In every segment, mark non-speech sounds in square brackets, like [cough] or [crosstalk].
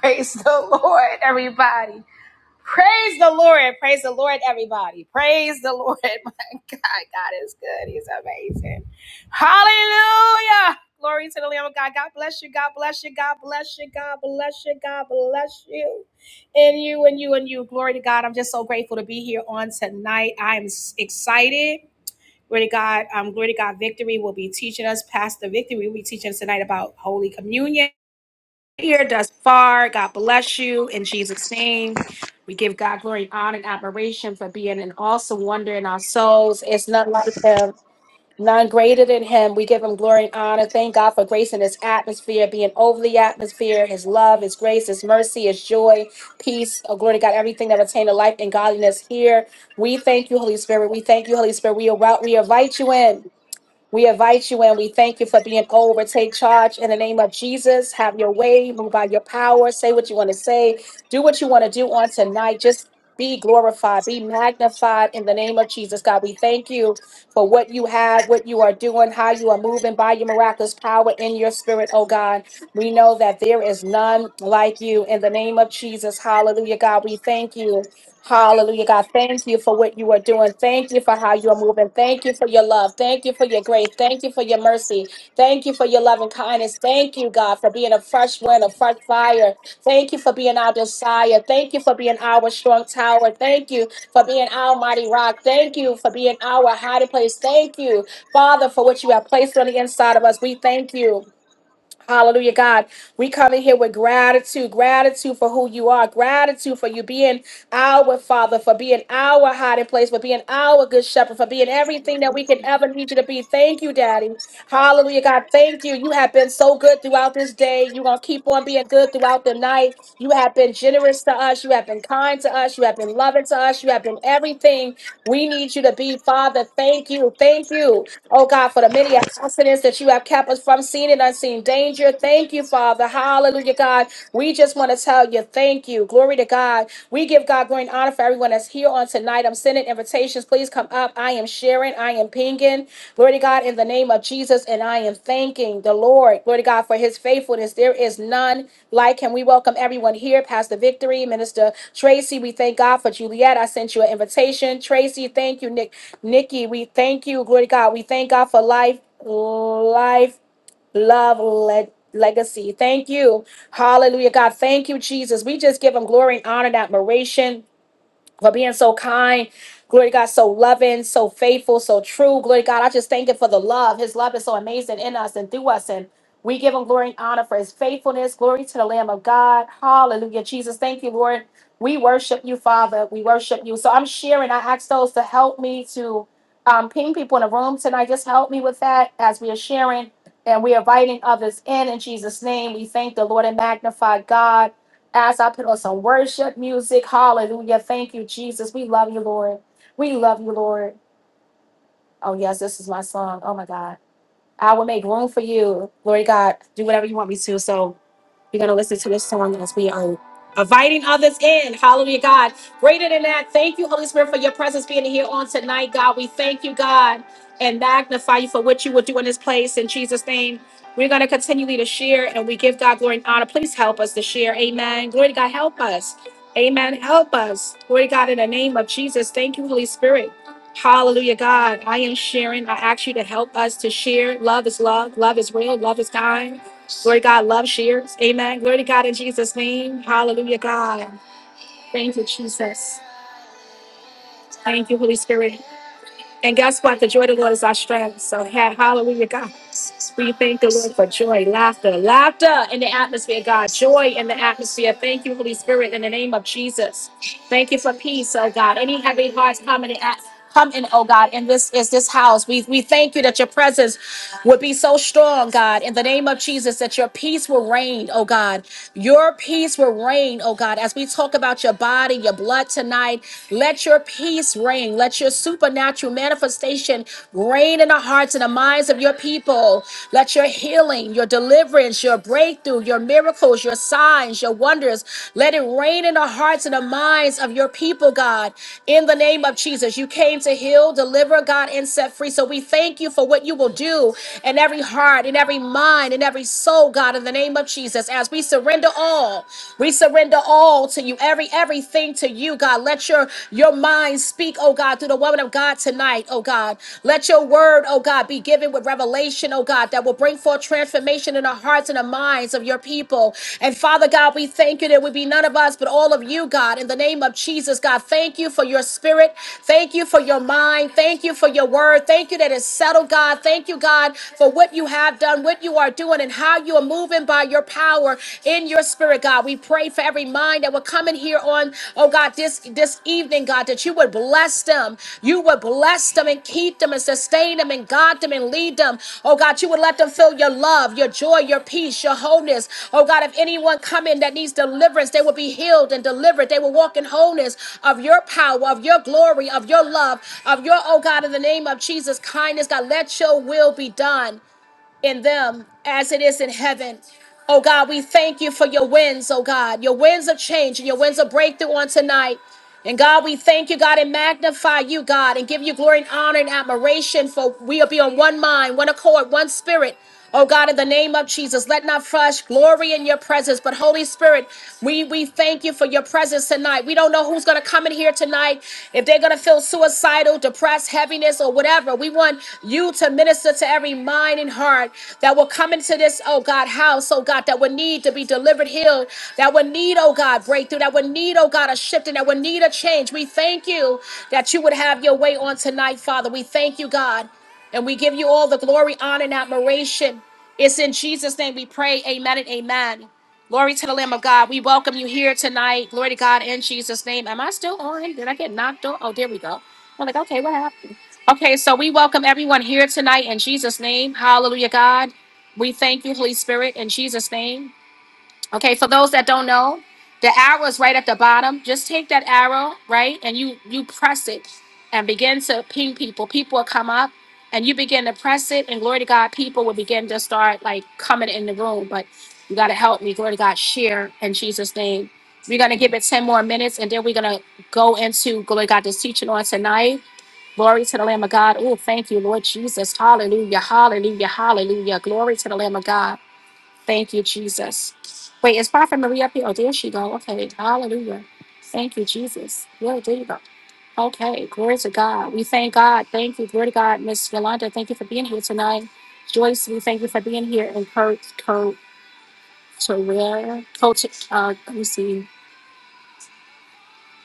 Praise the Lord, everybody. Praise the Lord. Praise the Lord, everybody. Praise the Lord. [laughs] My God, God is good. He's amazing. Hallelujah. Glory to the Lamb of God. God bless you. God bless you. God bless you. God bless you. God bless you. And you and you and you. Glory to God. I'm just so grateful to be here on tonight. I am s- excited. Glory to God. Um, glory to God. Victory will be teaching us. Pastor Victory will be teaching us tonight about Holy Communion here thus far. God bless you in Jesus' name. We give God glory, honor, and admiration for being an awesome wonder in our souls. It's none like Him, none greater than Him. We give Him glory and honor. Thank God for grace in His atmosphere, being over the atmosphere, His love, His grace, His mercy, His joy, peace. Oh, glory to God, everything that pertains to life and godliness here. We thank you, Holy Spirit. We thank you, Holy Spirit. We, invite- we invite you in. We invite you and we thank you for being over. Take charge in the name of Jesus. Have your way, move by your power, say what you want to say, do what you want to do on tonight. Just be glorified, be magnified in the name of Jesus. God, we thank you for what you have, what you are doing, how you are moving by your miraculous power in your spirit, oh God. We know that there is none like you in the name of Jesus. Hallelujah, God. We thank you. Hallelujah, God. Thank you for what you are doing. Thank you for how you are moving. Thank you for your love. Thank you for your grace. Thank you for your mercy. Thank you for your love and kindness. Thank you, God, for being a fresh wind, a fresh fire. Thank you for being our desire. Thank you for being our strong tower. Thank you for being our mighty rock. Thank you for being our hiding place. Thank you, Father, for what you have placed on the inside of us. We thank you. Hallelujah, God. We come in here with gratitude, gratitude for who you are, gratitude for you being our Father, for being our hiding place, for being our good shepherd, for being everything that we can ever need you to be. Thank you, Daddy. Hallelujah, God. Thank you. You have been so good throughout this day. You're going to keep on being good throughout the night. You have been generous to us. You have been kind to us. You have been loving to us. You have been everything we need you to be, Father. Thank you. Thank you. Oh God, for the many accidents that you have kept us from seen and unseen danger. Thank you, Father. Hallelujah, God. We just want to tell you thank you. Glory to God. We give God glory and honor for everyone that's here on tonight. I'm sending invitations. Please come up. I am sharing. I am pinging. Glory to God in the name of Jesus. And I am thanking the Lord. Glory to God for his faithfulness. There is none like him. We welcome everyone here. Pastor Victory, Minister Tracy, we thank God for Juliet. I sent you an invitation. Tracy, thank you. Nick, Nikki, we thank you. Glory to God. We thank God for life. Life love le- legacy. Thank you. Hallelujah, God. Thank you, Jesus. We just give him glory and honor and admiration for being so kind. Glory to God, so loving, so faithful, so true. Glory to God, I just thank Him for the love. His love is so amazing in us and through us. And we give Him glory and honor for His faithfulness. Glory to the Lamb of God. Hallelujah. Jesus, thank you, Lord. We worship you, Father. We worship you. So I'm sharing. I ask those to help me to um, ping people in the room tonight. Just help me with that as we are sharing and we are inviting others in. In Jesus' name, we thank the Lord and magnify God. As I put on some worship music, hallelujah. Thank you, Jesus. We love you, Lord. We love you, Lord. Oh, yes, this is my song. Oh, my God. I will make room for you, Lord God. Do whatever you want me to. So, we're going to listen to this song as we are inviting others in. Hallelujah, God. Greater than that, thank you, Holy Spirit, for your presence being here on tonight, God. We thank you, God, and magnify you for what you will do in this place. In Jesus' name, we're going to continually to share and we give God glory and honor. Please help us to share. Amen. Glory to God, help us. Amen. Help us. Glory to God, in the name of Jesus. Thank you, Holy Spirit. Hallelujah, God. I am sharing. I ask you to help us to share. Love is love. Love is real. Love is kind. Glory to God, love shares. Amen. Glory to God in Jesus' name. Hallelujah, God. Thank you, Jesus. Thank you, Holy Spirit. And guess what? The joy of the Lord is our strength. So, ha- hallelujah, God. We thank the Lord for joy, laughter, laughter in the atmosphere, God. Joy in the atmosphere. Thank you, Holy Spirit, in the name of Jesus. Thank you for peace, oh God. Any heavy hearts come in, the at- come in, oh God. And this is this house. We we thank you that your presence would be so strong, God, in the name of Jesus, that your peace will reign, oh God. Your peace will reign, oh God, as we talk about your body, your blood tonight. Let your peace reign. Let your supernatural manifestation reign in the hearts and the minds of your people. Let your healing, your deliverance, your breakthrough, your miracles, your signs, your wonders, let it reign in the hearts and the minds of your people, God. In the name of Jesus, you came to heal, deliver, God, and set free. So we thank you for what you will do in every heart, in every mind, in every soul, God, in the name name of Jesus. As we surrender all, we surrender all to you, every everything to you, God. Let your your mind speak, oh God, through the woman of God tonight, oh God. Let your word, oh God, be given with revelation, oh God, that will bring forth transformation in the hearts and the minds of your people. And Father God, we thank you. There would be none of us, but all of you, God, in the name of Jesus, God. Thank you for your spirit. Thank you for your mind. Thank you for your word. Thank you that it's settled, God. Thank you, God, for what you have done, what you are are doing and how you are moving by your power in your spirit, God. We pray for every mind that will come in here on, oh God, this this evening, God, that you would bless them. You would bless them and keep them and sustain them and guide them and lead them. Oh God, you would let them feel your love, your joy, your peace, your wholeness. Oh God, if anyone come in that needs deliverance, they will be healed and delivered. They will walk in wholeness of your power, of your glory, of your love, of your, oh God, in the name of Jesus, kindness. God, let your will be done in them as it is in heaven. Oh God, we thank you for your winds, oh God, your winds of change and your winds of breakthrough on tonight. And God, we thank you, God, and magnify you, God, and give you glory and honor and admiration for we'll be on one mind, one accord, one spirit. Oh God, in the name of Jesus, let not flesh glory in your presence. But Holy Spirit, we, we thank you for your presence tonight. We don't know who's going to come in here tonight, if they're going to feel suicidal suicidal, depressed, heaviness, or whatever. We want you to minister to every mind and heart that will come into this, oh God, house, oh God, that would need to be delivered, healed, that would need, oh God, breakthrough, that would need, oh God, a shifting, that would need a change. We thank you that you would have your way on tonight, Father. We thank you, God, and we give you all the glory, honor, and admiration. It's in Jesus' name we pray. Amen and amen. Glory to the Lamb of God. We welcome you here tonight. Glory to God in Jesus' name. Am I still on? Did I get knocked off? Oh, there we go. I'm like, okay, what happened? Okay, so we welcome everyone here tonight in Jesus' name. Hallelujah, God. We thank you, Holy Spirit, in Jesus' name. Okay, for those that don't know, the arrow is right at the bottom. Just take that arrow, right, and you you press it and begin to ping people. People will come up and you begin to press it, and glory to God, people will begin to start like coming in the room. But you gotta help me, glory to God, share in Jesus' name. We're gonna give it 10 more minutes and then we're gonna go into glory to God this teaching on tonight. Glory to the Lamb of God. Oh, thank you, Lord Jesus. Hallelujah. Hallelujah. Hallelujah. Glory to the Lamb of God. Thank you, Jesus. Wait, is Prophet Maria up here? Oh, there she go. Okay. Hallelujah. Thank you, Jesus. Yeah, there you go. Okay. Glory to God. We thank God. Thank you. Glory to God. Miss Yolanda, thank you for being here tonight. Joyce, we thank you for being here. And Kurt, Kurt, Terrera, Coach, uh, let me see.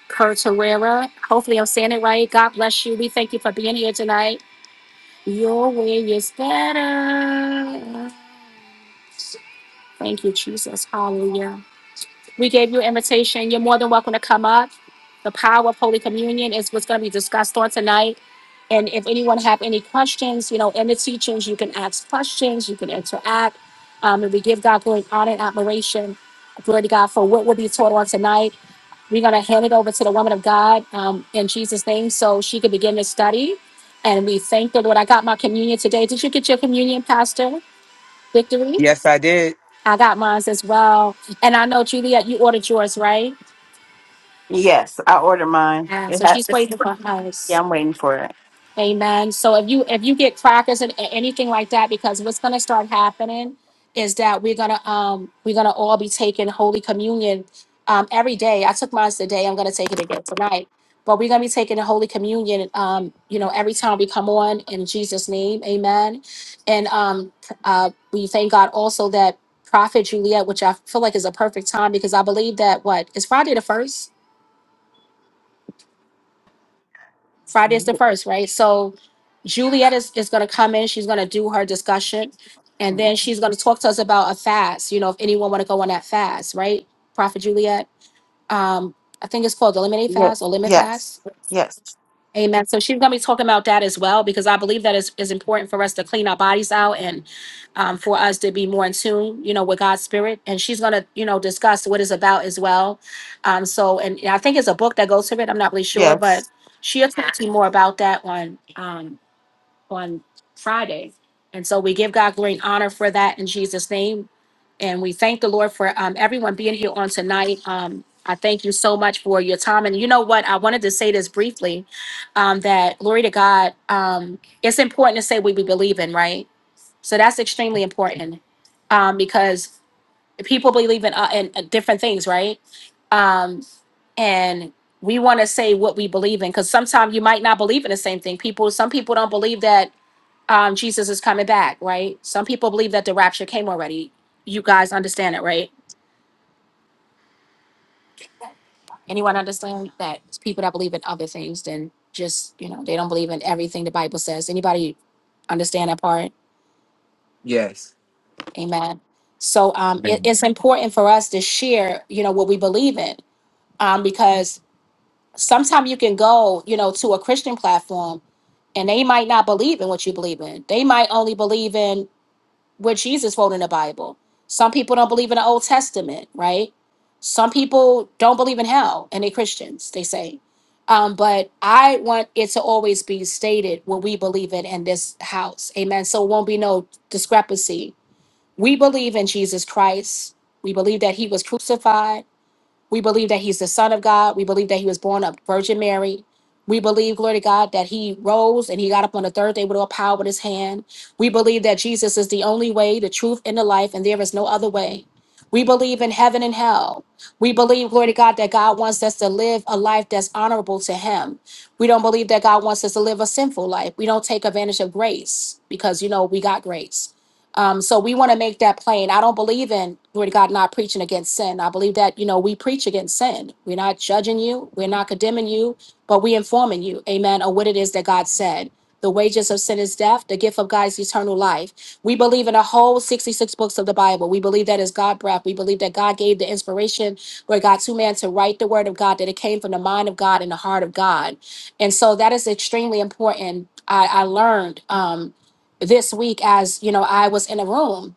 Kurt Terrera. Hopefully I'm saying it right. God bless you. We thank you for being here tonight. Your way is better. Thank you, Jesus. Hallelujah. We gave you an invitation. You're more than welcome to come up. The power of Holy Communion is what's going to be discussed on tonight. And if anyone have any questions, you know, in the teachings, you can ask questions, you can interact. Um, and we give God glory, honor, and admiration. Glory to God for what will be taught on tonight. We're going to hand it over to the woman of God um, in Jesus' name so she can begin to study. And we thank the Lord. I got my communion today. Did you get your communion, Pastor? Victory? Yes, I did. I got mine as well. And I know, Juliet, you ordered yours, right? Yes, I ordered mine. Yeah, It so has she's to waiting for Yeah, us. I'm waiting for it. Amen. So if you if you get crackers and a- anything like that, because what's gonna start happening is that we're gonna um we're gonna all be taking Holy Communion um every day. I took mine today, I'm gonna take it again tonight. But we're gonna be taking the Holy Communion um, you know, every time we come on in Jesus' name, amen. And um uh we thank God also that Prophet Juliet, which I feel like is a perfect time because I believe that what is Friday the first? Friday is the first, right? So Juliet is, is going to come in. She's going to do her discussion. And then she's going to talk to us about a fast, you know, if anyone want to go on that fast, right? Prophet Juliet. Um, I think it's called the Eliminate Yes, Fast or Limit yes, Fast. yes, Amen. So she's going to be talking about that as well because I believe that is is important for us to clean our bodies out and um, for us to be more in tune, you know, with God's spirit. And she's going to, you know, discuss what it's about as well. Um, so, and I think it's a book that goes with it. I'm not really sure, but yes. she'll talk to you more about that one. Um, on Friday. And so we give God glory and honor for that in Jesus' name. And we thank the Lord for um, everyone being here on tonight. Um, I thank you so much for your time. And you know what? I wanted to say this briefly um, that glory to God, um, it's important to say what we believe in, right? So that's extremely important um, because people believe in, uh, in uh, different things, right? Um, and we want to say what we believe in because sometimes you might not believe in the same thing. People, some people don't believe that um, Jesus is coming back, right? Some people believe that the rapture came already. You guys understand it, right? Anyone understand that? It's people that believe in other things than just, you know, they don't believe in everything the Bible says. Anybody understand that part? Yes. Amen. So um, it, Amen. it's important for us to share, you know, what we believe in, um, because sometimes you can go, you know, to a Christian platform and they might not believe in what you believe in. They might only believe in where Jesus holding the Bible. Some people don't believe in the Old Testament, right? Some people don't believe in hell, and they Christians. They say, um, but I want it to always be stated what we believe in in this house, Amen. So it won't be no discrepancy. We believe in Jesus Christ. We believe that He was crucified. We believe that he's the Son of God. We believe that he was born of Virgin Mary. We believe, glory to God, that he rose and he got up on the third day with all power in his hand. We believe that Jesus is the only way, the truth, and the life, and there is no other way. We believe in heaven and hell. We believe, glory to God, that God wants us to live a life that's honorable to him. We don't believe that God wants us to live a sinful life. We don't take advantage of grace because, you know, we got grace. Um, so we want to make that plain. I don't believe in glory to God not preaching against sin. I believe that you know we preach against sin. We're not judging you. We're not condemning you, but we informing you, Amen, of what it is that God said. The wages of sin is death. The gift of God is eternal life. We believe in the whole 66 books of the Bible. We believe that is God breath. We believe that God gave the inspiration where God to man to write the word of God, that it came from the mind of God and the heart of God. And so that is extremely important. I, I learned. um, this week as you know i was in a room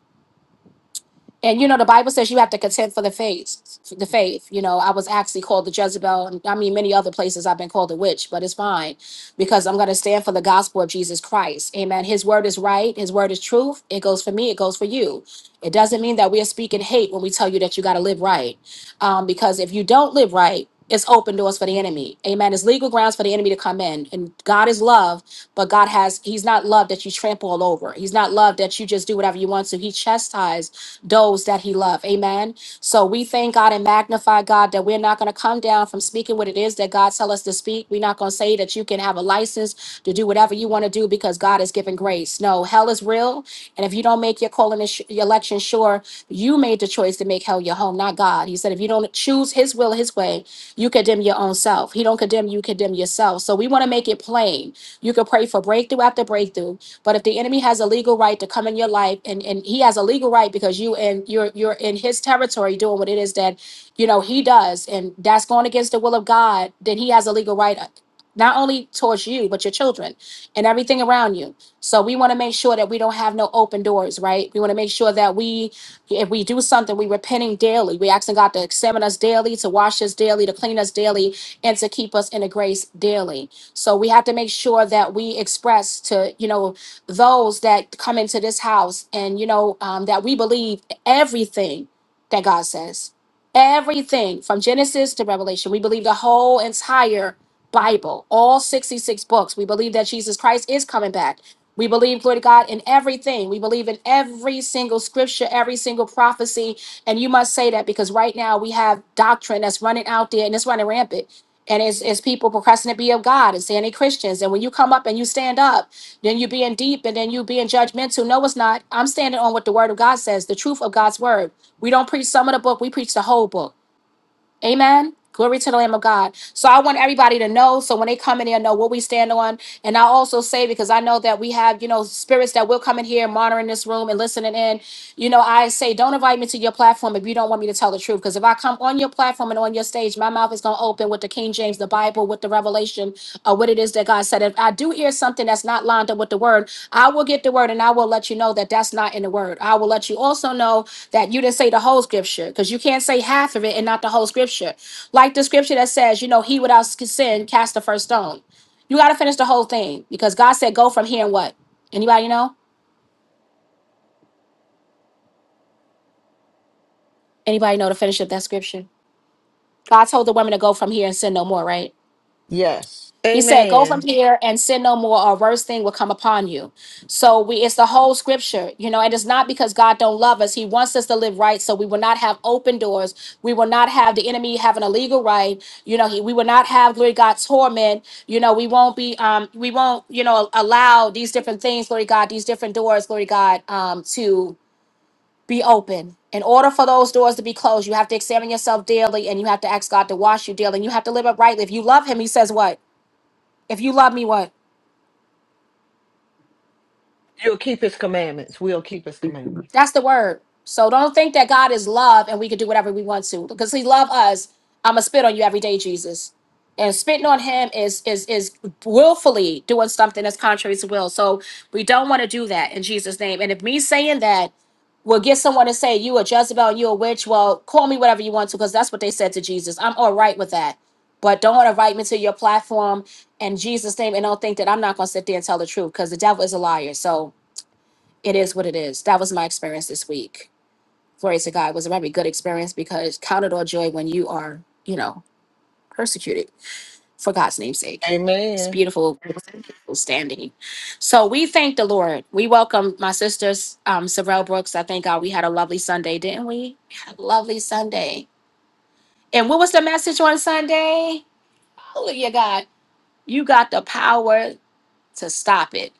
and you know the bible says you have to contend for the faith for the faith you know i was actually called the jezebel and i mean many other places i've been called a witch but it's fine because i'm going to stand for the gospel of jesus christ amen his word is right his word is truth it goes for me it goes for you it doesn't mean that we are speaking hate when we tell you that you got to live right um, because if you don't live right it's open doors for the enemy amen it's legal grounds for the enemy to come in and god is love but god has he's not love that you trample all over he's not love that you just do whatever you want to he chastises those that he loved. Amen. So we thank God and magnify God that we're not going to come down from speaking what it is that God tell us to speak. We're not going to say that you can have a license to do whatever you want to do because God has given grace. No, hell is real. And if you don't make your calling and sh- your election sure, you made the choice to make hell your home, not God. He said, if you don't choose his will, his way, you condemn your own self. He don't condemn you, condemn yourself. So we want to make it plain you can pray for breakthrough after breakthrough. But if the enemy has a legal right to come in your life, and, and he has a legal right because you and you're you're in his territory doing what it is that you know he does, and that's going against the will of God, then he has a legal right uh, not only towards you, but your children and everything around you. So we want to make sure that we don't have no open doors, right? We want to make sure that we, if we do something, we repenting daily. We asking God to examine us daily, to wash us daily, to clean us daily, and to keep us in the grace daily. So we have to make sure that we express to, you know, those that come into this house and, you know, um, that we believe everything that God says Everything from Genesis to Revelation. We believe the whole entire Bible, all 66 books. We believe that Jesus Christ is coming back. We believe, glory to God, in everything. We believe in every single scripture, every single prophecy. And you must say that because right now we have doctrine that's running out there and it's running rampant and it's, it's people professing to be of God and saying they Christians. And when you come up and you stand up, then you being deep and then you being judgmental. No, it's not. I'm standing on what the Word of God says, the truth of God's Word. We don't preach some of the book; we preach the whole book. Amen. Glory to the Lamb of God. So I want everybody to know. So when they come in here, know what we stand on. And I also say because I know that we have, you know, spirits that will come in here, monitoring this room and listening in. You know, I say, don't invite me to your platform if you don't want me to tell the truth. Because if I come on your platform and on your your stage. My mouth is going to open with the King James, the Bible, with the revelation of what it is that God said. If I do hear something that's not lined up with the word, I will get the word and I will let you know that that's not in the word. I will let you also know that you didn't say the whole scripture because you can't say half of it and not the whole scripture. Like the scripture that says, you know, he without sin cast the first stone. You got to finish the whole thing because God said, go from here and what? Anybody know? Anybody know to finish up that scripture? God told the woman to go from here and sin no more, right? Yes. He said, Go from Amen. here and sin no more, or a worse thing will come upon you. So we it's the whole scripture. You know, it is not because God don't love us. He wants us to live right. So we will not have open doors. We will not have the enemy having a legal right. You know, he, we will not have glory to God torment. You know, we won't be um we won't, you know, allow these different things, glory to God, these different doors, glory to God, um, to be open. In order for those doors to be closed, you have to examine yourself daily and you have to ask God to wash you daily. And you have to live uprightly. If you love him, he says what? If you love me, what? You'll keep his commandments. We'll keep his Thank you. commandments. That's the word. So don't think that God is love and we can do whatever we want to. Because he love us. I'ma spit on you every day, Jesus. And spitting on him is is is willfully doing something that's contrary to will. So we don't want to do that in Jesus' name. And if me saying that will get someone to say you a Jezebel and you a witch, well, call me whatever you want to, because that's what they said to Jesus. I'm all right with that. But don't invite me to your platform in Jesus' name and don't think that I'm not gonna sit there and tell the truth because the devil is a liar. So it is what it is. That was my experience this week. Glory to God. It was a very good experience because count it all joy when you are, you know, persecuted for God's name's sake. It's Amen. beautiful, beautiful standing. So we thank the Lord. We welcome my sisters, um, Sorrel Brooks. I thank God we had a lovely Sunday, didn't we? We had a lovely Sunday. And what was the message on Sunday? Hallelujah, God. You got the power to stop it.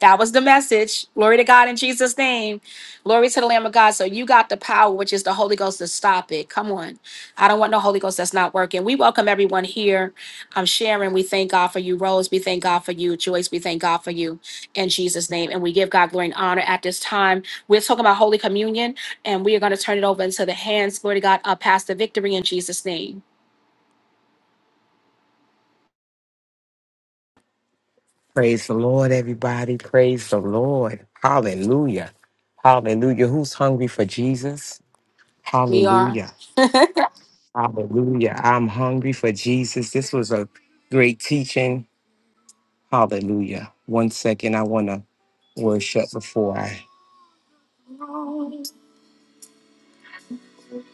That was the message. Glory to God in Jesus' name. Glory to the Lamb of God. So you got the power, which is the Holy Ghost, to stop it. Come on. I don't want no Holy Ghost that's not working. We welcome everyone here. I'm Sharon. We thank God for you. Rose, we thank God for you. Joyce, we thank God for you in Jesus' name. And we give God glory and honor at this time. We're talking about Holy Communion, and we are going to turn it over into the hands, glory to God, of Pastor Victory in Jesus' name. Praise the Lord, everybody. Praise the Lord. Hallelujah. Hallelujah. Who's hungry for Jesus? We are. Hallelujah. Hallelujah. I'm hungry for Jesus. This was a great teaching. Hallelujah. One second. I want to worship before I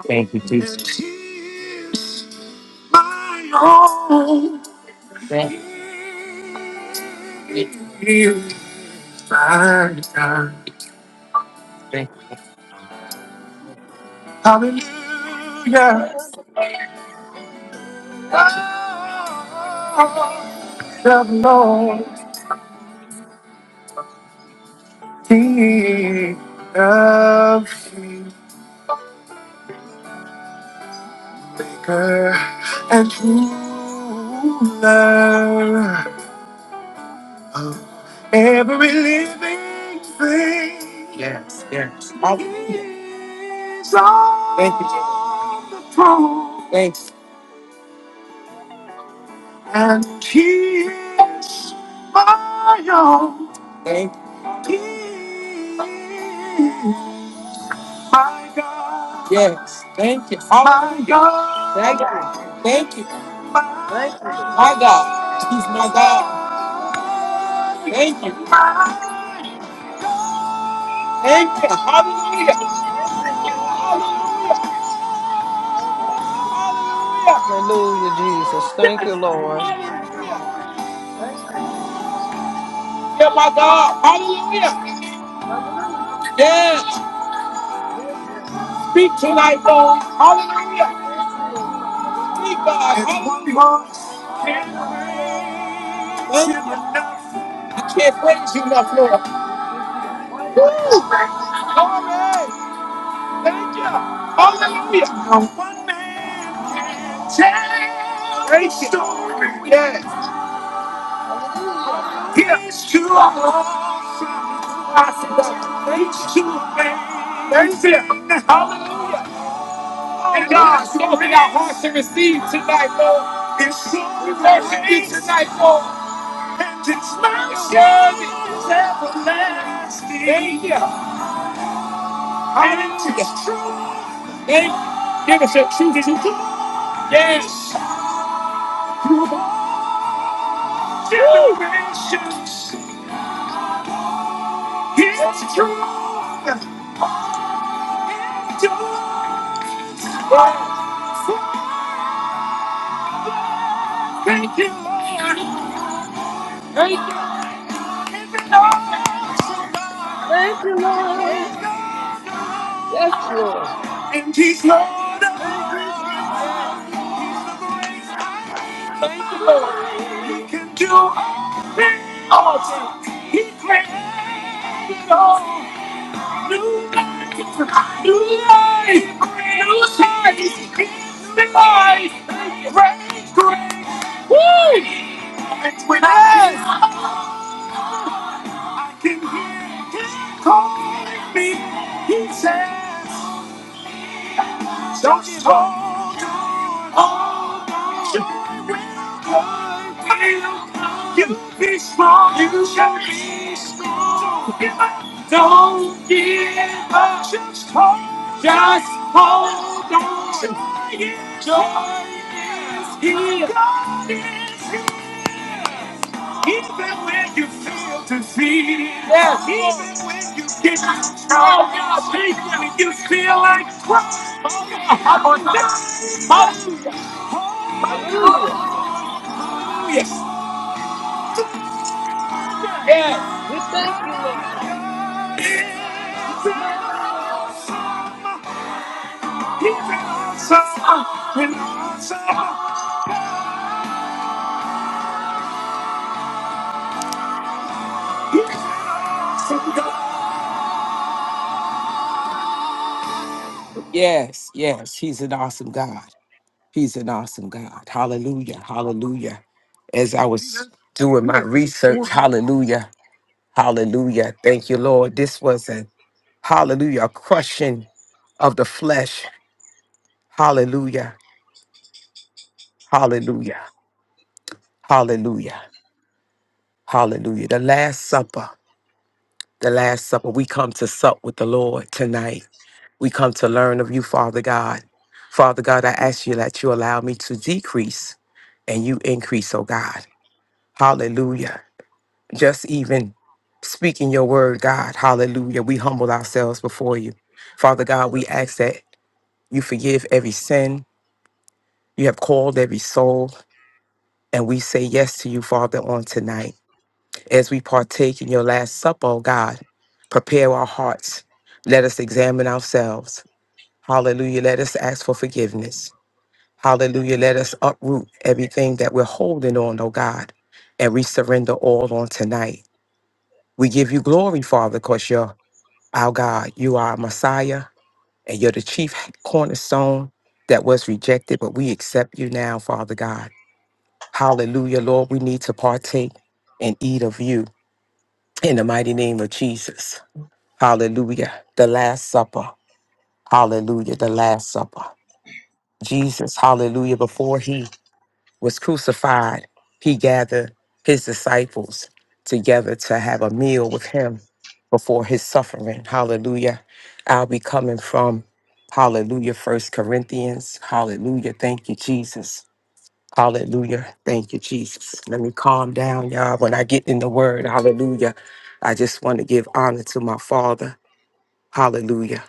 thank you, Jesus. Thank you. Hallelujah. Oh, the Lord, King of Kings, Maker and Ruler of every living thing. Yes, yes. Hallelujah. Is on Thank you, Jesus. the throne. Thanks. And he is my own. Thank you. He is my God. Yes, thank you. My Hallelujah. God. My Thank you. God. Thank you. My Thank you, God. He's my Lord. God. Thank you. Thank you. Hallelujah. Thank you. Hallelujah. Hallelujah. Hallelujah. Hallelujah. Hallelujah, Jesus. Thank Yes. you, Lord. Hallelujah. Thank you, Jesus. Yeah, my God. Hallelujah. Hallelujah. Yeah. Yes, Lord. Speak tonight, Hallelujah. Lord. We Hallelujah. thank you, Lord. Speak, Hallelujah. God. It's one voice. God bless you, Lord. I can't praise you enough, Lord. We give you the Woo! highest Glory. praise. Hallelujah. Hallelujah. No one man can tell Great the story. Yes. Hallelujah. Here. He's awesome. We thank Awesome, you. God. He's too Thank you. Hallelujah. And God, so Hallelujah. open our hearts to receive tonight, Lord. And so we Yes, worship Lord. you tonight, Hallelujah. Lord. And it's my word is Yes, Lord. everlasting. Thank you. Hallelujah. Thank you. Give us your truth to do. Yes. Through all Generations. It's true. Thank you, Lord. Thank you, Lord. Yes, Lord. And he's Lord. In Jesus' name. Thank you, Lord. He can do all things. He created all new life, new life, new size, new life, great, great. Woo! It's with us. I can hear him calling me. He says. Don't give up. Hold on. You be strong. You shall be strong. Don't give up. Don't give up. Just hold Just hold on. Joy is here. Joy is here. Even when you feel defeated, yes, even when you get strong, even when you feel like crying, I'm on Hallelujah. Hallelujah. Hallelujah. Yes. We thank you, Lord. We thank you, He's Lord. awesome. He's awesome. He's awesome. Yes, yes, he's an awesome God. He's an awesome God. Hallelujah. Hallelujah. As I was doing my research, hallelujah. Hallelujah. Thank you, Lord. This was a hallelujah, a crushing of the flesh. Hallelujah. Hallelujah. Hallelujah. Hallelujah. The Last Supper. The Last Supper. We come to sup with the Lord tonight. We come to learn of you, Father God. Father God, I ask you that you allow me to decrease and you increase, oh God. Hallelujah. just even speaking your word, God. Hallelujah. We humble ourselves before you. Father God, we ask that you forgive every sin. You have called every soul. And we say yes to you, Father, on tonight. As we partake in your last supper, oh God, prepare our hearts. Let us examine ourselves. Hallelujah. Let us ask for forgiveness. Hallelujah. Let us uproot everything that we're holding on, oh God, and we surrender all on tonight. We give you glory, Father, because you're Our God, you are our Messiah, and you're the chief cornerstone that was rejected, but we accept you now, Father God. Hallelujah, Lord. We need to partake and eat of you in the mighty name of Jesus. Hallelujah. The Last Supper. Hallelujah. The Last Supper. Jesus, hallelujah, before he was crucified, he gathered his disciples together to have a meal with him before his suffering. Hallelujah. I'll be coming from Hallelujah, First Corinthians. Hallelujah. Thank you, Jesus. Hallelujah. Thank you, Jesus. Let me calm down, y'all. When I get in the word, hallelujah, I just want to give honor to my Father. Hallelujah.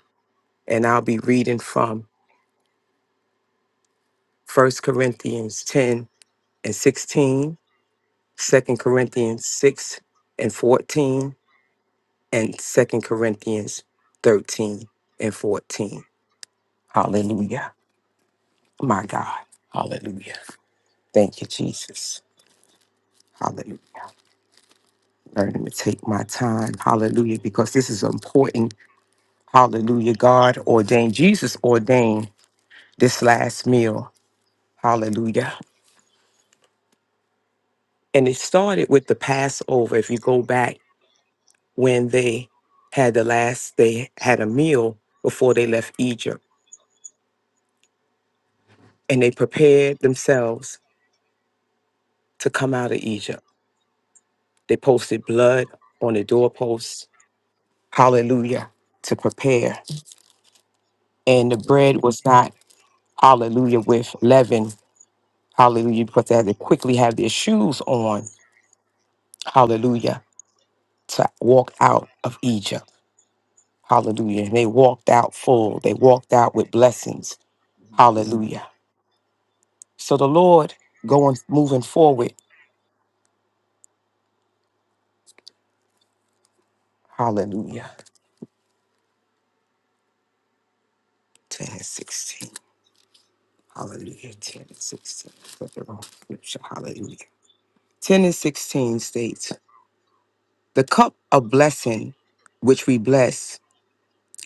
And I'll be reading from First Corinthians 10 and 16. Second Corinthians 6 and 14, and Second Corinthians 13 and 14. Hallelujah. My God. Hallelujah. Thank you, Jesus. Hallelujah. Learning to take my time. Hallelujah. Because this is important. Hallelujah. God ordained, Jesus ordained this last meal. Hallelujah. And it started with the Passover. If you go back when they had the last, they had a meal before they left Egypt and they prepared themselves to come out of Egypt. They posted blood on the doorposts, hallelujah, to prepare. And the Hallelujah. Mhm. bread was not, hallelujah, with leaven, hallelujah, because they had to quickly have their shoes on, hallelujah, to walk out of Egypt, hallelujah. And they walked out full, they walked out with blessings, hallelujah. So the Lord going, moving forward, hallelujah, 10 and 16. Hallelujah. 10 and 16. Put the wrong scripture. Hallelujah. 10 and 16 states The cup of blessing which we bless,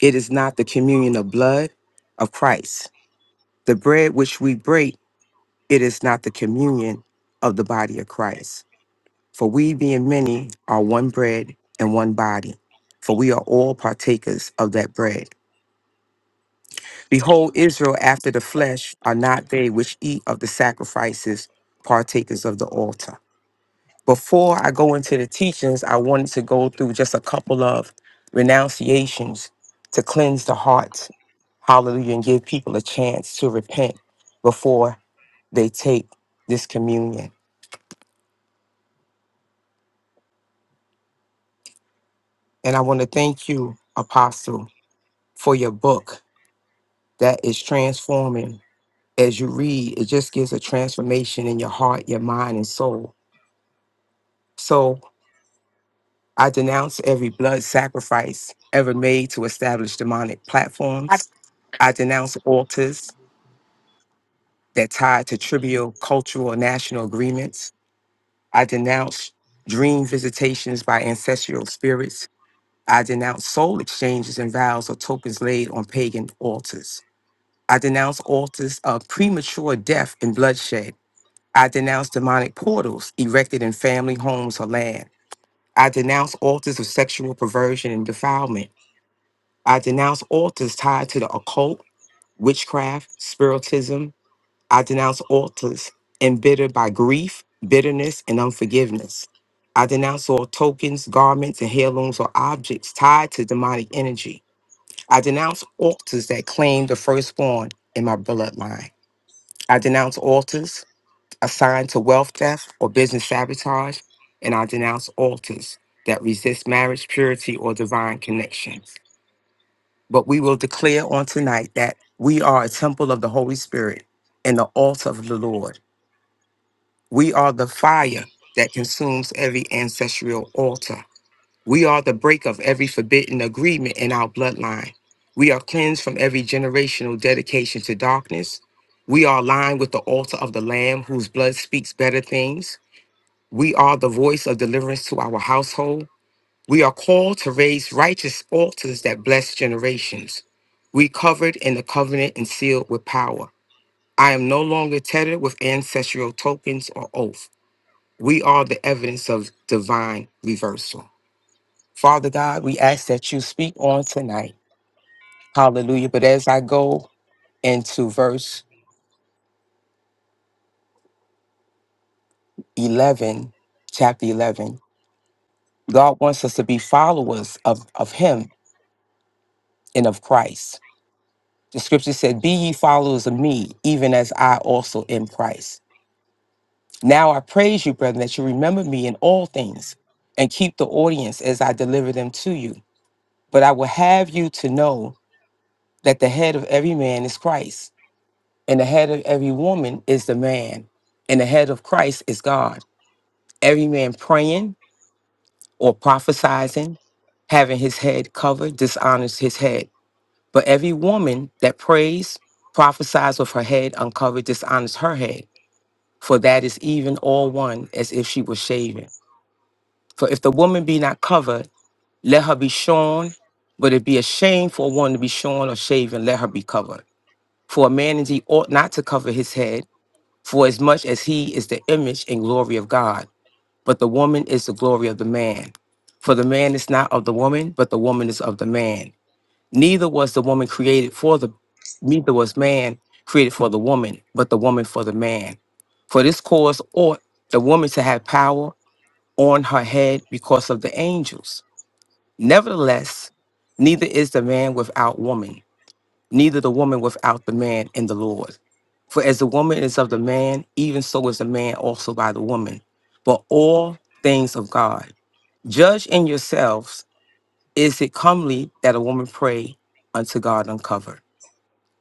it is not the communion of blood of Christ. The bread which we break, it is not the communion of the body of Christ. For we, being many, are one bread and one body. For we are all partakers of that bread. Behold, Israel after the flesh are not they which eat of the sacrifices, partakers of the altar. Before I go into the teachings, I wanted to go through just a couple of renunciations to cleanse the heart. Hallelujah. And give people a chance to repent before they take this communion. And I want to thank you, Apostle, for your book that is transforming. As you read, it just gives a transformation in your heart, your mind, and soul. So I denounce every blood sacrifice ever made to establish demonic platforms. I denounce altars that tied to trivial cultural or national agreements. I denounce dream visitations by ancestral spirits. I denounce soul exchanges and vows or tokens laid on pagan altars. I denounce altars of premature death and bloodshed. I denounce demonic portals erected in family homes or land. I denounce altars of sexual perversion and defilement. I denounce altars tied to the occult, witchcraft, spiritism, I denounce altars embittered by grief, bitterness, and unforgiveness. I denounce all tokens, garments, and heirlooms or objects tied to demonic energy. I denounce altars that claim the firstborn in my bloodline. I denounce altars assigned to wealth theft or business sabotage, and I denounce altars that resist marriage, purity, or divine connection. But we will declare on tonight that we are a temple of the Holy Spirit and the altar of the Lord. We are the fire that consumes every ancestral altar. We are the break of every forbidden agreement in our bloodline. We are cleansed from every generational dedication to darkness. We are aligned with the altar of the Lamb, whose blood speaks better things. We are the voice of deliverance to our household. We are called to raise righteous altars that bless generations. We covered in the covenant and sealed with power. I am no longer tethered with ancestral tokens or oath. We are the evidence of divine reversal. Father God, we ask that you speak on tonight. Hallelujah. But as I go into verse 11, chapter 11, God wants us to be followers of, of Him and of Christ. The scripture said, Be ye followers of me, even as I also am Christ. Now I praise you, brethren, that you remember me in all things and keep the audience as I deliver them to you. But I will have you to know that the head of every man is Christ And the head of every woman is the man, and the head of Christ is God. Every man praying or prophesizing, having his head covered, dishonors his head. But every woman that prays, prophesies with her head uncovered, dishonors her head. For that is even all one as if she were shaven. For if the woman be not covered, let her be shorn. But it be a shame for a woman to be shorn or shaven, let her be covered. For a man indeed ought not to cover his head, For as much as he is the image and glory of God, but the woman is the glory of the man. For the man is not of the woman, but the woman is of the man. Neither was the woman created for the, neither was man created for the woman, but the woman for the man. For this cause ought the woman to have power on her head because of the angels. Nevertheless, neither is the man without woman neither the woman without the man in the Lord. For as the woman is of the man, even so is the man also by the woman. But all things of God. Judge in yourselves, is it comely that a woman pray unto God uncovered?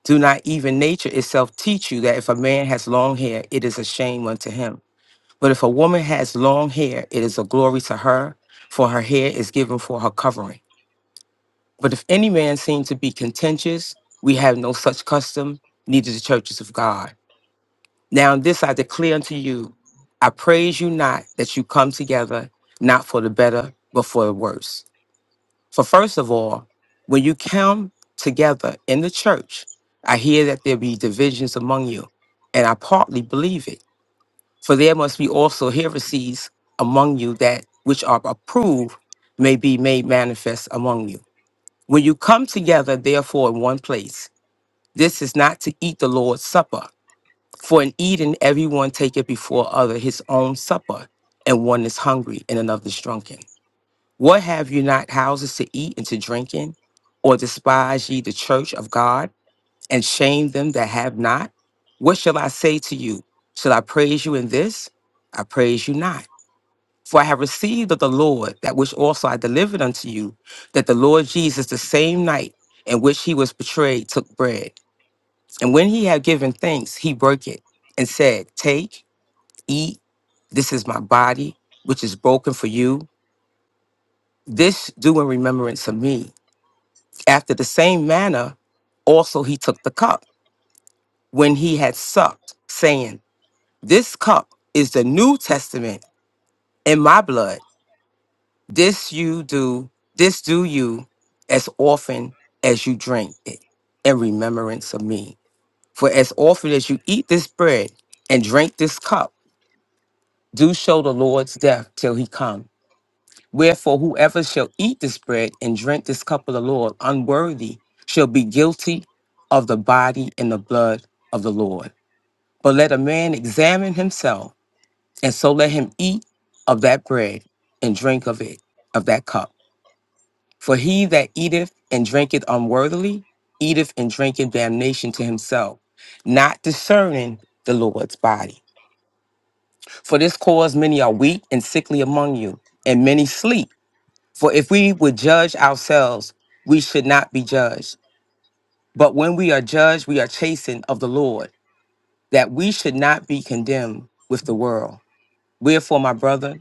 Do not even nature itself teach you that if a man has long hair, it is a shame unto him? But if a woman has long hair, it is a glory to her, for her hair is given for her covering. But if any man seem to be contentious, we have no such custom, neither the churches of God. Now this I declare unto you, I praise you not that you come together, not for the better, but for the worse. For first of all, when you come together in the church, I hear that there be divisions among you, and I partly believe it. For there must be also heresies among you that which are approved may be made manifest among you when you come together, therefore, in one place, this is not to eat the Lord's Supper. For in eating, everyone taketh before other his own supper, and one is hungry and another is drunken. What have you not houses to eat and to drink in? Or despise ye the church of God, and shame them that have not? What shall I say to you? Shall I praise you in this? I praise you not. For I have received of the Lord that which also I delivered unto you, that the Lord Jesus, the same night in which he was betrayed, took bread. And when he had given thanks, he broke it and said, Take, eat, this is my body, which is broken for you. This do in remembrance of me. After the same manner, also he took the cup when he had supped, saying, This cup is the New Testament in my blood. This you do, this do you as often as you drink it in remembrance of me. For as often as you eat this bread and drink this cup, do show the Lord's death till he come. Wherefore, whoever shall eat this bread and drink this cup of the Lord unworthy shall be guilty of the body and the blood of the Lord. But let a man examine himself, and so let him eat of that bread and drink of it, of that cup. For he that eateth and drinketh unworthily eateth and drinketh damnation to himself, not discerning the Lord's body. For this cause many are weak and sickly among you, and many sleep. For if we would judge ourselves, we should not be judged. But when we are judged, we are chastened of the Lord, that we should not be condemned with the world. Wherefore, my brother,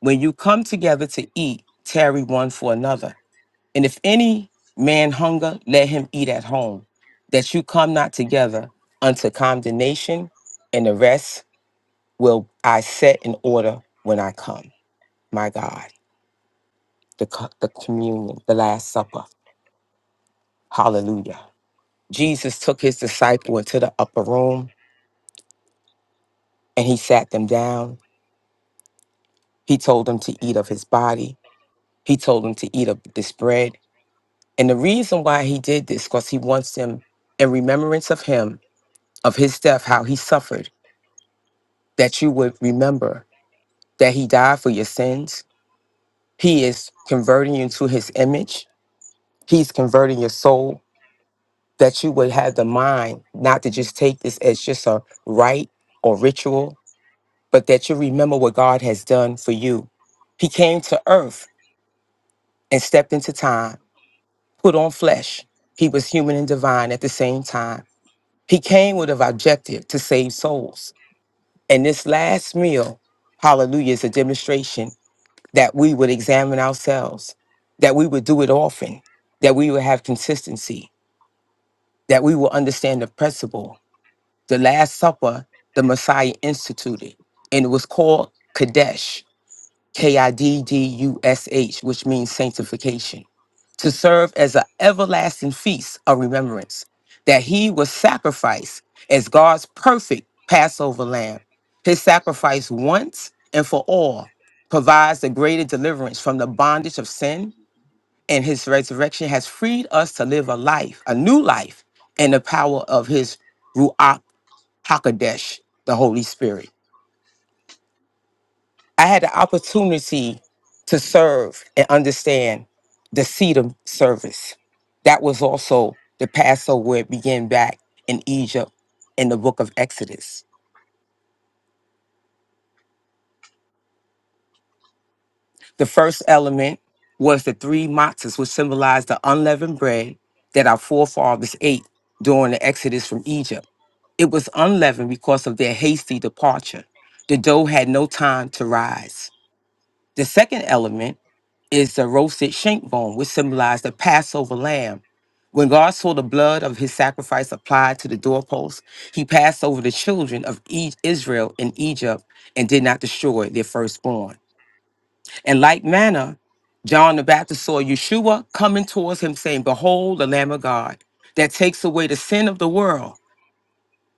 when you come together to eat, tarry one for another. And if any man hunger, let him eat at home, that you come not together unto condemnation, and the rest will I set in order when I come. My God, the, co- the communion, the Last Supper. Hallelujah. Jesus took his disciple into the upper room and he sat them down. He told them to eat of his body. He told them to eat of this bread. And the reason why he did this, because he wants them in remembrance of him, of his death, how he suffered that you would remember that he died for your sins. He is converting you into his image. He's converting your soul that you would have the mind not to just take this as just a rite or ritual, but that you remember what God has done for you. He came to earth and stepped into time, put on flesh. He was human and divine at the same time. He came with an objective to save souls. And this last meal, hallelujah, is a demonstration that we would examine ourselves, that we would do it often, that we would have consistency, that we will understand the principle. The Last Supper, the Messiah instituted, and it was called Kadesh, K I D D U S H, which means sanctification to serve as an everlasting feast of remembrance, that he was sacrificed as God's perfect Passover lamb. His sacrifice once and for all provides the greater deliverance from the bondage of sin, and his resurrection has freed us to live a life, a new life, in the power of his Ruach HaKodesh, the Holy Spirit. I had the opportunity to serve and understand the Sedum service. That was also the Passover where it began back in Egypt in the book of Exodus. The first element was the three matzahs, which symbolized the unleavened bread that our forefathers ate during the Exodus from Egypt. It was unleavened because of their hasty departure. The dough had no time to rise. The second element is the roasted shank bone, which symbolized the Passover lamb. When God saw the blood of his sacrifice applied to the doorpost, he passed over the children of E- Israel in Egypt and did not destroy their firstborn. In like manner, John the Baptist saw Yeshua coming towards him, saying, Behold, the Lamb of God that takes away the sin of the world.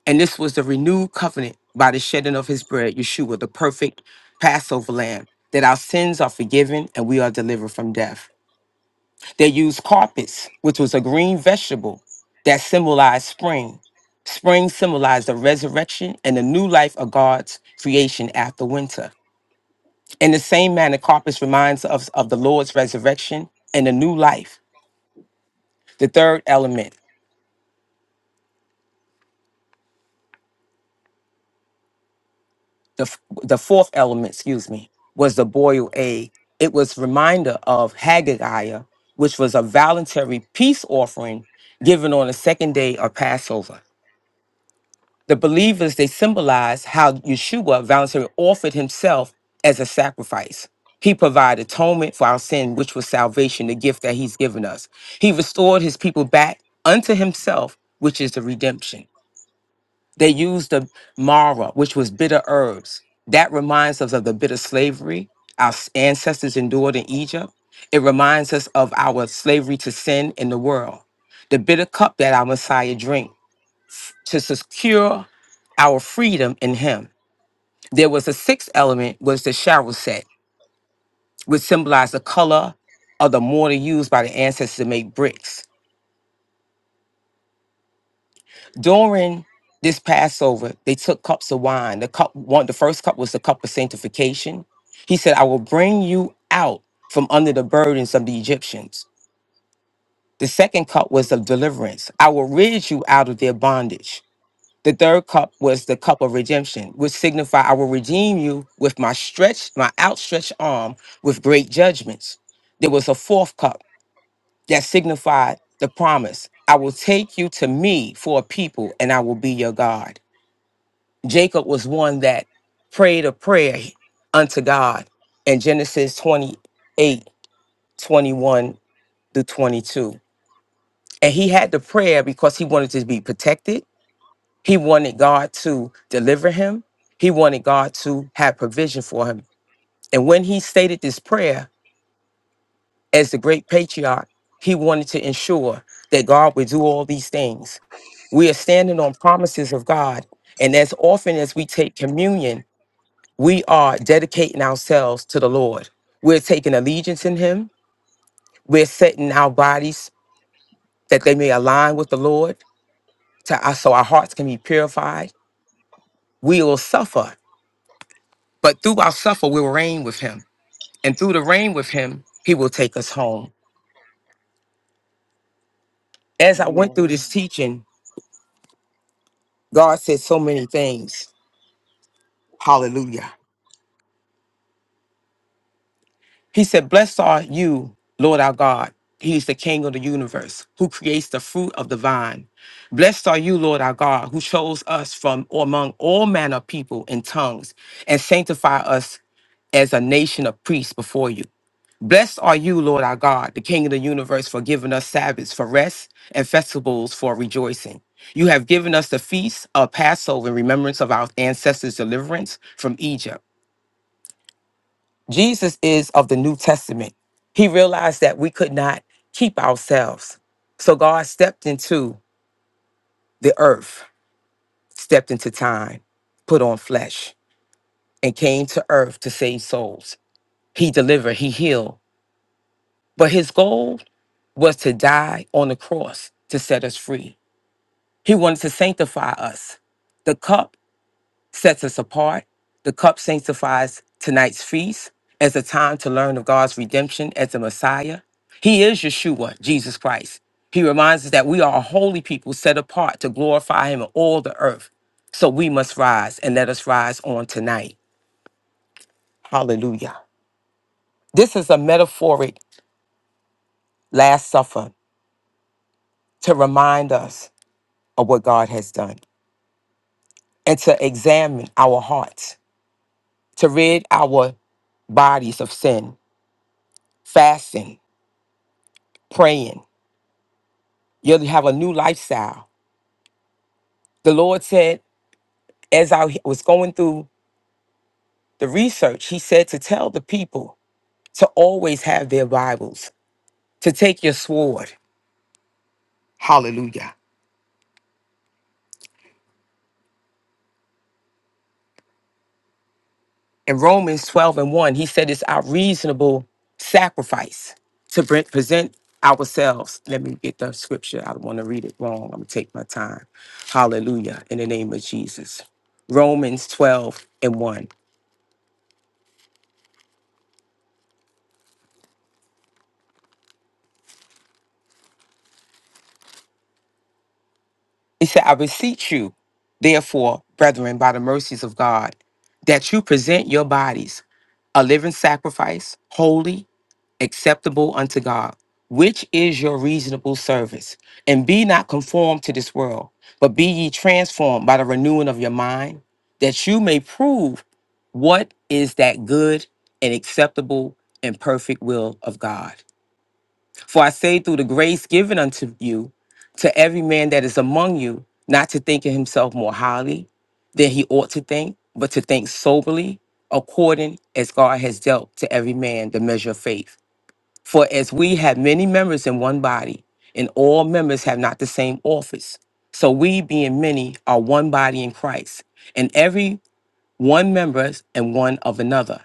And this was the renewed covenant by the shedding of his bread, Yeshua, the perfect Passover lamb, that our sins are forgiven and we are delivered from death. They used carpets, which was a green vegetable that symbolized spring. Spring symbolized the resurrection and the new life of God's creation after winter. In the same manner, carpets reminds us of the Lord's resurrection and the new life. The third element, the, f- the fourth element, excuse me, was the boiled egg. It was reminder of Haggai, which was a voluntary peace offering given on the second day of Passover. The believers, they symbolize how Yeshua voluntarily offered himself as a sacrifice. He provided atonement for our sin, which was salvation, the gift that he's given us. He restored his people back unto himself, which is the redemption. They used the mara, which was bitter herbs. That reminds us of the bitter slavery our ancestors endured in Egypt. It reminds us of our slavery to sin in the world. The bitter cup that our Messiah drank to secure our freedom in him. There was a sixth element was the shower set, which symbolized the color of the mortar used by the ancestors to make bricks. During this Passover, they took cups of wine. The cup one, the first cup was the cup of sanctification. He said, I will bring you out from under the burdens of the Egyptians. The second cup was of deliverance. I will rid you out of their bondage. The third cup was the cup of redemption, which signified I will redeem you with my stretched, my outstretched arm with great judgments. There was a fourth cup that signified the promise I will take you to me for a people and I will be your God. Jacob was one that prayed a prayer unto God in Genesis 28, 21 through 22. And he had the prayer because he wanted to be protected, He wanted God to deliver him. He wanted God to have provision for him. And when he stated this prayer as the great patriarch, he wanted to ensure that God would do all these things. We are standing on promises of God. And as often as we take communion, we are dedicating ourselves to the Lord. We're taking allegiance in Him. We're setting our bodies that they may align with the Lord to, so our hearts can be purified. We will suffer, but through our suffer, we will reign with Him. and through the rain with him, he will take us home. As I went Amen. through this teaching, God said so many things. Hallelujah. He said, Blessed are you, Lord our God. He is the King of the universe who creates the fruit of the vine. Blessed are you, Lord our God, who chose us from among all manner of people and tongues and sanctify us as a nation of priests before you. Blessed are you, Lord our God, the King of the universe, for giving us Sabbaths for rest and festivals for rejoicing. You have given us the feast of Passover in remembrance of our ancestors' deliverance from Egypt. Jesus is of the New Testament. He realized that we could not keep ourselves. So God stepped into the earth, stepped into time, put on flesh, and came to earth to save souls. He delivered, he healed. But his goal was to die on the cross to set us free. He wanted to sanctify us. The cup sets us apart. The cup sanctifies tonight's feast as a time to learn of God's redemption as the Messiah. He is Yeshua, Jesus Christ. He reminds us that we are a holy people set apart to glorify Him in all the earth. So we must rise and let us rise on tonight. Hallelujah. This is a metaphoric Last Supper to remind us of what God has done. and to examine our hearts, to rid our bodies of sin, fasting, praying. You'll have a new lifestyle. The Lord said, as I was going through the research, He said to tell the people to always have their Bibles, to take your sword. Hallelujah. In Romans 12 and 1, he said it's our reasonable sacrifice to pre- present ourselves. Let me get the scripture. I don't want to read it wrong. I'm going to take my time. Hallelujah. In the name of Jesus. Romans 12 and 1. He said, I beseech you, therefore, brethren, by the mercies of God, that you present your bodies a living sacrifice, holy acceptable unto God, which is your reasonable service. And be not conformed to this world, but be ye transformed by the renewing of your mind, that you may prove what is that good and acceptable and perfect will of God. For I say, through the grace given unto you, to every man that is among you, not to think of himself more highly than he ought to think, but to think soberly, according as God has dealt to every man the measure of faith. For as we have many members in one body, and all members have not the same office, so we, being many, are one body in Christ, and every one members and one of another,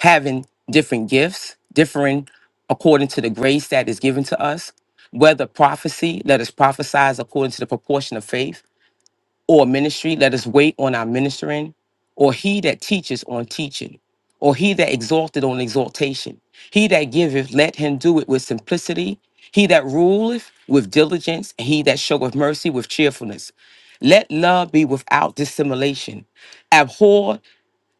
having different gifts, differing according to the grace that is given to us. Whether prophecy, let us prophesy as according to the proportion of faith or ministry, let us wait on our ministering, or he that teaches on teaching, or he that exalteth on exaltation. He that giveth, let him do it with simplicity. He that ruleth with diligence, and he that showeth mercy with cheerfulness. Let love be without dissimulation. Abhor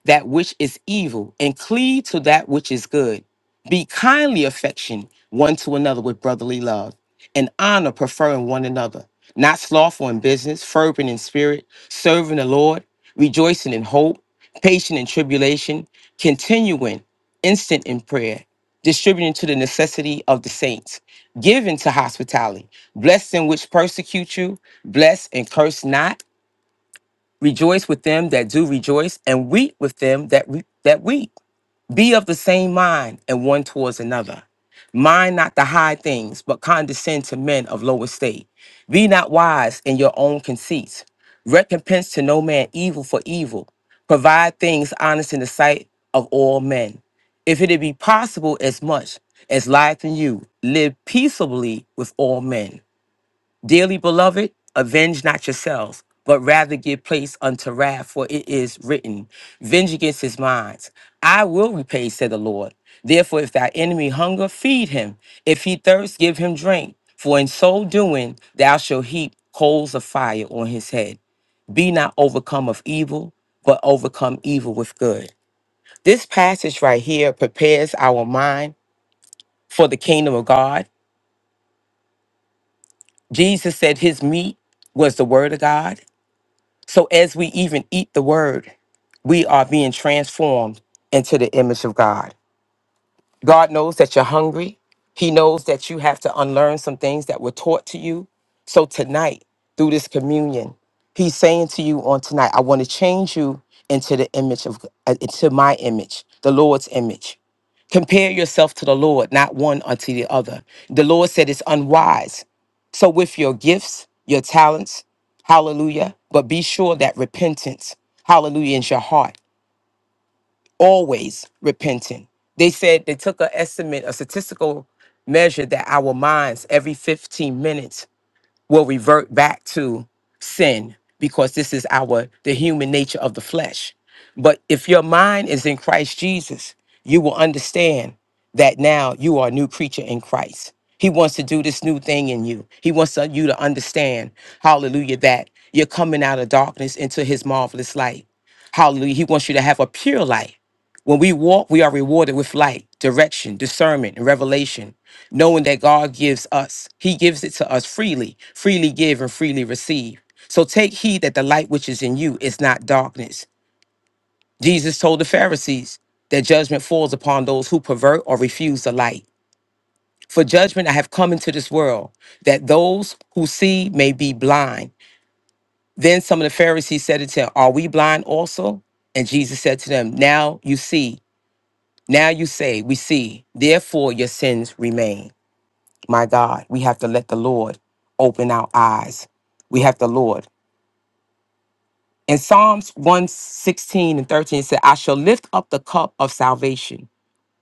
that which is evil and cleave to that which is good. Be kindly affectioned one to another with brotherly love and honor, preferring one another, not slothful in business, fervent in spirit, serving the Lord, rejoicing in hope, patient in tribulation, continuing, instant in prayer, distributing to the necessity of the saints, giving to hospitality, blessed them which persecute you, bless and curse not Rejoice with them that do rejoice, and weep with them that re- that weep. Be of the same mind and one towards another. Mind not the high things, but condescend to men of low estate. Be not wise in your own conceits. Recompense to no man evil for evil. Provide things honest in the sight of all men. If it be possible, as much as lieth in you, live peaceably with all men. Dearly beloved, avenge not yourselves, but rather give place unto wrath, for it is written, Venge against his minds. I will repay, said the Lord. Therefore, if thy enemy hunger, feed him. If he thirst, give him drink. For in so doing, thou shalt heap coals of fire on his head. Be not overcome of evil, but overcome evil with good. This passage right here prepares our mind for the kingdom of God. Jesus said his meat was the word of God. So as we even eat the word, we are being transformed into the image of God. God knows that you're hungry. He knows that you have to unlearn some things that were taught to you. So tonight, through this communion, He's saying to you on tonight, I want to change you into the image of, uh, into my image, the Lord's image. Compare yourself to the Lord, not one unto the other. The Lord said it's unwise. So, with your gifts, your talents, hallelujah, but be sure that repentance, hallelujah, is your heart always repenting. They said they took an estimate, a statistical measure that our minds every 15 minutes will revert back to sin because this is our the human nature of the flesh. But if your mind is in Christ Jesus, you will understand that now you are a new creature in Christ. He wants to do this new thing in you. He wants to- you to understand, hallelujah, that you're coming out of darkness into his marvelous light. Hallelujah. He wants you to have a pure life. When we walk, we are rewarded with light, direction, discernment, and revelation, knowing that God gives us. He gives it to us freely, freely give and freely receive. So take heed that the light which is in you is not darkness. Jesus told the Pharisees that judgment falls upon those who pervert or refuse the light. For judgment I have come into this world, that those who see may be blind. Then some of the Pharisees said to him, Are we blind also? And Jesus said to them, Now you see. Now you say, We see, therefore your sins remain. My God, we have to let the Lord open our eyes. We have the Lord. In Psalms 116 and 13, it said, I shall lift up the cup of salvation,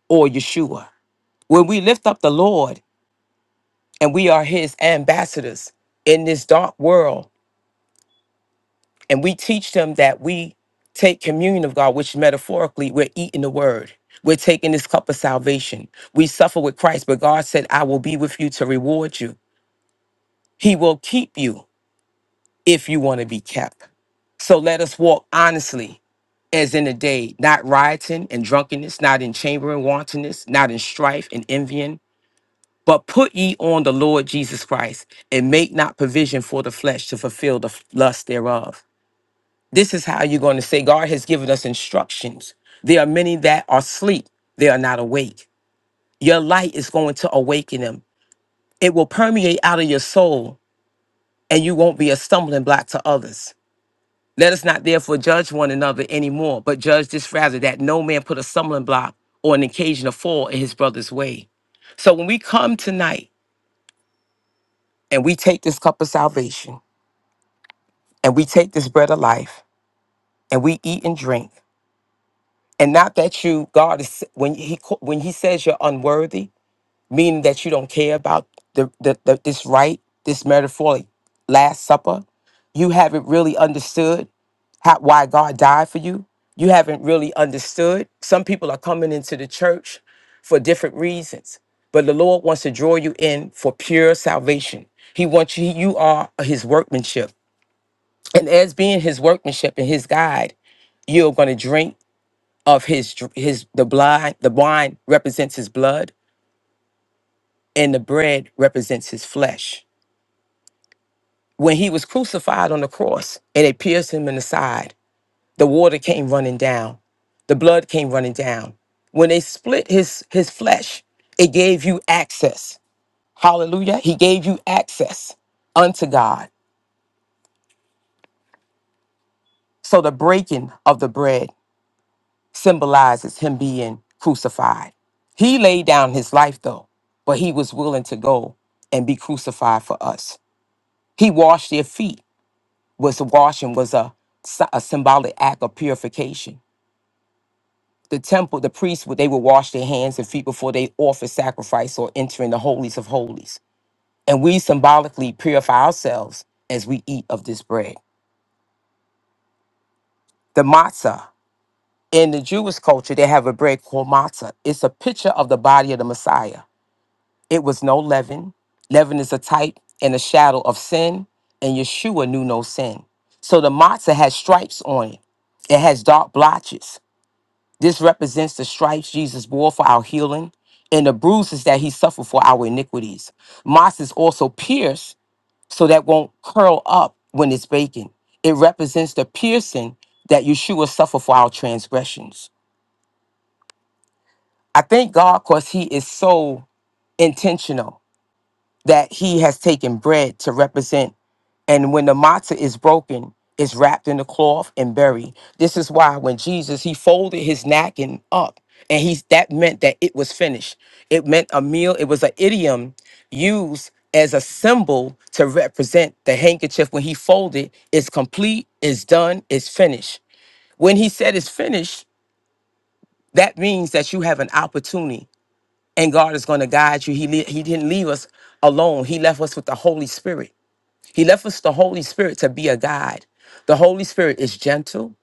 or Yeshua. When we lift up the Lord and we are his ambassadors in this dark world, and we teach them that we take communion of God, which metaphorically we're eating the word. We're taking this cup of salvation. We suffer with Christ, but God said, I will be with you to reward you. He will keep you if you want to be kept. So let us walk honestly as in the day, not rioting and drunkenness, not in chamber and wantonness, not in strife and envying, but put ye on the Lord Jesus Christ and make not provision for the flesh to fulfill the lust thereof. This is how you're going to say God has given us instructions. There are many that are asleep, they are not awake. Your light is going to awaken them. It will permeate out of your soul, and you won't be a stumbling block to others. Let us not therefore judge one another anymore, but judge this rather that no man put a stumbling block or an occasion of fall in his brother's way. So when we come tonight and we take this cup of salvation and we take this bread of life and we eat and drink, and not that you, God is when he ca- when he says you're unworthy, meaning that you don't care about the, the, the this right, this metaphoric last supper, you haven't really understood how, why God died for you. You haven't really understood. Some people are coming into the church for different reasons, but the Lord wants to draw you in for pure salvation. He wants you, you are His workmanship. And as being His workmanship and His guide, you're going to drink of His, dr- His, the blind, the wine represents His blood and the bread represents His flesh. When He was crucified on the cross and they pierced Him in the side, The water came running down. The blood came running down. When they split his his flesh, it gave you access. Hallelujah. He gave you access unto God. So the breaking of the bread symbolizes him being crucified. He laid down his life though, but he was willing to go and be crucified for us. He washed their feet. Was washing was a, sy- a symbolic act of purification. the temple, the priests would they would wash their hands and feet before they offer sacrifice or enter in the holies of holies. And we symbolically purify ourselves as we eat of this bread. The matzah. In the Jewish culture, they have a bread called matzah. It's a picture of the body of the Messiah. It was no leaven. Leaven is a type and a shadow of sin, and Yeshua knew no sin. So the matzah has stripes on it. It has dark blotches. This represents the stripes Jesus bore for our healing and the bruises that he suffered for our iniquities. Moss is also pierced so that won't curl up when it's baking. It represents the piercing that Yeshua suffered for our transgressions. I thank God because he is so intentional that he has taken bread to represent. And when the matzah is broken, it's wrapped in a cloth and buried. This is why when Jesus he folded his napkin up, and he's that meant that it was finished. It meant a meal. It was an idiom used as a symbol to represent the handkerchief when he folded. It's complete. It's done. It's finished. When he said it's finished, that means that you have an opportunity and God is going to guide you. He le- he didn't leave us alone. He left us with the Holy Spirit. He left us the Holy Spirit to be a guide. The Holy Spirit is gentle.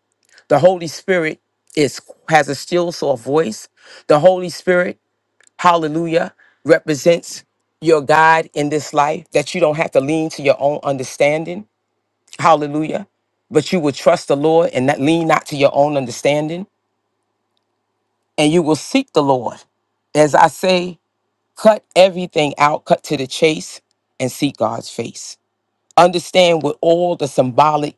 The Holy Spirit is has a still soft voice. The Holy Spirit, hallelujah, represents your guide in this life that you don't have to lean to your own understanding. Hallelujah. But you will trust the Lord and not lean not to your own understanding and you will seek the Lord as I say. Cut everything out, cut to the chase, and seek God's face. Understand with all the symbolic,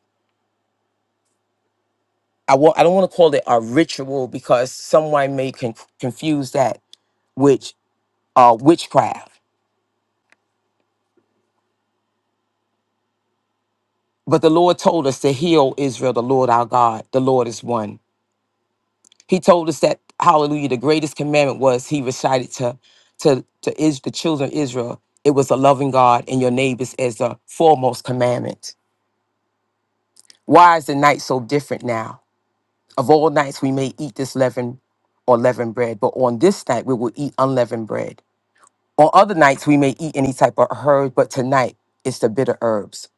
I, wa- I don't want to call it a ritual because someone may con- confuse that with uh, witchcraft. But the Lord told us to heal Israel, the Lord our God, the Lord is one. He told us that, hallelujah, the greatest commandment was he recited to, to, to is, the children of Israel, it was a loving God and your neighbors as the foremost commandment. Why is the night so different now? Of all nights we may eat this leaven or leavened bread, but on this night we will eat unleavened bread. On other nights we may eat any type of herb, but tonight it's the bitter herbs.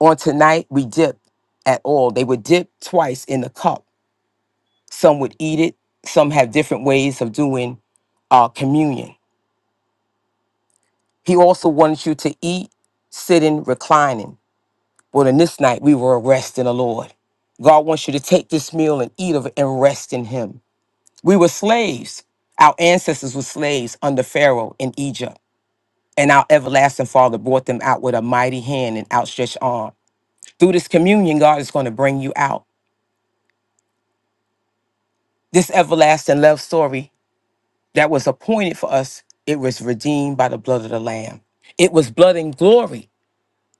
On tonight we dip at all. They would dip twice in the cup. Some would eat it. Some have different ways of doing uh, communion. He also wants you to eat sitting, reclining. But in this night we were resting the Lord. God wants you to take this meal and eat of it and rest in Him. We were slaves. Our ancestors were slaves under Pharaoh in Egypt, and our everlasting Father brought them out with a mighty hand and outstretched arm. Through this communion, God is going to bring you out. This everlasting love story that was appointed for us, it was redeemed by the blood of the Lamb. It was blood and glory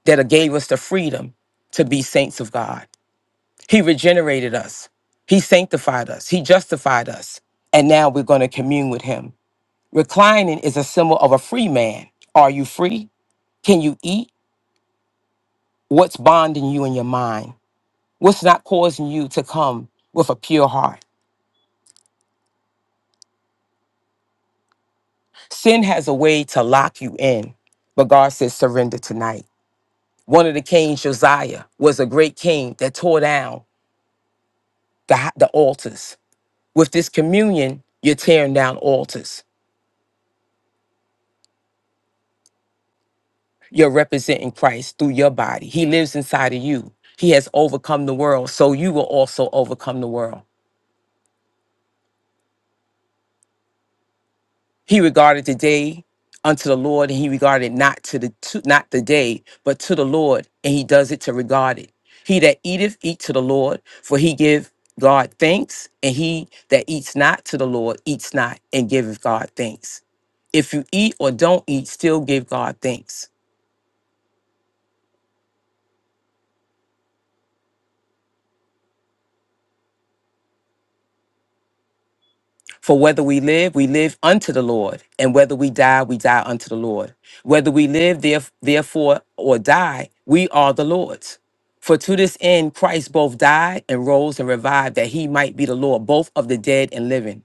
that gave us the freedom to be saints of God. He regenerated us. He sanctified us. He justified us. And now we're going to commune with him. Reclining is a symbol of a free man. Are you free? Can you eat? What's bonding you in your mind? What's not causing you to come with a pure heart? Sin has a way to lock you in, but God says surrender tonight. One of the kings, Josiah, was a great king that tore down the, the altars. With this communion, you're tearing down altars. You're representing Christ through your body. He lives inside of you. He has overcome the world, so you will also overcome the world. He regarded the day unto the Lord, and he regarded not to the to, not the day, but to the Lord, and he does it to regard it. He that eateth eat to the Lord, for he give God thanks, and he that eats not to the Lord eats not and giveth God thanks. If you eat or don't eat, still give God thanks. For whether we live, we live unto the Lord, and whether we die, we die unto the Lord. Whether we live, theref- therefore, or die, we are the Lord's. For to this end Christ both died and rose and revived, that he might be the Lord, both of the dead and living.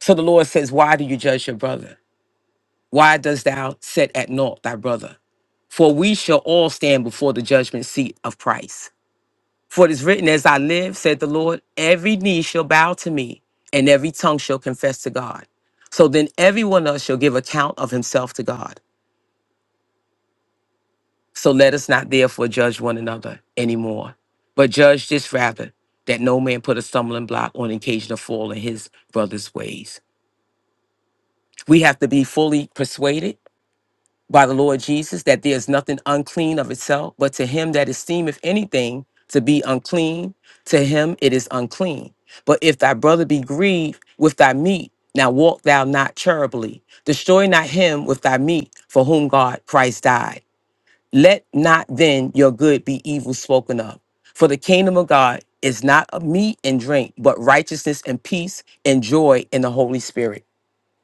So the Lord says, Why do you judge your brother? Why dost thou set at naught thy brother? For we shall all stand before the judgment seat of Christ. For it is written, As I live, said the Lord, every knee shall bow to me, and every tongue shall confess to God. So then every one of us shall give account of himself to God. So let us not therefore judge one another anymore, but judge this rather, that no man put a stumbling block on occasion of fall in his brother's ways. We have to be fully persuaded by the Lord Jesus that there is nothing unclean of itself, but to him that esteemeth anything to be unclean, to him it is unclean. But if thy brother be grieved with thy meat, now walk thou not charitably. Destroy not him with thy meat, for whom God Christ died. Let not then your good be evil spoken of. For the kingdom of God is not of meat and drink, but righteousness and peace and joy in the Holy Spirit,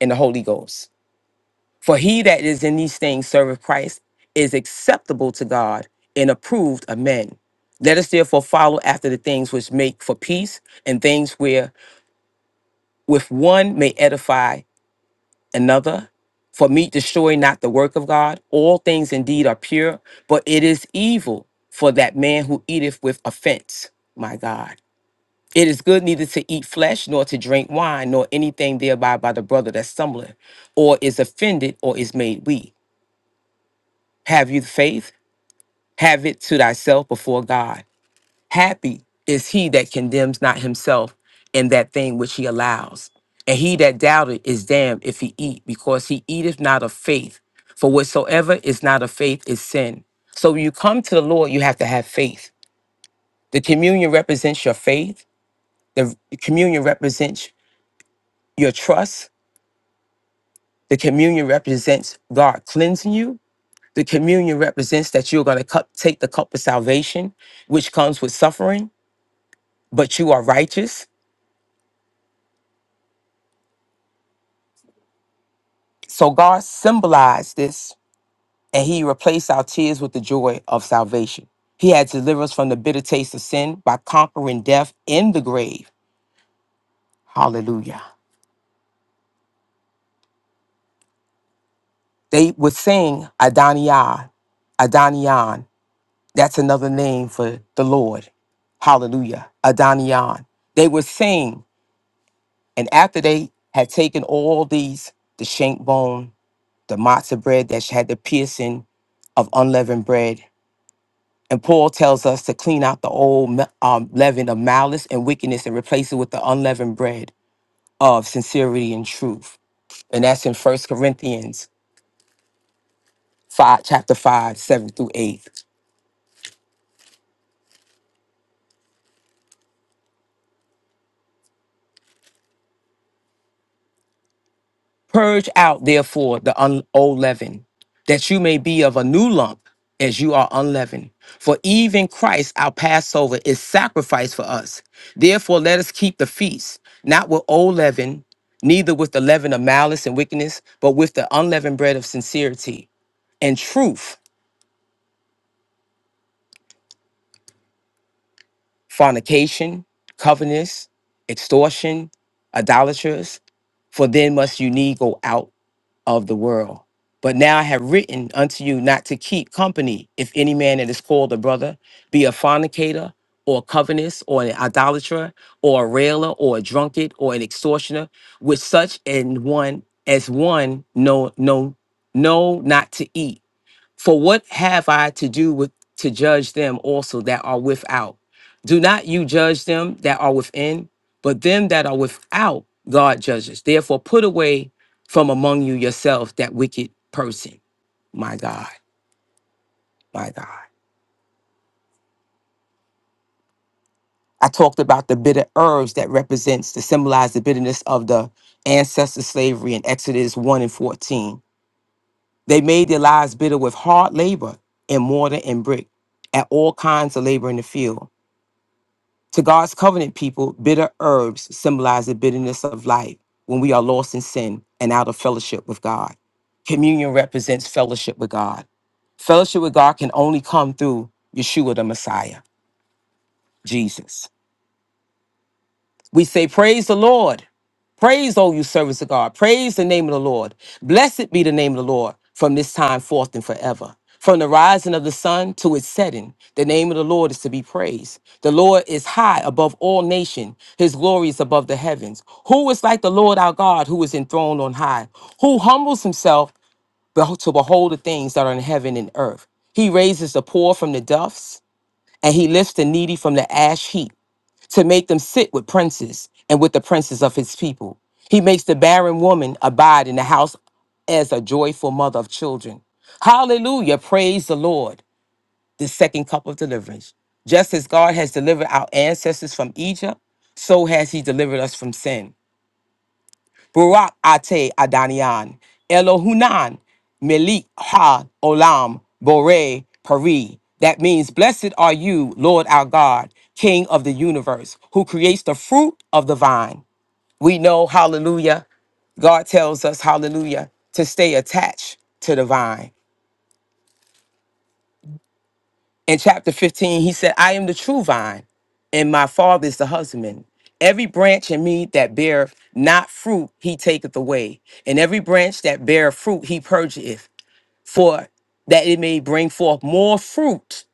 in the Holy Ghost. For he that is in these things serveth Christ is acceptable to God and approved of men. Let us therefore follow after the things which make for peace and things where with one may edify another. For meat destroy not the work of God. All things indeed are pure, but it is evil for that man who eateth with offense. My God. It is good neither to eat flesh, nor to drink wine, nor anything thereby by the brother that stumbleth, or is offended, or is made weak. Have you faith? Have it to thyself before God. Happy is he that condemns not himself in that thing which he allows. And he that doubted is damned if he eat, because he eateth not of faith. For whatsoever is not of faith is sin. So when you come to the Lord, you have to have faith. The communion represents your faith. The communion represents your trust. The communion represents God cleansing you. The communion represents that you're going to cup, take the cup of salvation, which comes with suffering, but you are righteous. So God symbolized this, and He replaced our tears with the joy of salvation. He had delivered us from the bitter taste of sin by conquering death in the grave. Hallelujah. They would sing Adonijah, Adonion. That's another name for the Lord. Hallelujah. Adonion. They would sing And after they had taken all these, the shank bone, the matzah bread that had the piercing of unleavened bread, and Paul tells us to clean out the old me- um, leaven of malice and wickedness and replace it with the unleavened bread of sincerity and truth. And that's in First Corinthians 5, chapter 5, 7 through 8. Purge out, therefore, the un- old leaven, that you may be of a new lump as you are unleavened. For even Christ, our Passover, is sacrificed for us. Therefore, let us keep the feast, not with old leaven, neither with the leaven of malice and wickedness, but with the unleavened bread of sincerity and truth, fornication, covetousness, extortion, idolaters. For then must you need go out of the world. But now I have written unto you not to keep company if any man that is called a brother be a fornicator or a covetous or an idolater or a railer or a drunkard or an extortioner with such an one as one no no no not to eat for what have I to do with to judge them also that are without? Do not you judge them that are within, but them that are without God judges. Therefore, put away from among you yourself that wicked person. My God, my God. I talked about the bitter herbs that represents to symbolize the bitterness of the ancestor slavery in Exodus 1 and 14. They made their lives bitter with hard labor in mortar and brick, at all kinds of labor in the field. To God's covenant people, bitter herbs symbolize the bitterness of life when we are lost in sin and out of fellowship with God. Communion represents fellowship with God. Fellowship with God can only come through Yeshua the Messiah, Jesus. We say, Praise the Lord. Praise, O you servants of God. Praise the name of the Lord. Blessed be the name of the Lord from this time forth and forever. From the rising of the sun to its setting, the name of the Lord is to be praised. The Lord is high above all nation. His glory is above the heavens. Who is like the Lord our God who is enthroned on high? Who humbles himself beho- to behold the things that are in heaven and earth? He raises the poor from the dust and he lifts the needy from the ash heap to make them sit with princes and with the princes of his people. He makes the barren woman abide in the house as a joyful mother of children. Hallelujah. Praise the Lord. The second cup of deliverance. Just as God has delivered our ancestors from Egypt, so has he delivered us from sin. Barak Ate Adanian, Elohunan, Melik Ha Olam, Bore Pari. That means, Blessed are you, Lord our God, King of the universe, who creates the fruit of the vine. We know, hallelujah, God tells us, hallelujah, to stay attached to the vine. in chapter 15, he said, I am the true vine, and my father is the husbandman. Every branch in me that beareth not fruit, he taketh away. And every branch that beareth fruit, he purgeth, for that it may bring forth more fruit.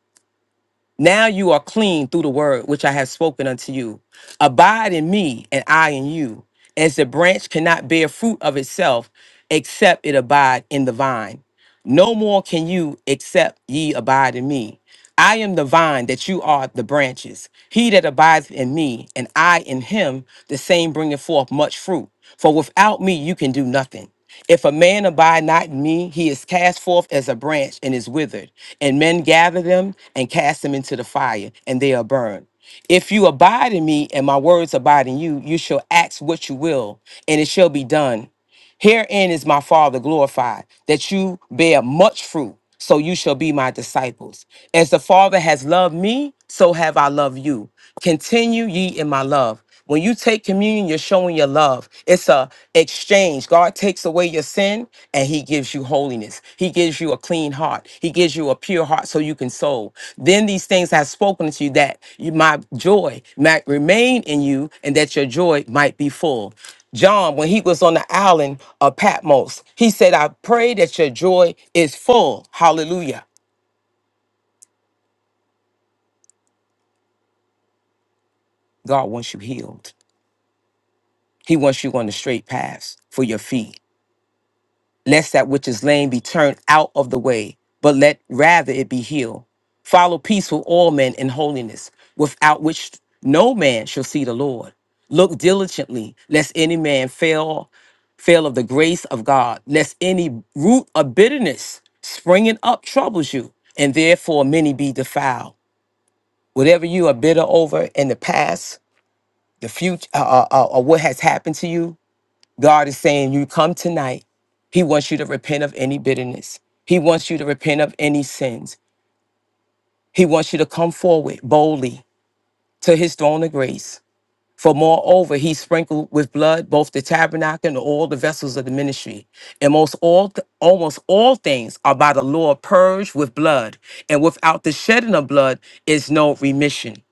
Now you are clean through the word which I have spoken unto you. Abide in me, and I in you. As the branch cannot bear fruit of itself, except it abide in the vine. No more can you, except ye abide in me. I am the vine, that you are the branches. He that abides in me, and I in him, the same bringeth forth much fruit. For without me you can do nothing. If a man abide not in me, he is cast forth as a branch and is withered. And men gather them and cast them into the fire, and they are burned. If you abide in me and my words abide in you, you shall ask what you will, and it shall be done. Herein is my Father glorified, that you bear much fruit, so you shall be my disciples. As the Father has loved me, so have I loved you. Continue ye in my love. When you take communion, you're showing your love. It's a exchange. God takes away your sin and he gives you holiness. He gives you a clean heart. He gives you a pure heart so you can soul. Then these things I have spoken to you that you, my joy might remain in you and that your joy might be full. John, when he was on the island of Patmos, he said, I pray that your joy is full. Hallelujah. God wants you healed. He wants you on the straight paths for your feet. lest that which is lame be turned out of the way, but let rather it be healed. Follow peace with all men in holiness, without which no man shall see the Lord. Look diligently, lest any man fail, fail of the grace of God, lest any root of bitterness springing up troubles you, and therefore many be defiled. Whatever you are bitter over in the past, the future, uh, uh, uh, or what has happened to you, God is saying, You come tonight. He wants you to repent of any bitterness. He wants you to repent of any sins. He wants you to come forward boldly to his throne of grace. For moreover, he sprinkled with blood both the tabernacle and all the vessels of the ministry. And most all th- almost all things are by the law purged with blood, and without the shedding of blood is no remission.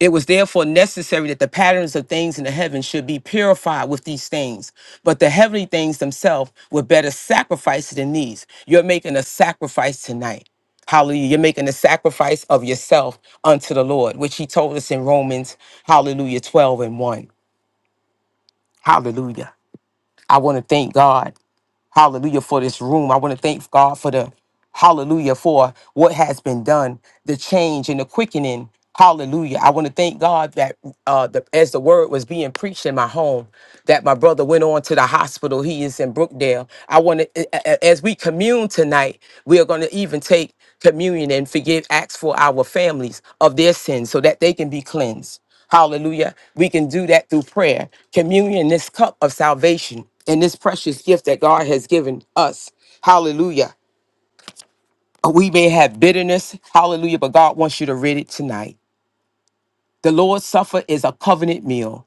It was therefore necessary that the patterns of things in the heavens should be purified with these things, but the heavenly things themselves were better sacrificed than these. You're making a sacrifice tonight. Hallelujah. You're making a sacrifice of yourself unto the Lord, which he told us in Romans, hallelujah, 12 and 1. Hallelujah. I want to thank God. Hallelujah for this room. I want to thank God for the hallelujah for what has been done, the change and the quickening. Hallelujah. I want to thank God that uh, the, as the word was being preached in my home, that my brother went on to the hospital. He is in Brookdale. I want to, a- a- as we commune tonight, we are going to even take communion and forgive acts for our families of their sins so that they can be cleansed. Hallelujah. We can do that through prayer. Communion, this cup of salvation and this precious gift that God has given us. Hallelujah. We may have bitterness. Hallelujah. But God wants you to rid it tonight. The Lord's Supper is a covenant meal.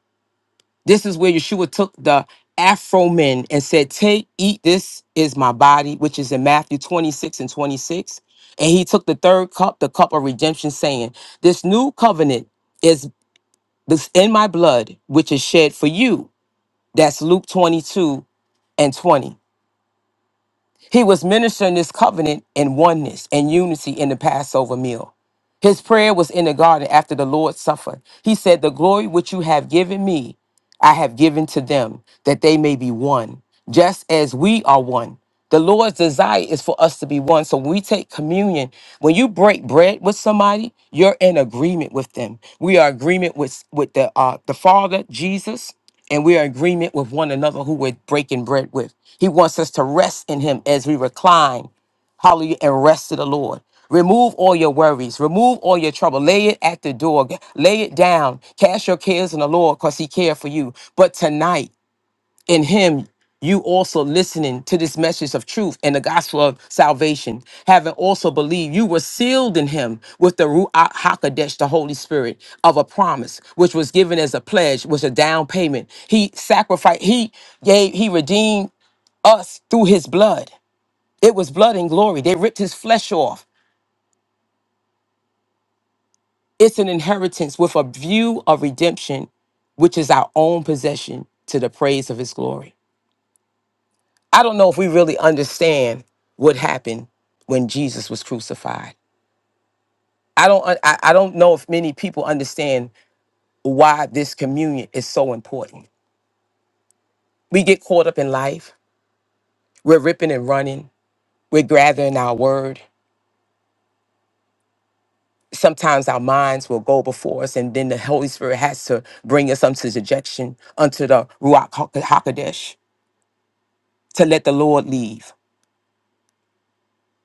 This is where Yeshua took the Afro men and said, Take, eat, this is my body, which is in Matthew 26 and 26. And he took the third cup, the cup of redemption, saying, This new covenant is this in my blood, which is shed for you. That's Luke 22 and 20. He was ministering this covenant in oneness and unity in the Passover meal. His prayer was in the garden after the Lord suffered. He said, The glory which you have given me, I have given to them, that they may be one, just as we are one. The Lord's desire is for us to be one. So when we take communion, when you break bread with somebody, you're in agreement with them. We are agreement with, with the uh, the Father, Jesus, and we are in agreement with one another who we're breaking bread with. He wants us to rest in him as we recline Hallelujah. And rest to the Lord. Remove all your worries. Remove all your trouble. Lay it at the door. G- Lay it down. Cast your cares on the Lord because he cared for you. But tonight, in him, you also listening to this message of truth and the gospel of salvation, having also believed you were sealed in him with the Ruach HaKodesh, the Holy Spirit of a promise, which was given as a pledge, was a down payment. He sacrificed, he gave, he redeemed us through his blood. It was blood and glory. They ripped his flesh off. It's an inheritance with a view of redemption, which is our own possession to the praise of his glory. I don't know if we really understand what happened when Jesus was crucified. I don't I, I don't know if many people understand why this communion is so important. We get caught up in life. We're ripping and running. We're gathering our word. sometimes our minds will go before us, and then the Holy Spirit has to bring us unto dejection, unto the Ruach Hakodesh, to let the Lord leave.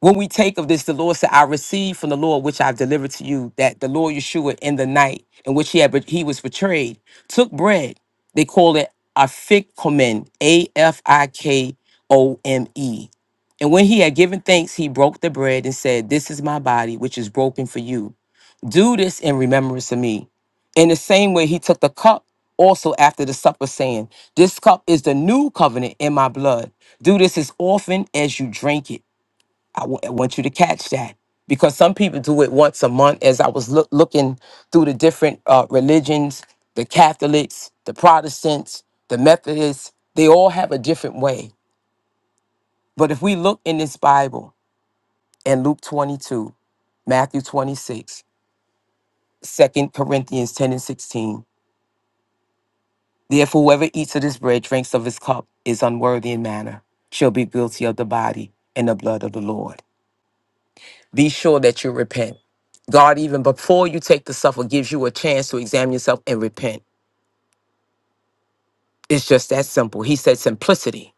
When we take of this, the Lord said, I received from the Lord which I've delivered to you, that the Lord Yeshua in the night in which he, had, bet- he was betrayed took bread. They call it afikomen, A F I K O M E. And when he had given thanks, he broke the bread and said, This is my body, which is broken for you. Do this in remembrance of me. In the same way, he took the cup also after the supper, saying, This cup is the new covenant in my blood. Do this as often as you drink it. I wa- I want you to catch that because some people do it once a month. As I was loo- looking through the different uh, religions, the Catholics, the Protestants, the Methodists, they all have a different way. But if we look in this Bible, in Luke 22, Matthew 26, Second Corinthians 10 and 16. Therefore, whoever eats of this bread, drinks of his cup, is unworthy in manner, shall be guilty of the body and the blood of the Lord. Be sure that you repent. God, even before you take the supper, gives you a chance to examine yourself and repent. It's just that simple. He said simplicity.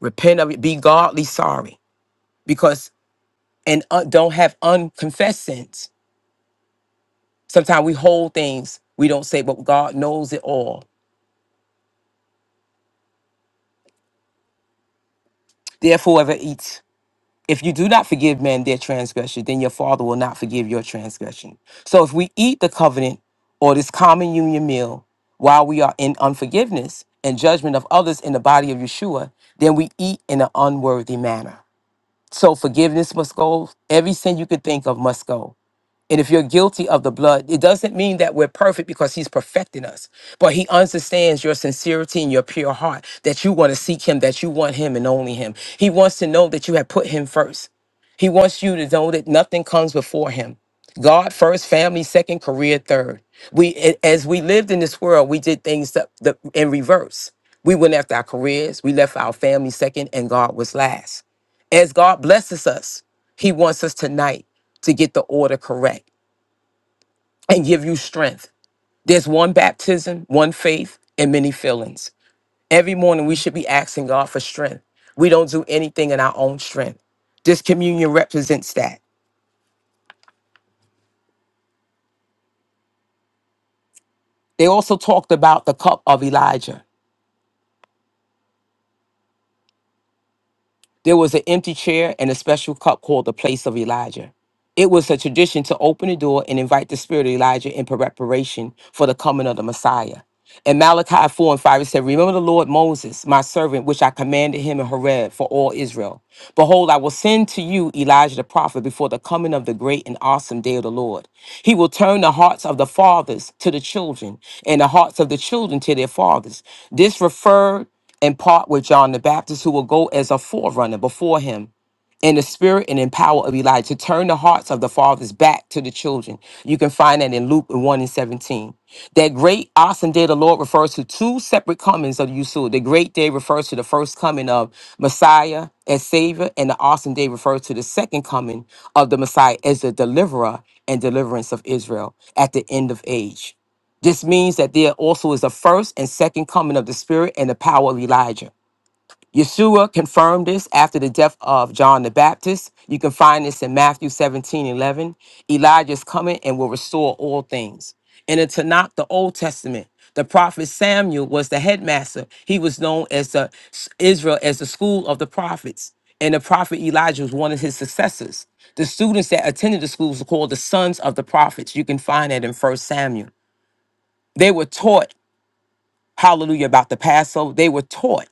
Repent of it. Be godly sorry. Because and uh, don't have unconfessed sins. Sometimes we hold things we don't say, but God knows it all. Therefore, whoever eats If you do not forgive men their transgression, then your father will not forgive your transgression. So if we eat the covenant or this common union meal while we are in unforgiveness and judgment of others in the body of Yeshua, then we eat in an unworthy manner. So forgiveness must go. Every sin you could think of must go. And if you're guilty of the blood, it doesn't mean that we're perfect because he's perfecting us, but he understands your sincerity and your pure heart, that you want to seek him, that you want him and only him. He wants to know that you have put him first. He wants you to know that nothing comes before him. God first, family second, career third. We, a- as we lived in this world, we did things that, that, in reverse. We went after our careers, we left our family second, and God was last. As God blesses us, He wants us tonight to get the order correct and give you strength. There's one baptism, one faith, and many fillings. Every morning we should be asking God for strength. We don't do anything in our own strength. This communion represents that. They also talked about the cup of Elijah. There was an empty chair and a special cup called the place of Elijah. It was a tradition to open the door and invite the spirit of Elijah in preparation for the coming of the Messiah. And Malachi 4 and 5, it said, Remember the Lord Moses, my servant, which I commanded him in Horeb for all Israel. Behold, I will send to you Elijah the prophet before the coming of the great and awesome day of the Lord. He will turn the hearts of the fathers to the children, and the hearts of the children to their fathers. This referred and part with John the Baptist, who will go as a forerunner before him in the spirit and in power of Elijah to turn the hearts of the fathers back to the children. You can find that in Luke 1 and 17. That great awesome day of the Lord refers to two separate comings of Yeshua. The great day refers to the first coming of Messiah as Savior, and the awesome day refers to the second coming of the Messiah as the deliverer and deliverance of Israel at the end of age. This means that there also is a first and second coming of the Spirit and the power of Elijah. Yeshua confirmed this after the death of John the Baptist. You can find this in Matthew 17:11. Elijah is coming and will restore all things. In the Tanakh, the Old Testament, the prophet Samuel was the headmaster. He was known as the Israel as the school of the prophets. And the prophet Elijah was one of his successors. The students that attended the schools were called the sons of the prophets. You can find that in First Samuel. They were taught hallelujah, about the Passover. They were taught.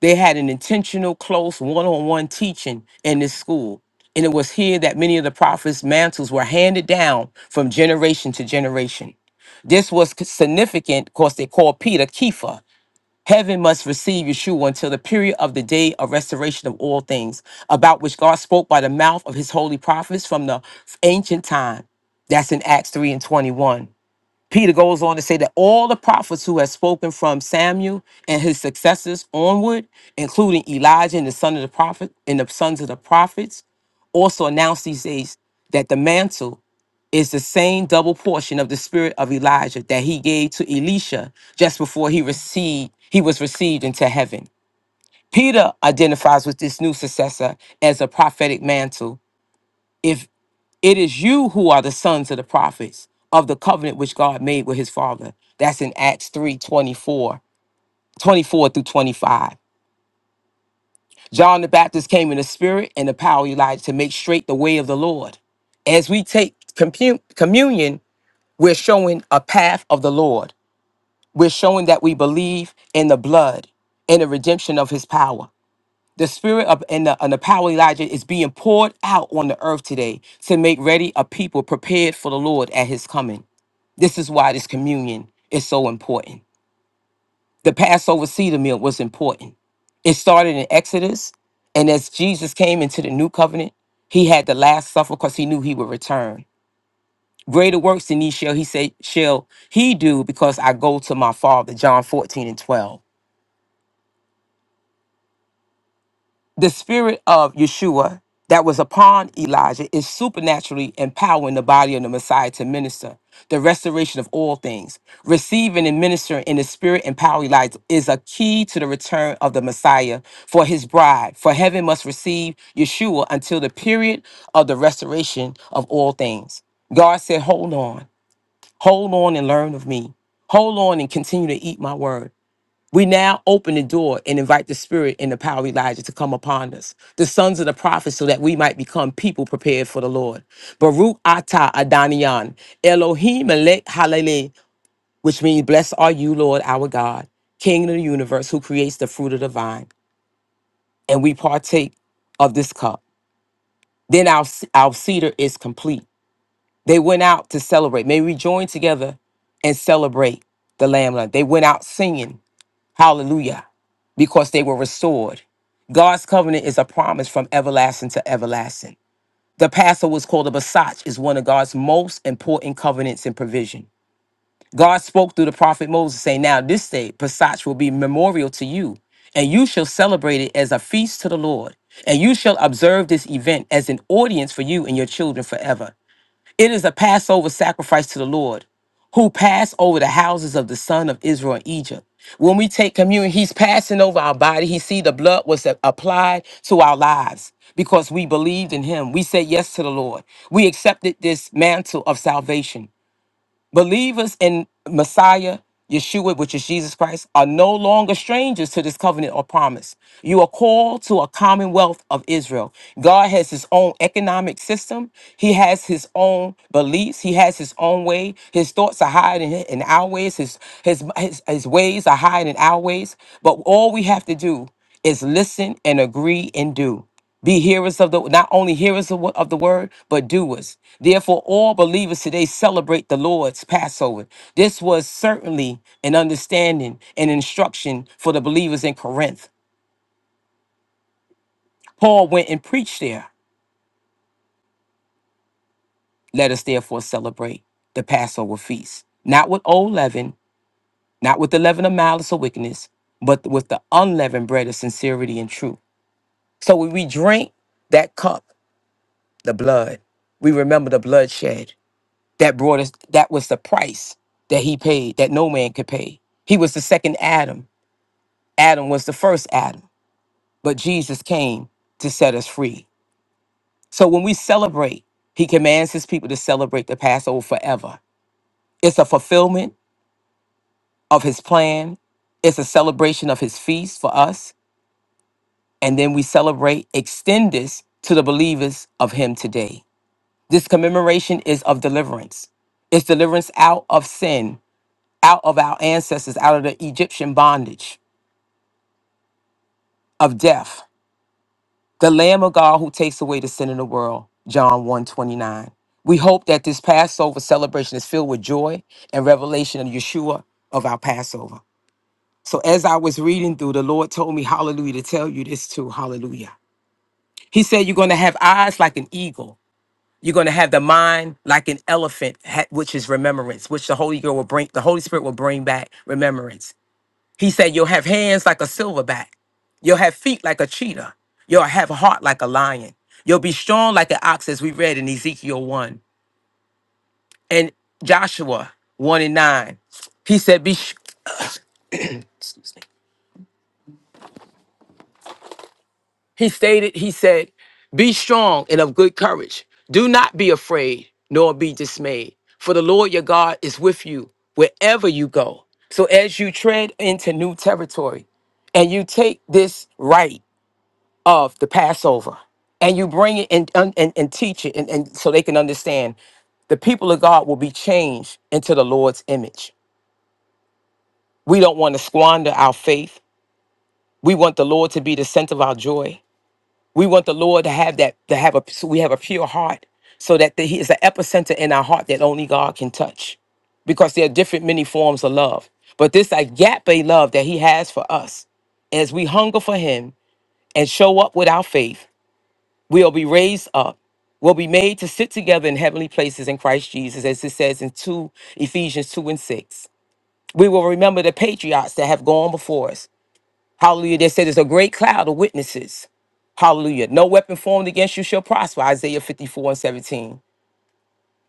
They had an intentional, close, one on one teaching in this school. And it was here that many of the prophets' mantles were handed down from generation to generation. This was c- significant because they called Peter Kepha. Heaven must receive Yeshua until the period of the day of restoration of all things, about which God spoke by the mouth of his holy prophets from the ancient time. That's in Acts 3 and 21. Peter goes on to say that all the prophets who have spoken from Samuel and his successors onward, including Elijah and the son of the prophet and the sons of the prophets, also announced these days that the mantle is the same double portion of the spirit of Elijah that he gave to Elisha just before he received he was received into heaven. Peter identifies with this new successor as a prophetic mantle if it is you who are the sons of the prophets of the covenant which God made with his father. That's in Acts 3 24, 24 through 25. John the Baptist came in the spirit and the power of Elijah to make straight the way of the Lord. As we take compu- communion, we're showing a path of the Lord. We're showing that we believe in the blood and the redemption of his power. The spirit of and the, and the power of Elijah is being poured out on the earth today to make ready a people prepared for the Lord at his coming. This is why this communion is so important. The Passover cedar meal was important. It started in Exodus, and as Jesus came into the new covenant, he had the last supper because he knew he would return. Greater works than these shall he say shall he do because I go to my father, John 14 and 12. The spirit of Yeshua that was upon Elijah is supernaturally empowering the body of the Messiah to minister the restoration of all things. Receiving and ministering in the spirit and power of Elijah is a key to the return of the Messiah for his bride. For heaven must receive Yeshua until the period of the restoration of all things. God said, Hold on, hold on and learn of me. Hold on and continue to eat my word. We now open the door and invite the spirit and the power of Elijah to come upon us, the sons of the prophets, so that we might become people prepared for the Lord. Baruch Ata Adanian, Elohim Melech Halele, which means, Blessed are you, Lord our God, King of the universe, who creates the fruit of the vine. And we partake of this cup. Then our, our cedar is complete. They went out to celebrate. May we join together and celebrate the Lamb. They went out singing Hallelujah. Because they were restored. God's covenant is a promise from everlasting to everlasting. The Passover was called a Basach, is one of God's most important covenants and provision. God spoke through the prophet Moses, saying, Now this day, Passach will be memorial to you, and you shall celebrate it as a feast to the Lord, and you shall observe this event as an audience for you and your children forever. It is a Passover sacrifice to the Lord, who passed over the houses of the son of Israel in Egypt. When we take communion, he's passing over our body. He see the blood was a- applied to our lives because we believed in him. We said yes to the Lord. We accepted this mantle of salvation. Believers in Messiah, Yeshua, which is Jesus Christ, are no longer strangers to this covenant or promise. You are called to a commonwealth of Israel. God has his own economic system, he has his own beliefs, he has his own way. His thoughts are higher than in our ways, his, his, his, his ways are higher than our ways. But all we have to do is listen and agree and do. Be hearers of the not only hearers of, wo- of the word, but doers. Therefore, all believers today celebrate the Lord's Passover. This was certainly an understanding and instruction for the believers in Corinth. Paul went and preached there. Let us therefore celebrate the Passover feast, not with old leaven, not with the leaven of malice or wickedness, but with the unleavened bread of sincerity and truth. So when we drink that cup, the blood, we remember the bloodshed that brought us that was the price that he paid that no man could pay he was the second adam adam was the first adam but jesus came to set us free so when we celebrate he commands his people to celebrate the passover forever it's a fulfillment of his plan it's a celebration of his feast for us and then we celebrate extend this to the believers of him today this commemoration is of deliverance it's deliverance out of sin out of our ancestors, out of the Egyptian bondage of death. The Lamb of God who takes away the sin of the world, John one twenty nine. We hope that this Passover celebration is filled with joy and revelation of Yeshua of our Passover. So as I was reading through, the Lord told me, hallelujah, to tell you this too, hallelujah. He said, you're going to have eyes like an eagle. You're going to have the mind like an elephant, ha- which is remembrance, which the Holy Spirit will bring. The Holy Spirit will bring back remembrance. He said, You'll have hands like a silverback. You'll have feet like a cheetah. You'll have a heart like a lion. You'll be strong like an ox, as we read in Ezekiel 1 and Joshua 1 and 9. He said, Be sh- he stated, he said, Be strong and of good courage. Do not be afraid, nor be dismayed. For the Lord your God is with you wherever you go. So as you tread into new territory and you take this right, of the Passover. And you bring it and, and, and and teach it and, and so they can understand the people of God will be changed into the Lord's image. We don't want to squander our faith. We want the Lord to be the center of our joy. We want the Lord to have that, to have a, so we have a pure heart so that the, He is the epicenter in our heart that only God can touch because there are different, many forms of love. But this agape love that He has for us, as we hunger for Him and show up with our faith, We'll be raised up, we will be made to sit together in heavenly places in Christ Jesus, as it says in 2 Ephesians 2 and 6. We will remember the patriots that have gone before us. Hallelujah. They said there's a great cloud of witnesses. Hallelujah. No weapon formed against you shall prosper. Isaiah 54 and 17.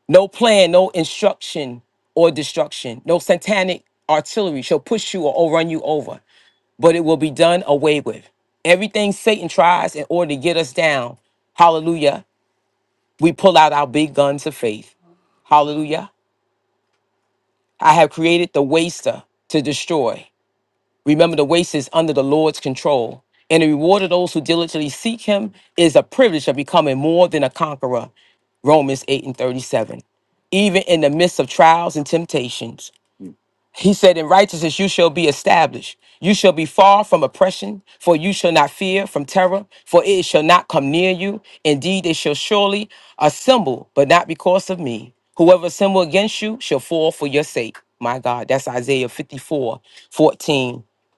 No plan, no instruction or destruction. No satanic artillery shall push you or overrun you over, but it will be done away with. Everything Satan tries in order to get us down, hallelujah, We pull out our big guns of faith. Hallelujah. I have created the waster to destroy. Remember, the waste is under the Lord's control. And the reward of those who diligently seek him is a privilege of becoming more than a conqueror. Romans 8 and 37. Even in the midst of trials and temptations, he said, In righteousness you shall be established. You shall be far from oppression, for you shall not fear from terror, for it shall not come near you. Indeed, they shall surely assemble, but not because of me. Whoever assemble against you shall fall for your sake. My God, that's Isaiah 54:14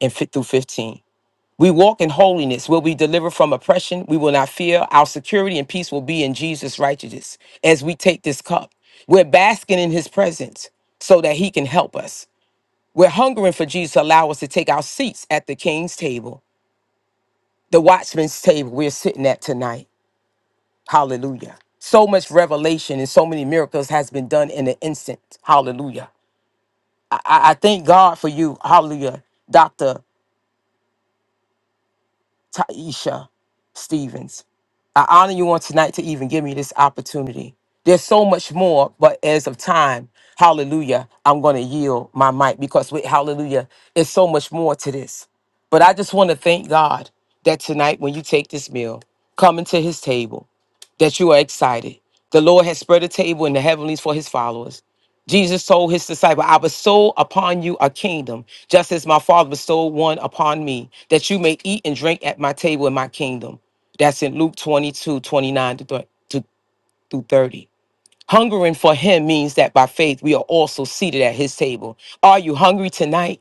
and 5 through 15. We walk in holiness. We'll be delivered from oppression. We will not fear. Our security and peace will be in Jesus' righteousness. As we take this cup, we're basking in his presence so that he can help us. We're hungering for Jesus to allow us to take our seats at the king's table, the watchman's table we're sitting at tonight. Hallelujah. So much revelation and so many miracles has been done in an instant. Hallelujah. I, I I thank God for you. Hallelujah. Dr. Taisha Stevens. I honor you on tonight to even give me this opportunity. There's so much more, but as of time, hallelujah, I'm going to yield my mic because with hallelujah, there's so much more to this. But I just want to thank God that tonight, when you take this meal, coming to his table, that you are excited. The Lord has spread a table in the heavenlies for his followers. Jesus told his disciple, I bestow upon you a kingdom, just as my father bestowed one upon me, that you may eat and drink at my table in my kingdom. That's in Luke 22, 29 to thir- to- through 30. Hungering for him means that by faith we are also seated at his table. Are you hungry tonight?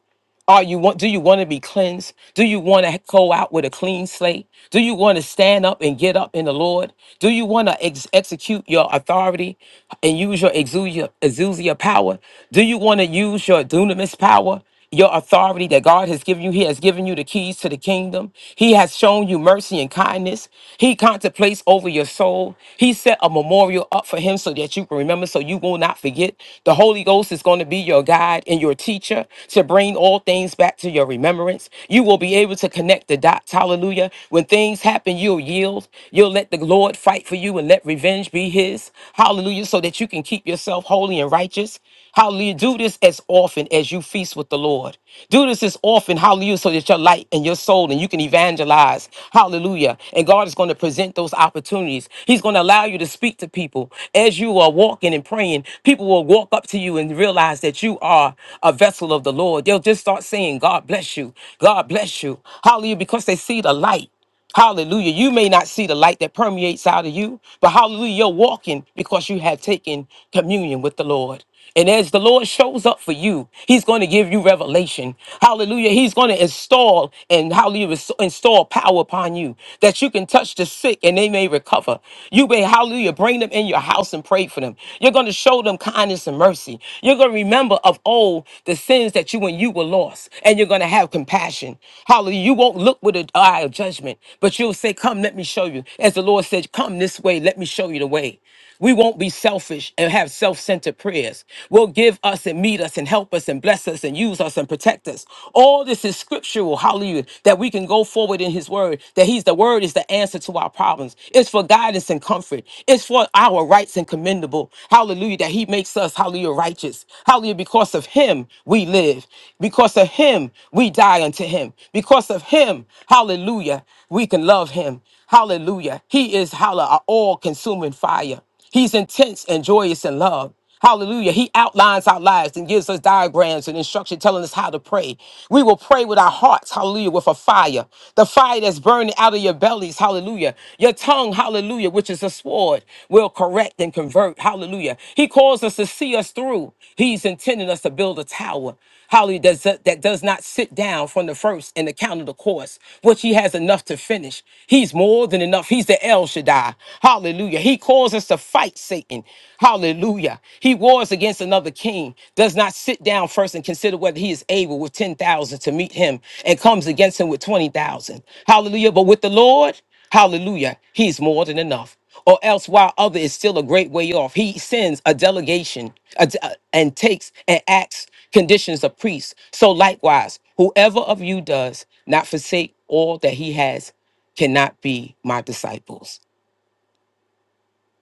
Are you want? Do you want to be cleansed? Do you want to go out with a clean slate? Do you want to stand up and get up in the Lord? Do you want to ex- execute your authority and use your exousia, exousia power? Do you want to use your dunamis power? Your authority that God has given you, He has given you the keys to the kingdom. He has shown you mercy and kindness. He contemplates over your soul. He set a memorial up for Him so that you can remember, so you will not forget. The Holy Holy Ghost is going to be your guide and your teacher to bring all things back to your remembrance. You will be able to connect the dots. Hallelujah. When things happen, you'll yield. You'll let the Lord fight for you and let revenge be his. Hallelujah. So that you can keep yourself holy and righteous. Hallelujah. Do this as often as you feast with the Lord. Do this as often, hallelujah, so that your light and your soul and you can evangelize. Hallelujah. And God is going to present those opportunities. He's going to allow you to speak to people. As you are walking and praying, people will walk up to you and realize that you are a vessel of the Lord. They'll just start saying, God bless you. God bless you. Hallelujah, because they see the light. Hallelujah. You may not see the light that permeates out of you, but hallelujah, you're walking because you have taken communion with the Lord. And as the Lord shows up for you, He's going to give you revelation. Hallelujah. He's going to install and hallelujah, ins- install power upon you that you can touch the sick and they may recover. You may, hallelujah, bring them in your house and pray for them. You're going to show them kindness and mercy. You're going to remember of old the sins that you and you were lost, and you're going to have compassion. Hallelujah. You won't look with an eye of judgment, but you'll say, Come, let me show you. As the Lord said, Come this way, let me show you the way. We won't be selfish and have self centered prayers. Will give us and meet us and help us and bless us and use us and protect us. All this is scriptural, hallelujah, that we can go forward in His Word, that He's the Word is the answer to our problems. It's for guidance and comfort. It's for it's for our rights and commendable. Hallelujah. That he makes us, hallelujah, righteous. Hallelujah. Because of him, we live. Because of him, we die unto him. Because of him, hallelujah, we can love him. Hallelujah. He is, hallelujah, all consuming fire. He's intense and joyous in love. Hallelujah. He outlines our lives and gives us diagrams and instruction telling us how to pray. We will pray with our hearts, hallelujah, with a fire. The fire that's burning out of your bellies, hallelujah. Your tongue, hallelujah, which is a sword, will correct and convert, hallelujah. He calls us to see us through. He's intending us to build a tower. Hallelujah. Does, that does not sit down from the first and the count of the course, which he has enough to finish. He's more than enough. He's the El Shaddai. Hallelujah. He calls us to fight Satan. Hallelujah. He wars against another king, does not sit down first and consider whether he is able with 10,000 to meet him and comes against him with 20,000. Hallelujah. But with the Lord, Hallelujah. He's more than enough. Or else, while other is still a great way off, he sends a delegation a and takes and acts conditions of priests. So likewise, whoever of you does not forsake all that he has cannot be my disciples.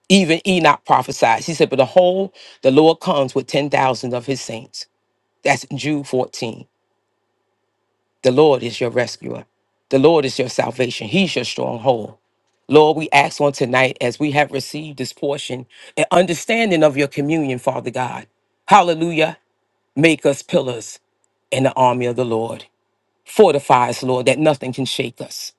Even Enoch prophesies. He said, But the whole, the Lord comes with 10,000 of his saints. That's Jude 14. The Lord is your rescuer. The Lord is your salvation. He's your stronghold. Lord, we ask on tonight as we have received this portion, an understanding of your communion, Father God. Hallelujah. Make us pillars in the army of the Lord. fortifies, Lord, that nothing can shake us.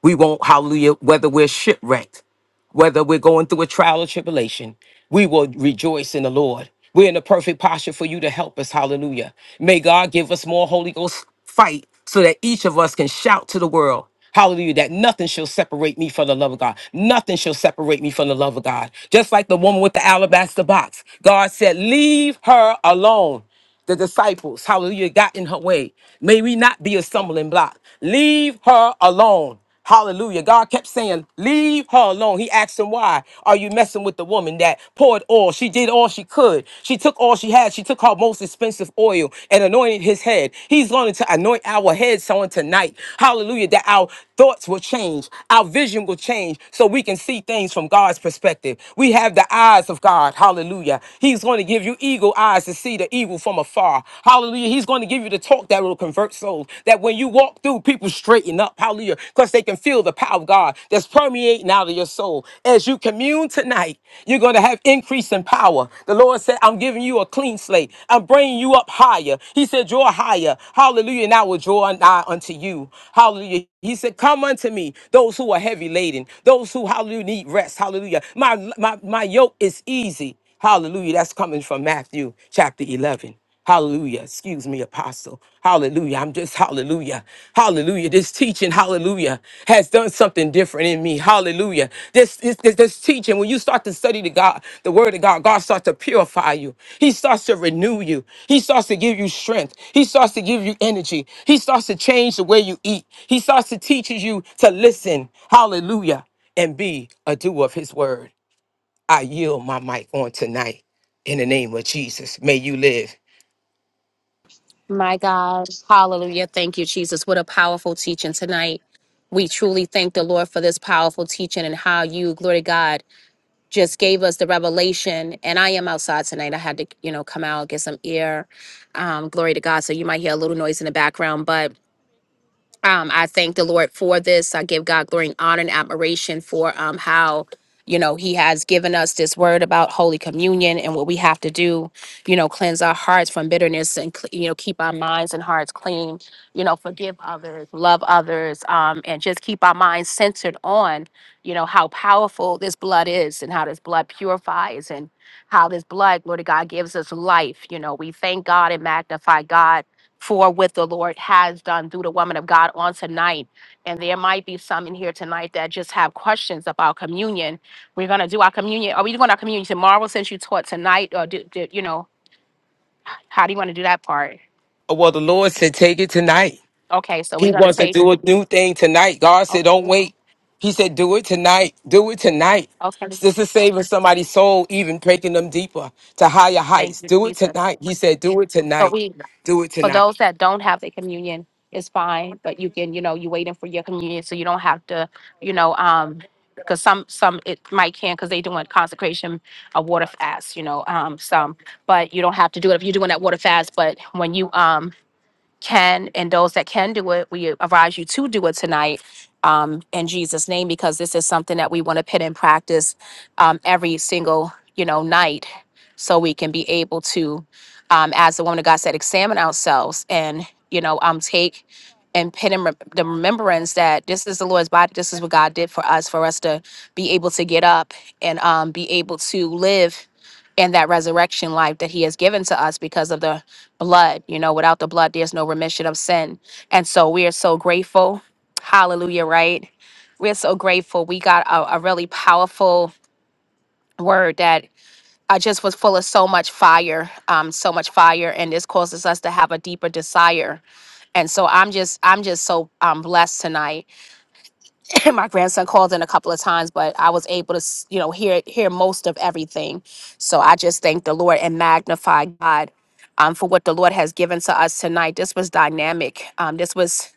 We won't, hallelujah, whether we're shipwrecked, whether we're going through a trial or tribulation, we will rejoice in the Lord. We're in the perfect posture for you to help us, hallelujah. May God give us more Holy Ghost fight so that each of us can shout to the world. Hallelujah, that nothing shall separate me from the love of God. Nothing shall separate me from the love of God. Just like the woman with the alabaster box, God said, Leave her alone the disciples, hallelujah, got in her way. May we not be a stumbling block. Leave her alone. Hallelujah. God kept saying, Leave her alone. He asked him, Why are you messing with the woman that poured oil? She did all she could. She took all she had. She took her most expensive oil and anointed his head. He's going to anoint our heads on tonight. Hallelujah. That our thoughts will change, our vision will change, so we can see things from God's perspective. We have the eyes of God. Hallelujah. He's going to give you give you eagle eyes to see the evil from afar. Hallelujah. He's going to give you the talk that will convert souls. That when you walk through, people straighten up. Hallelujah. Because they can feel the power of God that's permeating out of your soul. As you commune tonight, you're going to have increase in power. The Lord said, I'm giving you a clean slate. I'm bringing you up higher. He said, draw higher. Hallelujah. And I will draw nigh unto you. Hallelujah. He said, come unto me, those who are heavy laden, those who, hallelujah, need rest. Hallelujah. My, my, my yoke is easy Hallelujah. That's coming from Matthew chapter 11. Hallelujah. Excuse me, apostle. Hallelujah. I'm just hallelujah. Hallelujah. This teaching, hallelujah, has done something different in me. Hallelujah. This, this, this, this teaching, when you start to study the God, the word of God, God starts to purify you. He starts to renew you. He starts to give you strength. He starts to give you energy. He starts to change the way you eat. He starts to teach you to listen. Hallelujah and be a doer of his word. I yield my mic on tonight in the name of Jesus. May you live. My God. Hallelujah. Thank you, Jesus. What a powerful teaching tonight. We truly thank the Lord for this powerful teaching and how you, glory to God, just gave us the revelation. And I am outside tonight. I had to, you know, come out, get some air. Um, glory to God. So you might hear a little noise in the background, but um, I thank the Lord for this. I give God glory and honor and admiration for um, how, you know, He has given us this word about Holy Communion and what we have to do, you know, cleanse our hearts from bitterness and, cle- you know, keep our minds and hearts clean, you know, forgive others, love others, um, and just keep our minds centered on, you know, how powerful this blood is and how this blood purifies and how this blood, Lord God, gives us life. You know, we thank God and magnify God for what the Lord has done through the woman of God on tonight. And there might be some in here tonight that just have questions about communion. We're going to do our communion. Are we doing our communion tomorrow since you taught tonight? Or, do, do- you know, how do you want to do that part? Oh, Well, the Lord said, take it tonight. Okay, so He we're going to wants to take. do a new thing tonight. God said, don't Okay, wait. He said, do it tonight. Do it tonight. okay. This is saving somebody's soul, even taking them deeper to higher Thank heights. you, Do it Jesus. tonight. He said, do it So tonight. we, Do it For tonight. those that don't have the communion, it's fine, but you can, you know, you're waiting for your communion, so you don't have to, you know, um, because some some it might can because they doing consecration a water fast, you know, um, some, but you don't have to do it if you're doing that water fast. But when you um can and those that can do it, we advise you to do it tonight um, in Jesus' name because this is something that we want to put in practice um, every single you know night, so we can be able to, um, as the woman of God said, examine ourselves and you know um take and put in rem- the remembrance that this is the Lord's body, this is what God did for us, for us to be able to get up and um, be able to live in that resurrection life that He has given to us because of the blood. You know, without the blood, there's no remission of sin. And so we are so grateful. Hallelujah, right? We're so grateful. We got a, a really powerful word that I just was full of so much fire, um, so much fire, and this causes us to have a deeper desire. And so I'm just, I'm just so um, blessed tonight. [laughs] my grandson called in a couple of times, but I was able to, s- you know, hear hear most of everything. So I just thank the Lord and magnify God um, for what the Lord has given to us tonight. This was dynamic. Um, this was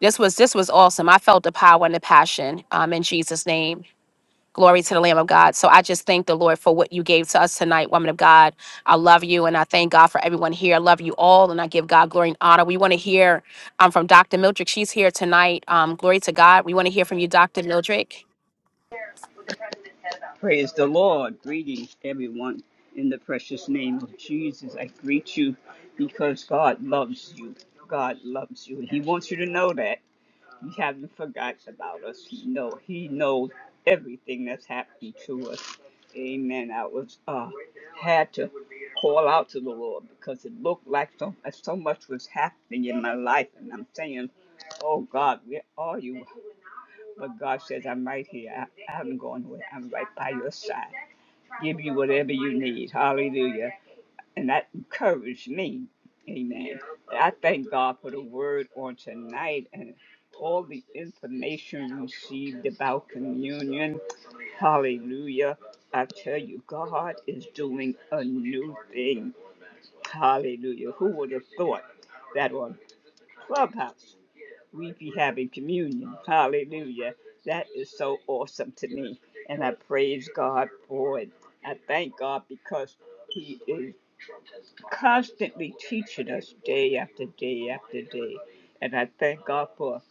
this was this was awesome. I felt the power and the passion um, in Jesus' name. Glory to the Lamb of God. So I just thank the Lord for what you gave to us tonight, woman of God. I love you and I thank God for everyone here. I love you all and I give God glory and honor. We want to hear um, from Dr. Mildred. She's here tonight. Um, glory to God. We want to hear from you, Dr. Mildred. Praise the Lord. Greetings, everyone. In the precious name of Jesus, I greet you because God loves you. God loves you. He wants you to know that. He hasn't forgotten about us. He know He knows everything that's happening to us. Amen. I was uh had to call out to the Lord because it looked like so so much was happening in my life, and I'm saying, "Oh God, where are you?" But God says, "I'm right here. I, I haven't gone away. I'm right by your side." give you whatever you need. Hallelujah. And that encouraged me. Amen. I thank God for the word on tonight and all the information received about communion. Hallelujah. I tell you, God is doing a new thing. Hallelujah. Who would have thought that on Clubhouse? we be having communion. Hallelujah. That is so awesome to me. And I praise God for it. I thank God because He is constantly teaching us day after day after day. And I thank God for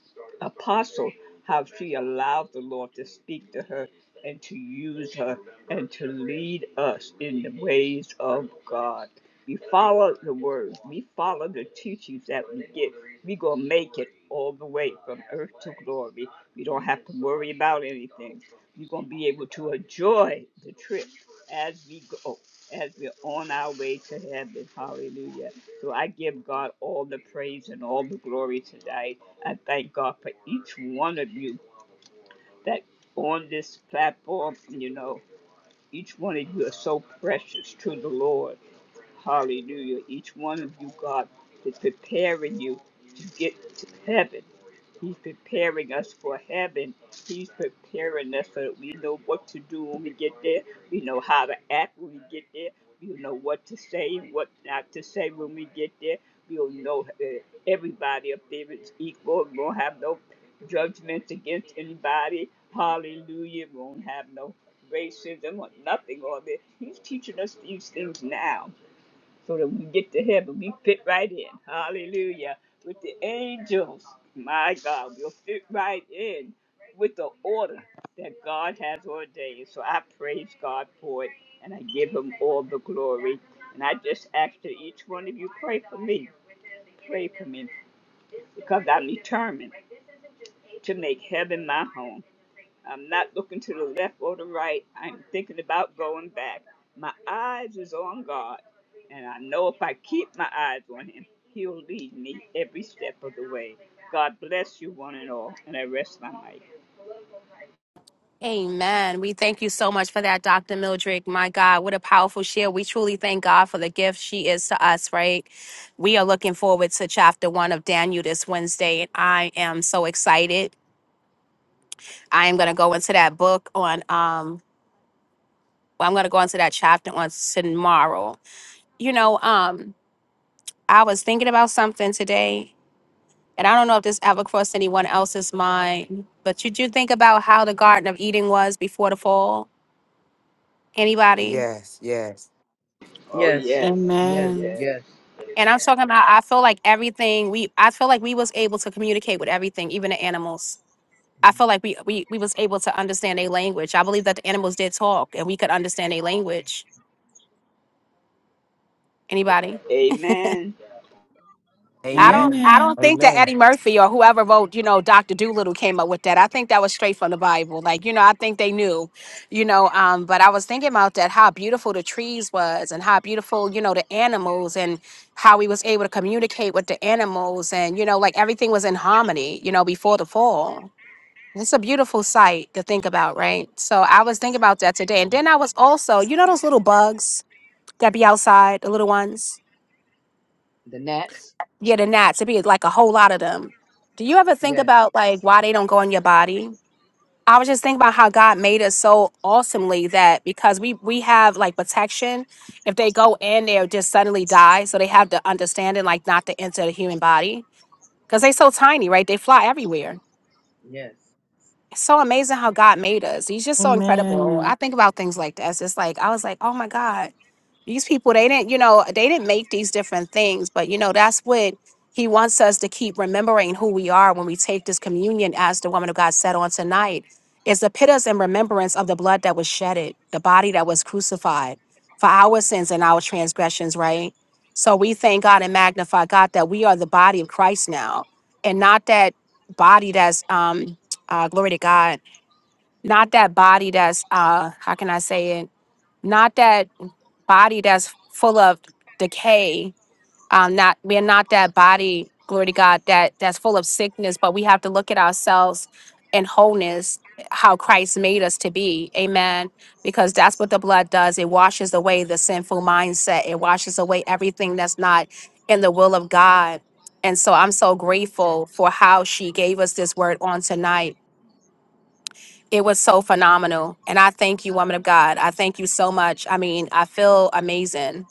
Apostle, how she allowed the Lord to speak to her and to use her and to lead us in the ways of God. We follow the words, we follow the teachings that we get. We're going to make it all the way from earth to glory. We don't have to worry about anything. You're gonna be able to enjoy the trip as we go, as we're on our way to heaven. Hallelujah. So I give God all the praise and all the glory tonight. I thank God for each one of you that on this platform, you know, each one of you are so precious to the Lord. Hallelujah. Each one of you, God, is preparing you to get to heaven. He's preparing us for heaven. He's preparing us so that we know what to do when we get there. We know how to act when we get there. we know what to say, what not to say when we get there. We'll know uh, everybody up there is equal. We won't have no judgments against anybody. Hallelujah. We won't have no racism or nothing on there. He's teaching us these things now so that when we get to heaven, we fit right in. Hallelujah. With the angels, my God, we'll fit right in with the order that God has ordained. So I praise God for it and I give him all the glory. And I just ask that each one of you pray for me. Pray for me because I'm determined to make heaven my home. I'm not looking to the left or the right. I'm thinking about going back. My eyes is on God, and I know if I keep my eyes on Him, He'll lead me every step of the way. God bless you, one and all, and I rest my mic. Amen. We thank you so much for that, Dr. Mildred. My God, what a powerful share. We truly thank God for the gift she is to us, right? We are looking forward to chapter one of Daniel this Wednesday, and I am so excited. I am going to go into that book on. Um, well, I'm going to go into that chapter on tomorrow. You know, um, I was thinking about something today, and I don't know if this ever crossed anyone else's mind, but did you think about how the Garden of Eden was before the fall? Anybody? Yes, yes. Oh Yes, yes, oh yes, Amen. yes. yes. And I'm talking about, I feel like everything we, I feel like we was able to communicate with everything, even the animals. I feel like we, we, we was able to understand a language. I believe that the animals did talk and we could understand a language. Anybody? Amen. I don't Amen. Amen. I Amen. don't think that Amen. Eddie Murphy or whoever wrote, you know, Dr. Doolittle came up with that. I think that was straight from the Bible. Like, you know, I think they knew, you know, um, but I was thinking about that, how beautiful the trees was and how beautiful, you know, the animals and how we was able to communicate with the animals and, you know, like everything was in harmony, you know, before the fall. It's a beautiful sight to think about, right? So I was thinking about that today. And then I was also, you know those little bugs that be outside, the little ones? The gnats? yeah, the gnats. It'd be like a whole lot of them. Do you ever think Yes, about like why they don't go in your body? I was just thinking about how God made us so awesomely that because we we have like protection, if they go in, they'll just suddenly die. So they have the understanding like not to enter the human body because they so tiny, right? They fly everywhere. yes. It's so amazing how God made us. He's just so incredible. I Amen. think about things like this. It's like I was like, oh my God, these people they didn't, you know, they didn't make these different things, but you know, that's what he wants us to keep remembering who we are when we take this communion, as the woman of God said on tonight, is to put us in remembrance of the blood that was shedded, the body that was crucified for our sins and our transgressions, right? So we thank God and magnify God that we are the body of Christ now, and not that body that's um, uh, glory to God, not that body that's, uh, how can I say it? Not that body that's full of decay. Um, not we're not that body, glory to God, that that's full of sickness. But we have to look at ourselves in wholeness, how Christ made us to be. Amen. Because that's what the blood does. It washes away the sinful mindset. It washes away everything that's not in the will of God. And so I'm so grateful for how she gave us this word on tonight it was so phenomenal. And I thank you, woman of God. I thank you so much. I mean, I feel amazing.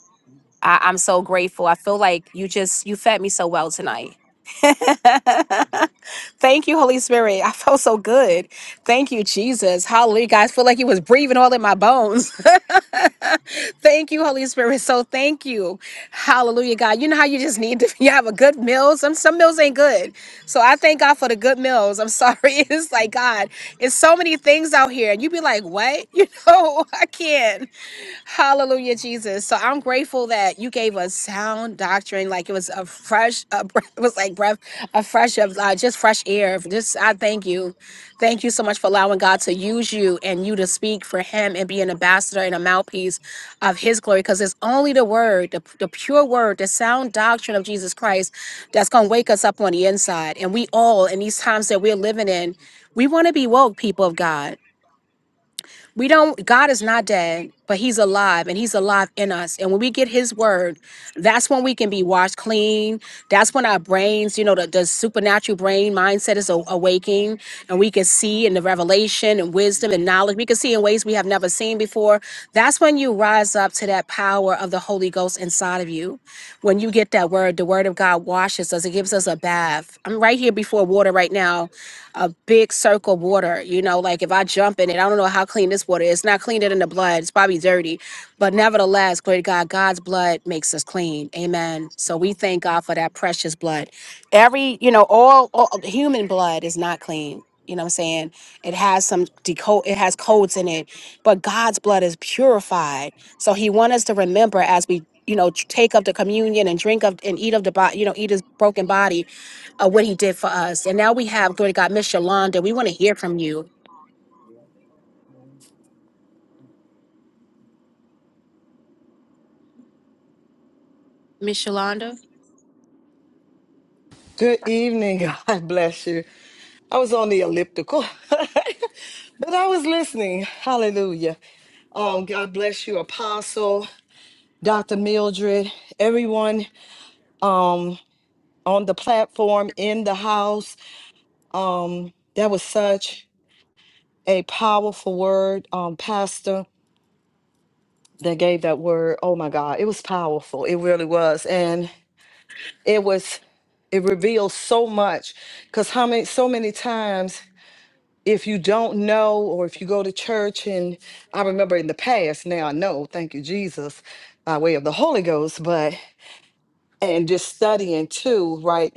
I, I'm so grateful. I feel like you just you fed me so well tonight. Thank you, Holy Spirit. [laughs] I felt so good. Thank you, Jesus. Hallelujah. Guys, feel like you was breathing all in my bones. [laughs] thank you, Holy Spirit. So thank you. Hallelujah, God. You know how you just need to [laughs] you have a good meal. Some some meals ain't good. So I thank God for the good meals. I'm sorry. [laughs] It's like God, it's so many things out here. And you be like, what? [laughs] You know, I can't. Hallelujah, Jesus. So I'm grateful that you gave us sound doctrine. Like it was a fresh, a [laughs] breath, it was like breath, a fresh of uh, just fresh air. Just I thank you, thank you so much for allowing God to use you and you to speak for Him and be an ambassador and a mouthpiece of His glory. Because it's only the Word, the, the pure Word, the sound doctrine of Jesus Christ that's gonna wake us up on the inside. And we all in these times that we're living in, we want to be woke people of God. We don't, God is not dead, but He's alive and He's alive in us. And when we get His word, that's when we can be washed clean. That's when our brains, you know, the, the supernatural brain mindset is a- awaking and we can see in the revelation and wisdom and knowledge. We can see in ways we have never seen before. That's when you rise up to that power of the Holy Ghost inside of you. When you get that word, the word of God washes us, it gives us a bath. I'm right here before water right now a big circle of water. You know, like if I jump in it, I don't know how clean this water is. It's not cleaner than the blood. It's probably dirty. But nevertheless, glory to God, God's blood makes us clean. Amen. So we thank God for that precious blood. Every, you know, all, all human blood is not clean. You know what I'm saying? It has some decode it has codes in it, but God's blood is purified. So he wants us to remember as we, you know, take up the communion and drink of and eat of the body, you know, eat his broken body uh, what he did for us. And now we have, glory to God, Miss Yolanda. We want to hear from you. Miss Yolanda? Good evening. [laughs] God bless you. I was on the elliptical, [laughs] but I was listening. Hallelujah. Um, God bless you, Apostle, Dr. Mildred, everyone um on the platform, in the house. Um, that was such a powerful word, um, Pastor. that gave that word. Oh my God, it was powerful. It really was, and it was it reveals so much. Because how many so many times if you don't know or if you go to church and I remember in the past now I know thank you Jesus by way of the Holy Ghost, but and just studying too, right?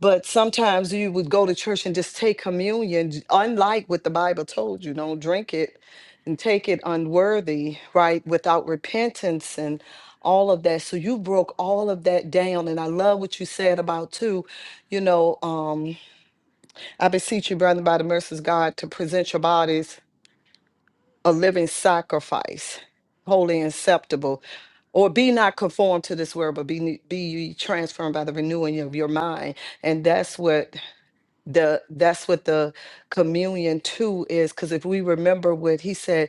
But sometimes you would go to church and just take communion, j- unlike what the Bible told you, don't drink it and take it unworthy, right? Without repentance and all of that. So you broke all of that down. And I love what you said about too, you know, um, I beseech you, brethren, by the mercies of God, to present your bodies a living sacrifice, holy and acceptable. Or be not conformed to this world, but be, ne- be ye transformed by the renewing of your mind. And that's what the that's what the communion too is because if we remember what he said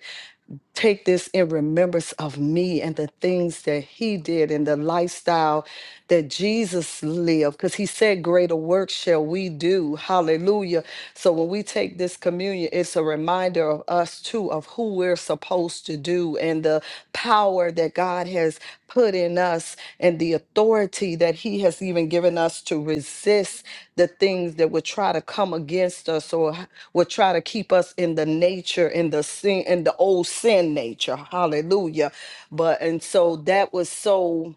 take this in remembrance of me and the things that he did and the lifestyle that Jesus lived because he said greater work shall we do hallelujah so when we take this communion it's a reminder of us too of who we're supposed to do and the power that God has put in us and the authority that he has even given us to resist the things that would try to come against us or would try to keep us in the nature, in the sin, in the old sin nature. Hallelujah. But, and so that was so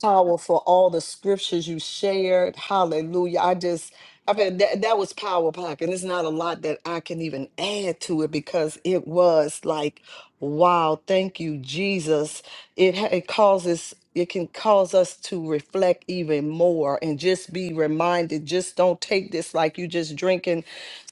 powerful all the scriptures you shared hallelujah i just i mean that, that was power pack and it's not a lot that i can even add to it because it was like wow thank you jesus it, ha- it causes it can cause us to reflect even more and just be reminded just don't take this like you just drinking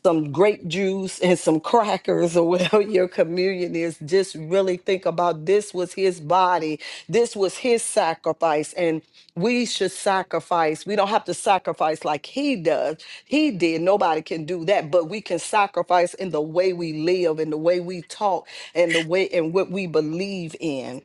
some grape juice and some crackers or [laughs] whatever your communion is just really think about this was his body this was his sacrifice, and we should sacrifice. We don't have to sacrifice like he does. He did. Nobody can do that, but we can sacrifice in the way we live, in the way we talk, and the way and what we believe in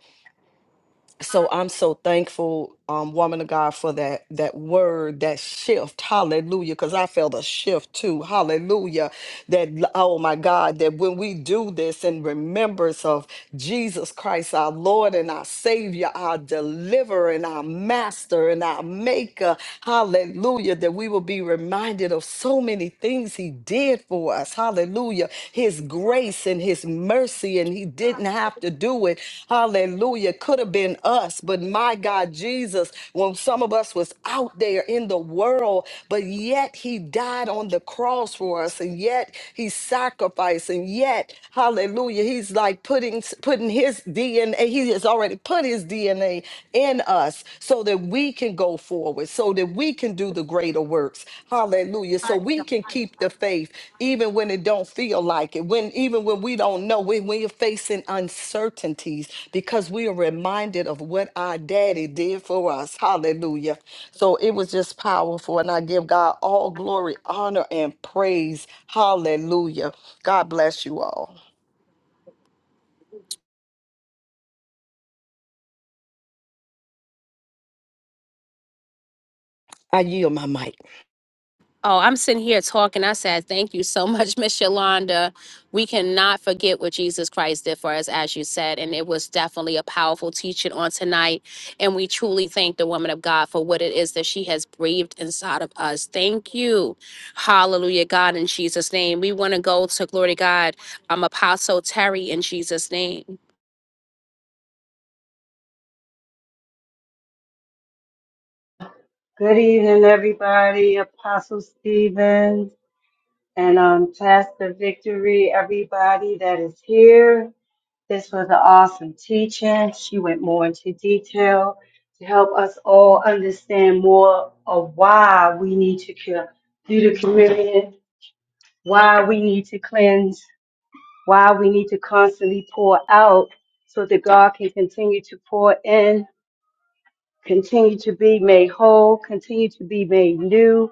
so I'm so thankful, um, woman of God, for that that word, that shift. Hallelujah. Because I felt a shift too. Hallelujah. That oh my God, that when we do this in remembrance of Jesus Christ, our Lord and our Savior, our deliverer and our master and our maker. Hallelujah. That we will be reminded of so many things He did for us. Hallelujah. His grace and His mercy, and He didn't have to do it. Hallelujah. Could have been us, but my God, Jesus, when some of us was out there in the world, but yet He died on the cross for us, and yet He sacrificed, and yet, hallelujah, He's like putting putting His DNA, He has already put put his DNA in us so that we can go forward, so that we can do the greater works. Hallelujah. So we can keep the faith even when it don't feel like it, when even when we don't know, when, we are facing uncertainties, because we are reminded of what our daddy did for us. Hallelujah. So it was just powerful. And I give God all glory, honor, and praise. Hallelujah. God bless you all. I yield my mic. Oh, I'm sitting here talking. I said, thank you so much, [laughs] Miss Yolanda. We cannot forget what Jesus Christ did for us, as you said. And it was definitely a powerful teaching on tonight. And we truly thank the woman of God for what it is that she has breathed inside of us. Thank you. Hallelujah, God, in Jesus' name. We want to go to, glory to God, um, Apostle Terry, in Jesus' name. Good evening, everybody. Apostle Stevens and um, Pastor Victory, everybody that is here. This was an awesome teaching. She went more into detail to help us all understand more of why we need to co- do the communion, why we need to cleanse, why we need to constantly pour out so that God can continue to pour in, continue to be made whole, continue to be made new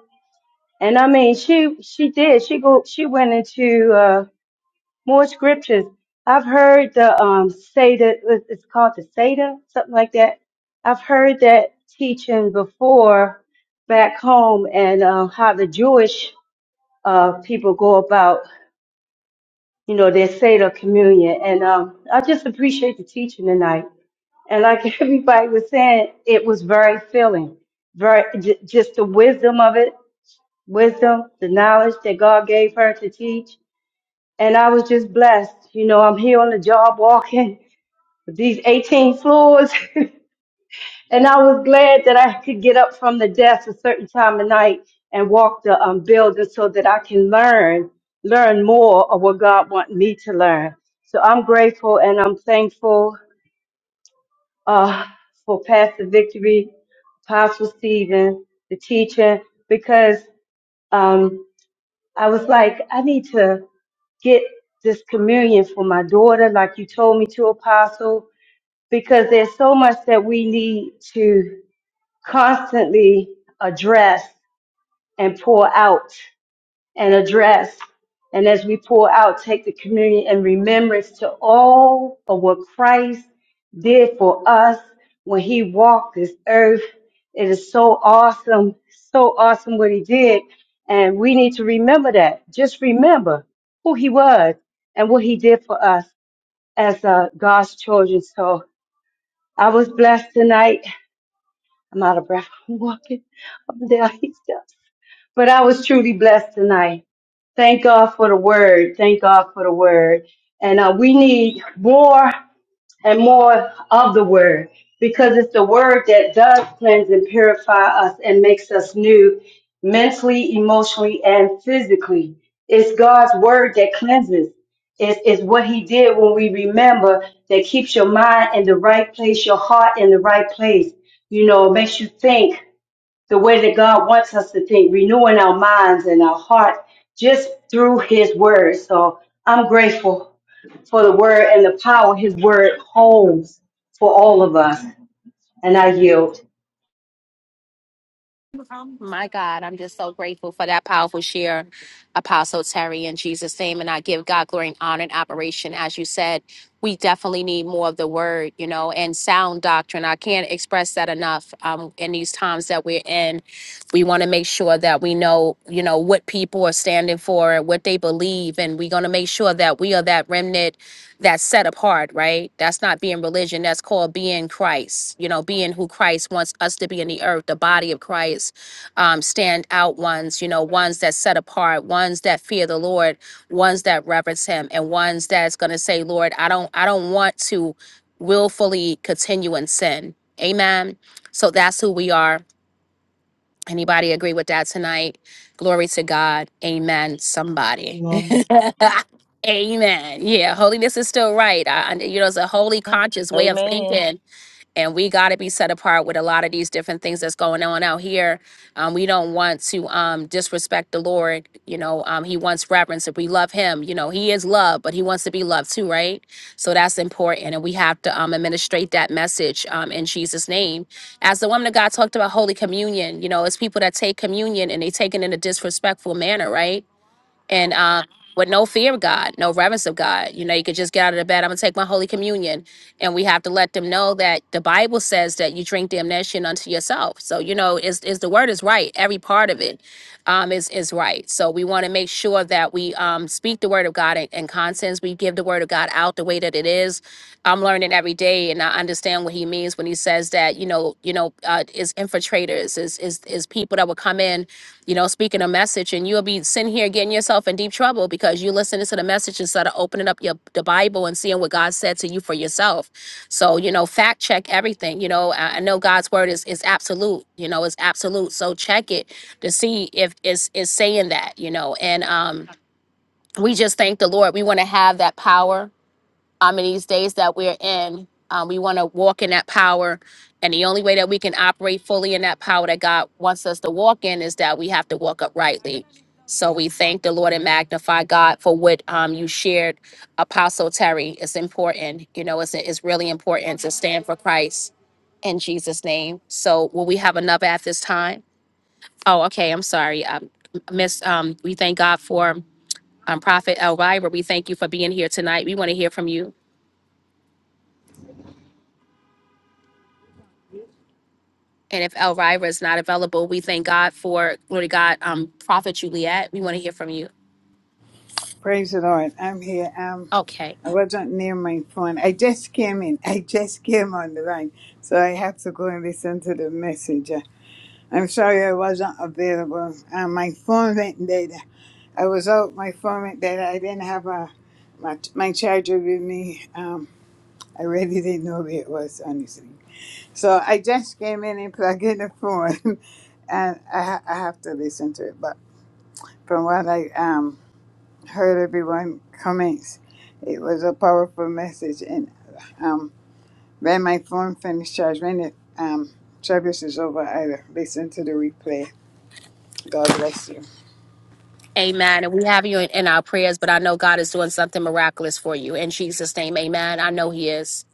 And I mean, she she did. She go. She went into uh, more scriptures. I've heard the um Seder. it- It's called the Seder, something like that. I've heard that teaching before back home, and um, how the Jewish uh, people go about, you know, their Seder communion. And um, I just appreciate the teaching tonight. And like [laughs] everybody was saying, it was very filling, very j- just the wisdom of it wisdom, the knowledge that God gave her to teach. And I was just blessed. You know, I'm here on the job walking with these 18 floors. [laughs] and I was glad that I could get up from the desk a certain time of night and walk the um, building so that I can learn, learn more of what God wants me to learn. So I'm grateful and I'm thankful uh, for Pastor Victory, Apostle Stephen, the teacher, because um. I was like, I need to get this communion for my daughter, like you told me to, Apostle, because there's so much that we need to constantly address and pour out and address. And as we pour out, take the communion in remembrance to all of what Christ did for us when he walked this earth. It is so awesome, so awesome what he did. And we need to remember that. Just remember who he was and what he did for us as uh, God's children. So I was blessed tonight. I'm out of breath. [laughs] I'm walking. I'm down. But I was truly blessed tonight. Thank God for the word. Thank God for the word. And uh, we need more and more of the word because it's the word that does cleanse and purify us and makes us new mentally, emotionally, and physically. It's God's word that cleanses. It's, it's what he did when we remember that keeps your mind in the right place, your heart in the right place. You know, makes you think, the way that God wants us to think, renewing our minds and our hearts just through His Word. So I'm grateful for the Word and the power His Word holds for all of us. And I yield. My God, I'm just so grateful for that powerful share, Apostle Terry, in Jesus' name. And I give God glory and honor and operation. As you said, we definitely need more of the word, you know, and sound doctrine. I can't express that enough um, in these times that we're in. We want to make sure that we know, you know, what people are standing for and what they believe. And we're going to make sure that we are that remnant that's set apart, right? That's not being religion. That's called being Christ, you know, being who Christ wants us to be in the earth, the body of Christ, um, stand out ones, you know, ones that set apart, ones that fear the Lord, ones that reverence him, and ones that's gonna say, Lord, I don't I don't want to willfully continue in sin. Amen. So that's who we are Anybody agree with that tonight? Glory to God. Amen. Somebody. Amen. [laughs] Amen. Yeah, holiness is still right. I, I- you know, it's a holy conscious way of Amen. thinking and we got to be set apart with a lot of these different things that's going on out here um, we don't want to um, disrespect the lord you know um, he wants reverence if we love him you know he is love but he wants to be loved too right so that's important and we have to um, administrate that message um, in jesus name as the woman of god talked about holy communion you know it's people that take communion and they take it in a disrespectful manner right and um, with no fear of God, no reverence of God. You know, you could just get out of the bed. I'm gonna take my Holy Communion, and we have to let them know that the Bible says that you drink damnation unto yourself. So you know, is is the word is right. Every part of it um, is is right. So we want to make sure that we um, speak the word of God in, in conscience. We give the word of God out the way that it is. I'm learning every day, and I understand what he means when he says that. You know, you know, uh, is infiltrators, is is is people that will come in you know, speaking a message, and you'll be sitting here getting yourself in deep trouble because you listening to the message instead of opening up your the Bible and seeing what God said to you for yourself. So, you know, fact check everything. You know, I, I know God's word is is absolute. You know, it's absolute. So check it to see if it's is saying that. You know, and um, we just thank the Lord. We want to have that power um, in these days that we're in. Um, we want to walk in that power. And the only way that we can operate fully in that power that God wants us to walk in is that we have to walk uprightly. So we thank the Lord and magnify God for what um, you shared, Apostle Terry. It's important. You know, it's, it's really important to stand for Christ in Jesus' name. So will we have another at this time? Oh, okay. I'm sorry. Um, Miss, um, we thank God for um, Prophet Elvira. We thank you for being here tonight. We want to hear from you. And if Elvira is not available, we thank God for, glory to God, um, Prophet Juliet. We want to hear from you. Praise the Lord. I'm here. Um, Okay. I wasn't near my phone. I just came in. [laughs] I just came on the line. So I had to go and listen to the message. Uh, I'm sorry I wasn't available. Uh, my phone went dead. I was out. My phone went dead. I didn't have a, my, my charger with me. Um, I really didn't know where it was, honestly. So I just came in and plugged in the phone. [laughs] and I, ha- I have to listen to it. But from what I um heard everyone comments. It was a powerful message, and um, when my phone finished charge, when the um, service is over, I listen to the replay. God bless you. Amen. And we have you in, in our prayers, but I know God is doing something miraculous for you. In Jesus' name, amen. I know He is.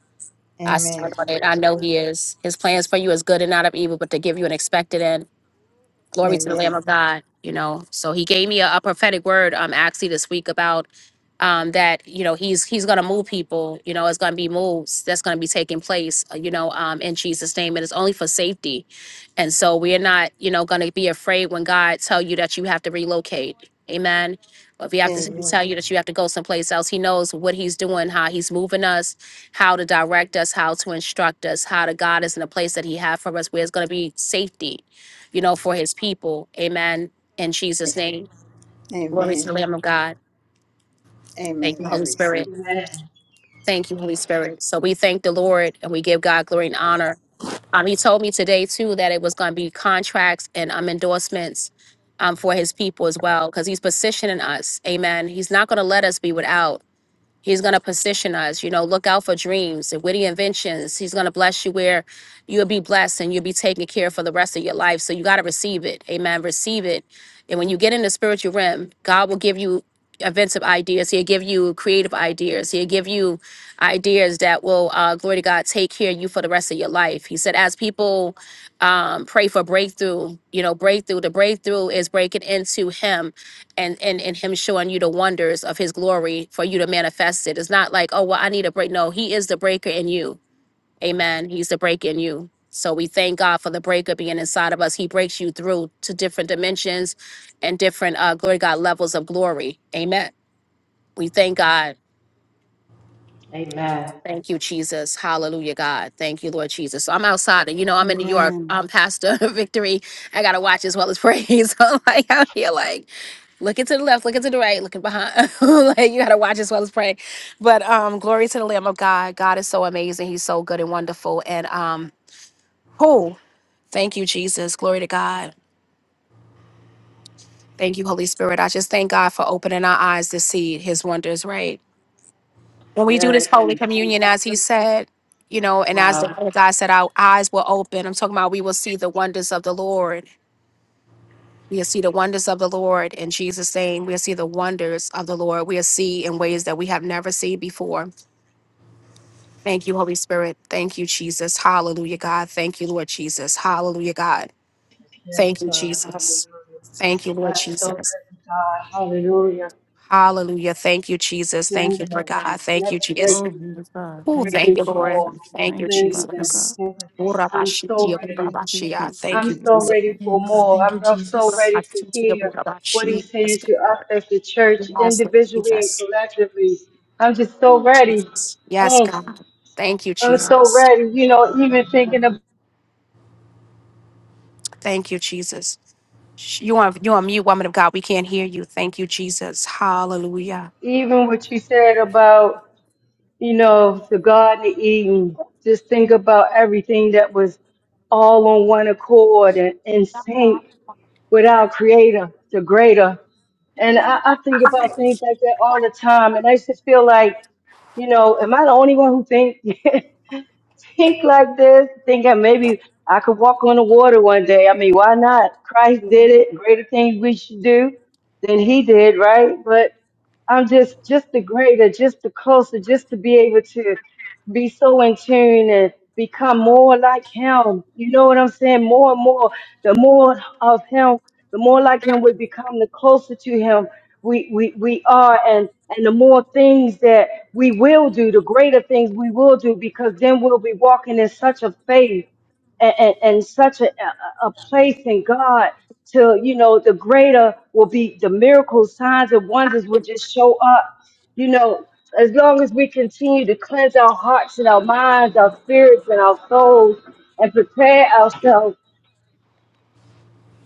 I stand Amen. on it. I know He is. His plans for you is good and not of evil, but to give you an expected end. Glory to the Lamb Amen. of God. You know, so he gave me a, a prophetic word um actually this week about um that you know he's he's gonna move people. You know, it's gonna be moves that's gonna be taking place. uh, You know, um in Jesus' name, and it's only for safety. And so we are not you know gonna be afraid when God tell you that you have to relocate. Amen. If he have to Amen. tell you that you have to go someplace else, he knows what he's doing, how he's moving us, how to direct us, how to instruct us, how to guide us in a place that he have for us where it's going to be safety you know, for his people. Amen. In Jesus' name, glory to Amen. the Lamb of God. Thank Amen. you, I Holy Spirit. receive. Amen. Thank you, Holy Spirit. So we thank the Lord and we give God glory and honor. Um, he told me today too that it was going to be contracts and um endorsements um for his people as well because he's positioning us. Amen. He's not going to let us be without. He's going to position us, you know, look out for dreams and witty inventions. He's going to bless you where you'll be blessed and you'll be taken care of for the rest of your life. So you got to receive it. Amen. Receive it. And when you get in the spiritual realm, God will give you inventive ideas. He'll give you creative ideas. He'll give you ideas that will, uh, glory to God, take care of you for the rest of your life. He said, as people um, pray for breakthrough, you know, breakthrough, the breakthrough is breaking into Him and and and him showing you the wonders of his glory for you to manifest it. It's not like, oh well, I need a break. No, he is the breaker in you. Amen. He's the breaker in you. So we thank God for the breaker being inside of us. He breaks you through to different dimensions and different uh glory to God levels of glory. Amen. We thank God. Amen. Thank you, Jesus. Hallelujah, God. Thank you, Lord Jesus. So I'm outside, and you know, I'm in New York. Amen. I'm Pastor [laughs] victory. I gotta watch as well as praise. [laughs] So I'm like out here, like looking to the left, looking to the right, looking behind. [laughs] like you gotta watch as well as pray. But um, glory to the Lamb of God. God is so amazing. He's so good and wonderful. And um, who? Thank you, Jesus. Glory to God. Thank you, Holy Spirit. I just thank God for opening our eyes to see His wonders. Right. when we do this Yes, holy and, and communion, this, as he said, you know, and as the wow. word of God said, our eyes will open. I'm talking about we will see the wonders of the Lord. We'll see the wonders of the Lord in Jesus' name. We'll see the wonders of the Lord. We'll see in ways that we have never seen before. Thank you, Holy Spirit. Thank you, Jesus. Hallelujah, God. Thank you, Lord Jesus. Hallelujah, God. Yes, Thank you, God. Jesus. Hallelujah. Thank you, Lord I'm so Jesus. grateful, God. Hallelujah. Hallelujah. Thank you, Jesus. Thank you, Lord Cleansing. God. This Thank you, next Jesus. breakthrough, Glory to God. Oh, Thank thank you, breaking you, Lord. forth, Jesus. and Thank you, Thank you, cleanses Father and God. Jesus. repentance. I'm so Urabashitia, Thank you. ready. We urabashia. appreciate you. Thank I'm you, We so Jesus. ready appreciate for you, Yes, God. more. thank you, I'm so Jesus. ready to Urabashitia, hear what urabashi. he's Yes, saying to us God. as the church, Yes, Lord individually and Jesus. collectively. I'm just so Oh, ready. Jesus. Yes, Oh, God. Thank you, I'm so Jesus. ready. You know, even thinking of Thank you, Jesus. Sh- You are you are mute, woman of God. We can't hear you. Thank you, Jesus. Hallelujah. even what you said about, you know, the Garden of Eden, just think about everything that was all on one accord and in sync with our Creator, the Greater. And I, I think about things like that all the time. And I just feel like, you know, am I the only one who think [laughs] think like this? Think that maybe I could walk on the water one day. I mean, why not? Christ did it. Greater things we should do than he did, right? But I'm just just the greater, just the closer, just to be able to be so in tune and become more like him. You know what I'm saying? More and more, the more of him, the more like him we become, the closer to him we we, we are and and the more things that we will do, the greater things we will do because then we'll be walking in such a faith and, and, and such a, a a place in God to, you know, the greater will be the miracles, signs, and wonders will just show up. You know, as long as we continue to cleanse our hearts and our minds, our spirits and our souls, and prepare ourselves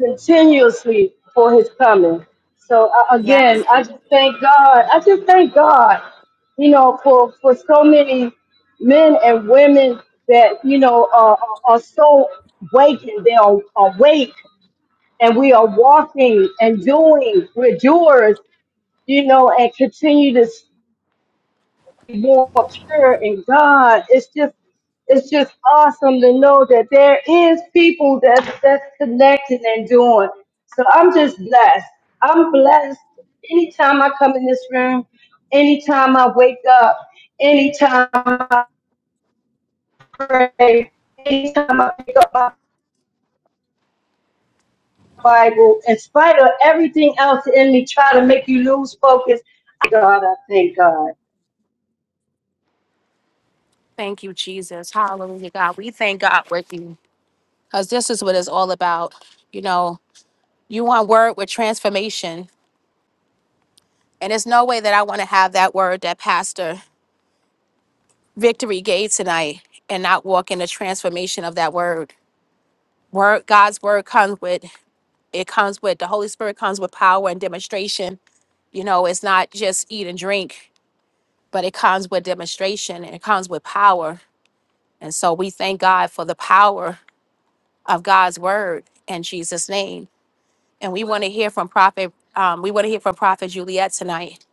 continuously for his coming. So uh, Yes. again, I Lord. just thank God. I just thank God, you know, for for so many men and women that you know are, are so wakened. They are awake, and we are walking and doing. We're doers, you know, and continue to more pure in God. It's just it's just awesome to know that there is people that's that's connecting and doing. So I'm just blessed. I'm blessed anytime I come in this room, anytime I wake up, anytime I pray, anytime I pick up my Bible, in spite of everything else in me try to make you lose focus. God, I thank God. Thank you, Jesus. Hallelujah, God. We thank God with you. Because this is what it's all about. You know, you want word with transformation. And there's no way that I want to have that word that Pastor Victory gave tonight and not walk in the transformation of that word. Word God's word comes with it comes with the Holy Spirit comes with power and demonstration. You know, it's not just eat and drink, but it comes with demonstration and it comes with power. And so we thank God for the power of God's word in Jesus' name. And we want to hear from Prophet, um, we want to hear from Prophet Juliet tonight.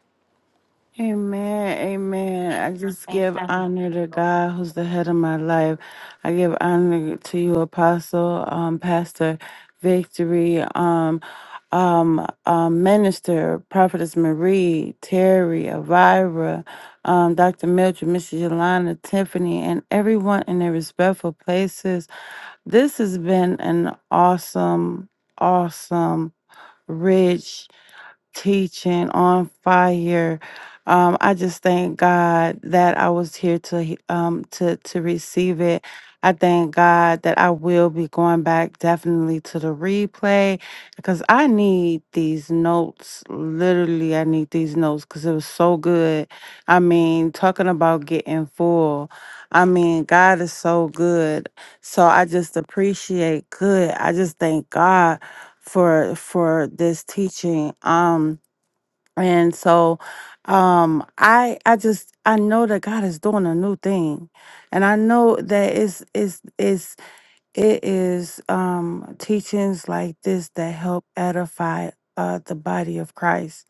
Amen, amen. I just give Amen. honor to God who's the head of my life. I give honor to you, Apostle, um, Pastor Victory, um, um, um, Minister, Prophetess Marie, Terry, Elvira, um, Dr. Mildred, Mrs. Yolanda, Tiffany, and everyone in their respectful places. This has been an awesome, awesome, rich, teaching on fire. Um, I just thank God that I was here to he- um to to receive it. I thank God that I will be going back definitely to the replay because I need these notes. Literally, I need these notes because it was so good. I mean, talking about getting full. I mean, God is so good. So I just appreciate good. I just thank God for for this teaching. Um and so um I I just I know that God is doing a new thing. And I know that it's it's it's it is um teachings like this that help edify uh the body of Christ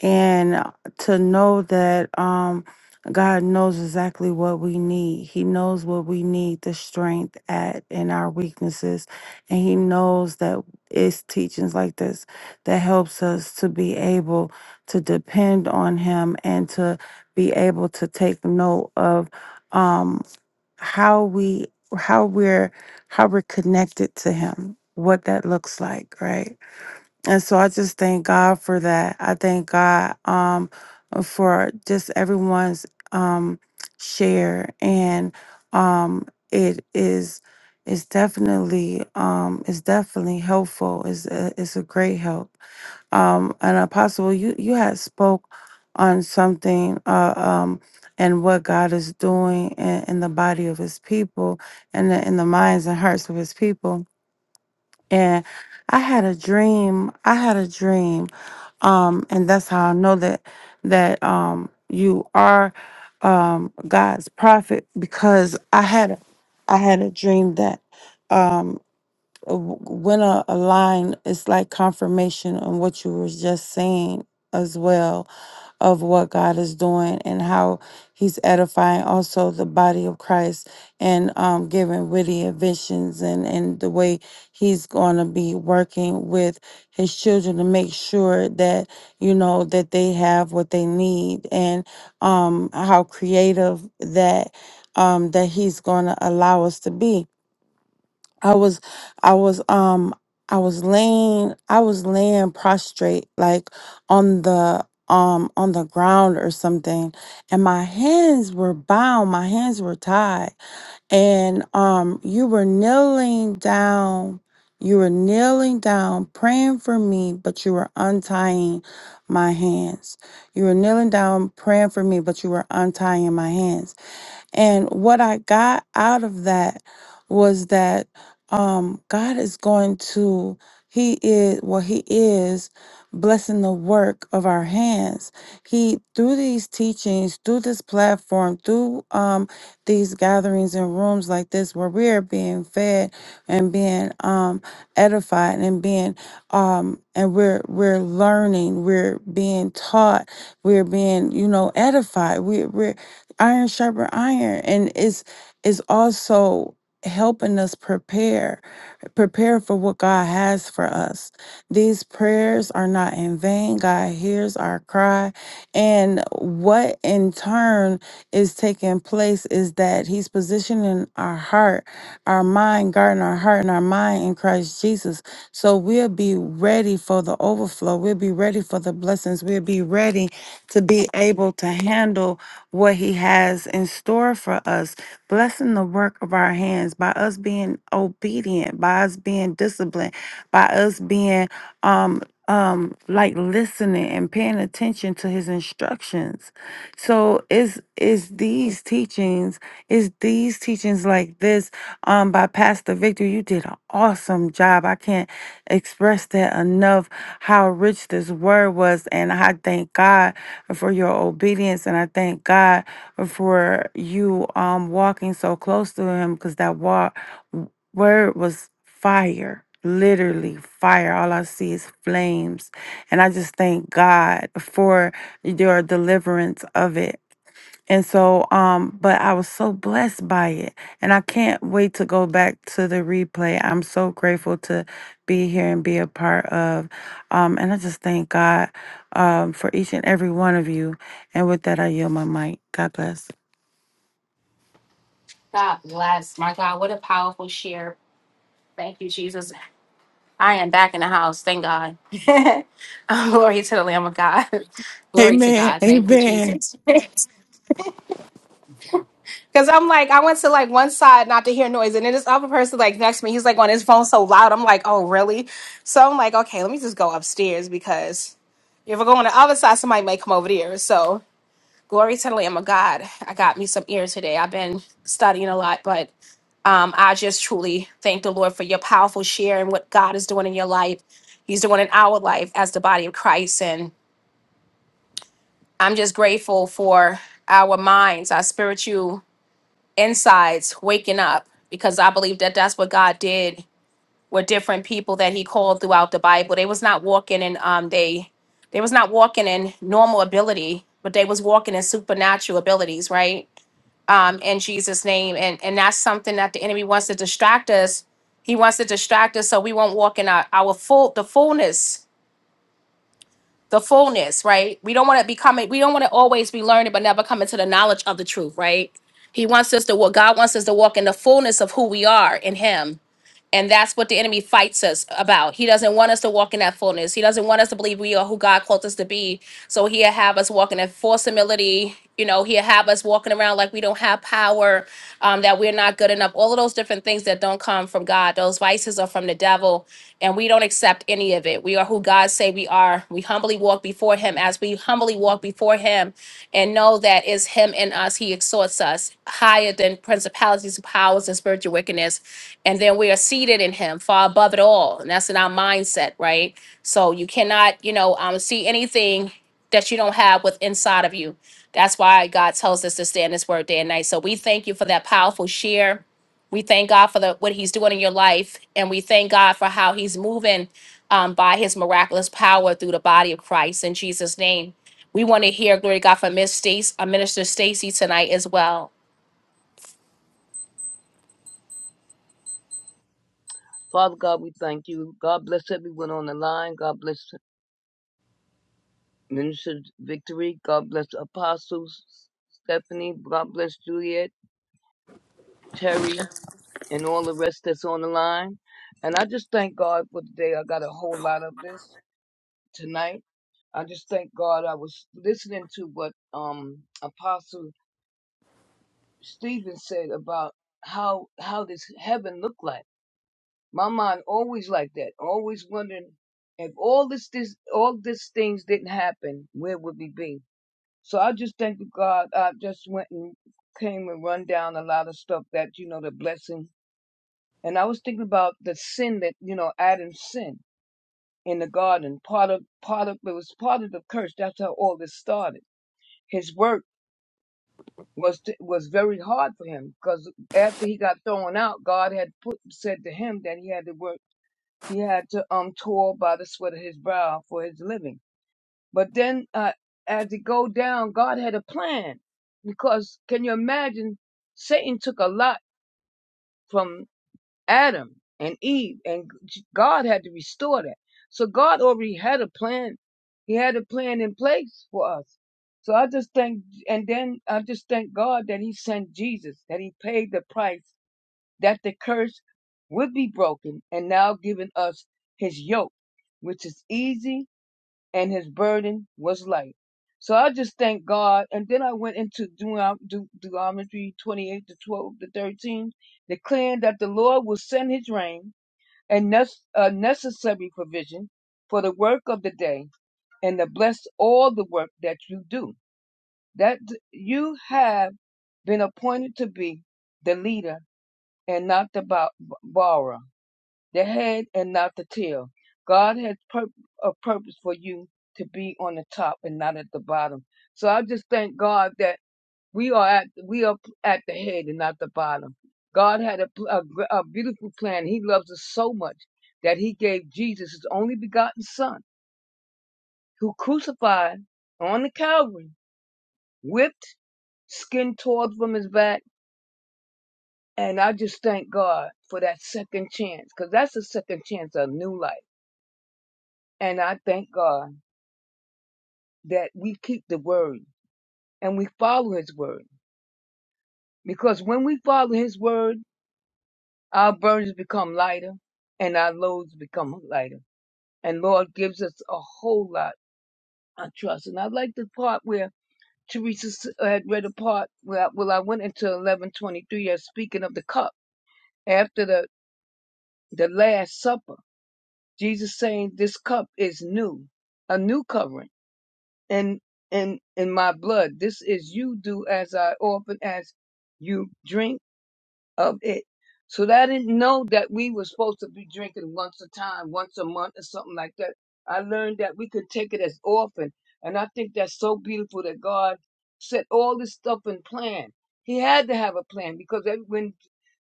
and to know that um God knows exactly what we need. He knows what we need the strength at in our weaknesses and he knows that it's teachings like this that helps us to be able to depend on him and to be able to take note of um how we how we're how we're connected to him what that looks like right and so I just thank God for that. I thank God um, for just everyone's um, share, and um, it is it's definitely um, it's definitely helpful. It's a, it's a great help. Um, and Apostle, you you had spoke on something uh, um, and what God is doing in, in the body of His people and the, in the minds and hearts of His people and I had a dream. I had a dream. Um, and that's how I know that that um you are um God's prophet because I had a I had a dream that um w- when a, a line is like confirmation on what you were just saying as well of what God is doing and how He's edifying also the body of Christ and um, giving witty visions and, and the way He's going to be working with His children to make sure that, you know, that they have what they need and um, how creative that um, that he's going to allow us to be I was I was um I was laying I was laying prostrate like on the um on the ground or something and my hands were bound my hands were tied and um you were kneeling down you were kneeling down praying for me but you were untying my hands you were kneeling down praying for me but you were untying my hands and what I got out of that was that um, God is going to, He is, well, He is blessing the work of our hands. He, through these teachings, through this platform, through um, these gatherings and rooms like this where we are being fed and being um, edified and being, um, and we're, we're learning, we're being taught, we're being, you know, edified. We, We're iron sharper iron and it's it's also helping us prepare prepare for what god has for us these prayers are not in vain god hears our cry and what in turn is taking place is that he's positioning our heart, our mind, guarding our heart and our mind in Christ Jesus. So we'll be ready for the overflow. We'll be ready for the blessings. We'll be ready to be able to handle what he has in store for us. Blessing the work of our hands by us being obedient, by us being disciplined, by us being um um like listening and paying attention to his instructions so it's it's these teachings it's these teachings like this um by pastor victor you did an awesome job i can't express that enough how rich this word was and i thank god for your obedience and i thank god for you um walking so close to him because that walk word was fire, literally fire. All I see is flames. And I just thank God for your deliverance of it. And so, um, but I was so blessed by it. And I can't wait to go back to the replay. I'm so grateful to be here and be a part of. Um, and I just thank God um, for each and every one of you. And with that, I yield my mic. God bless. God bless. My God, what a powerful share. Thank you, Jesus. I am back in the house. Thank God. [laughs] Oh, Glory to the Lamb of God. [laughs] Glory to Amen. God. Thank you, Amen. Jesus. [laughs] Because I'm like, I went to like one side not to hear noise, and then this other person like next to me, he's like on his phone so loud. I'm like, oh really? So I'm like, okay, let me just go upstairs because if I go on the other side, somebody may come over there. So glory to the Lamb of God. I got me some ears today. I've been studying a lot, but. Um, I just truly thank the Lord for your powerful share and what God is doing in your life. He's doing in our life as the body of Christ. And I'm just grateful for our minds, our spiritual insides waking up because I believe that that's what God did with different people that he called throughout the Bible. They was not walking in um they they was not walking in normal ability, but they was walking in supernatural abilities, right? um, in Jesus' name. And and that's something that the enemy wants to distract us. He wants to distract us so we won't walk in our, our full the fullness, the fullness, right? We don't want to become it, we don't want to always be learning but never come into the knowledge of the truth, right? He wants us to what God wants us to walk in the fullness of who we are in him and that's what the enemy fights us about. He doesn't want us to walk in that fullness. He doesn't want us to believe we are who God called us to be. So he'll have us walking in false humility. You know, he'll have us walking around like we don't have power, um, that we're not good enough. All of those different things that don't come from God. Those vices are from the devil, and we don't accept any of it. We are who God say we are. We humbly walk before Him as we humbly walk before Him, and know that it's Him in us. He exhorts us higher than principalities, powers, and spiritual wickedness and then we are seated in him far above it all and that's in our mindset right so you cannot you know um, see anything that you don't have with inside of you that's why god tells us to stay in his word day and night so we thank you for that powerful share we thank god for the what he's doing in your life and we thank god for how he's moving um, by his miraculous power through the body of christ in jesus name we want to hear glory to god from miss stacy uh, minister stacy tonight as well Father God, we thank you. God bless everyone on the line. God bless Minister Victory. God bless Apostles Stephanie. God bless Juliet, Terry. and all the rest that's on the line. And I just thank God for today. I got a whole lot of this tonight. I just thank God I was listening to what um Apostle Stephen said about how how does heaven look like. My mind always like that, always wondering if all this this all these things didn't happen, where would we be? So I just thank God I just went and came and run down a lot of stuff that you know the blessing And I was thinking about the sin that, you know, Adam sinned in the garden. Part of, part of, it was part of the curse. That's how all this started. His work was, t- was very hard for him because after he got thrown out, God had put, said to him that he had to work, he had to, um, toil by the sweat of his brow for his living. But then, uh, as it go down, God had a plan because can you imagine Satan took a lot from Adam and Eve, and God had to restore that. So God already had a plan. He had a plan in place for us. So I just thank, and then I just thank God that He sent Jesus, that He paid the price, that the curse would be broken, and now giving us His yoke, which is easy and his burden was light. So I just thank God. And then I went into Deuteron- Deut- Deuteronomy 28 to 12 to 13, declaring that the Lord will send his rain and a necessary provision for the work of the day and to bless all the work that you do. That d- you have been appointed to be the leader and not the bo- borrower the head and not the tail. God has pur- a purpose for you to be on the top and not at the bottom. So I just thank God that we are at we are at the head and not the bottom. God had a, pl- a, gr- a beautiful plan. He loves us so much that He gave Jesus His only begotten Son, who crucified on the Calvary, whipped, skin torn from His back. And I just thank God for that second chance, because that's the second chance of new life. And I thank God. that we keep the word and we follow his word. Because when we follow his word, our burdens become lighter and our loads become lighter. And Lord gives us a whole lot of trust. And I like the part where Teresa s- uh, had read a part where, well, I went into 1123 as speaking of the cup after the, the Last Supper. Jesus saying, this cup is new, a new covering. And in, in my blood, this is you do as I often as you drink of it. So that I didn't know that we were supposed to be drinking once a time, once a month or something like that. I learned that we could take it as often. And I think that's so beautiful that God set all this stuff in plan. He had to have a plan because every- when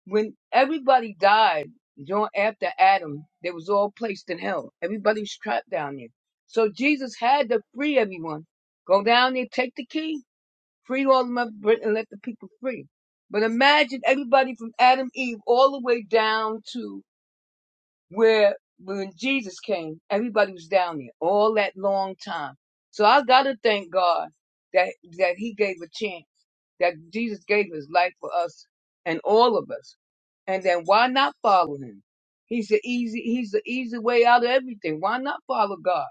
when everybody died during after Adam, they was all placed in hell. Everybody was trapped down there. So Jesus had to free everyone. Go down there, take the key Free all of mother Britain, and let the people free. But imagine everybody from Adam Eve all the way down to where when Jesus came, everybody was down there all that long time. So I gotta thank God that that He gave a chance, that Jesus gave His life for us and all of us. And then why not follow Him? He's the easy He's the easy way out of everything. Why not follow God?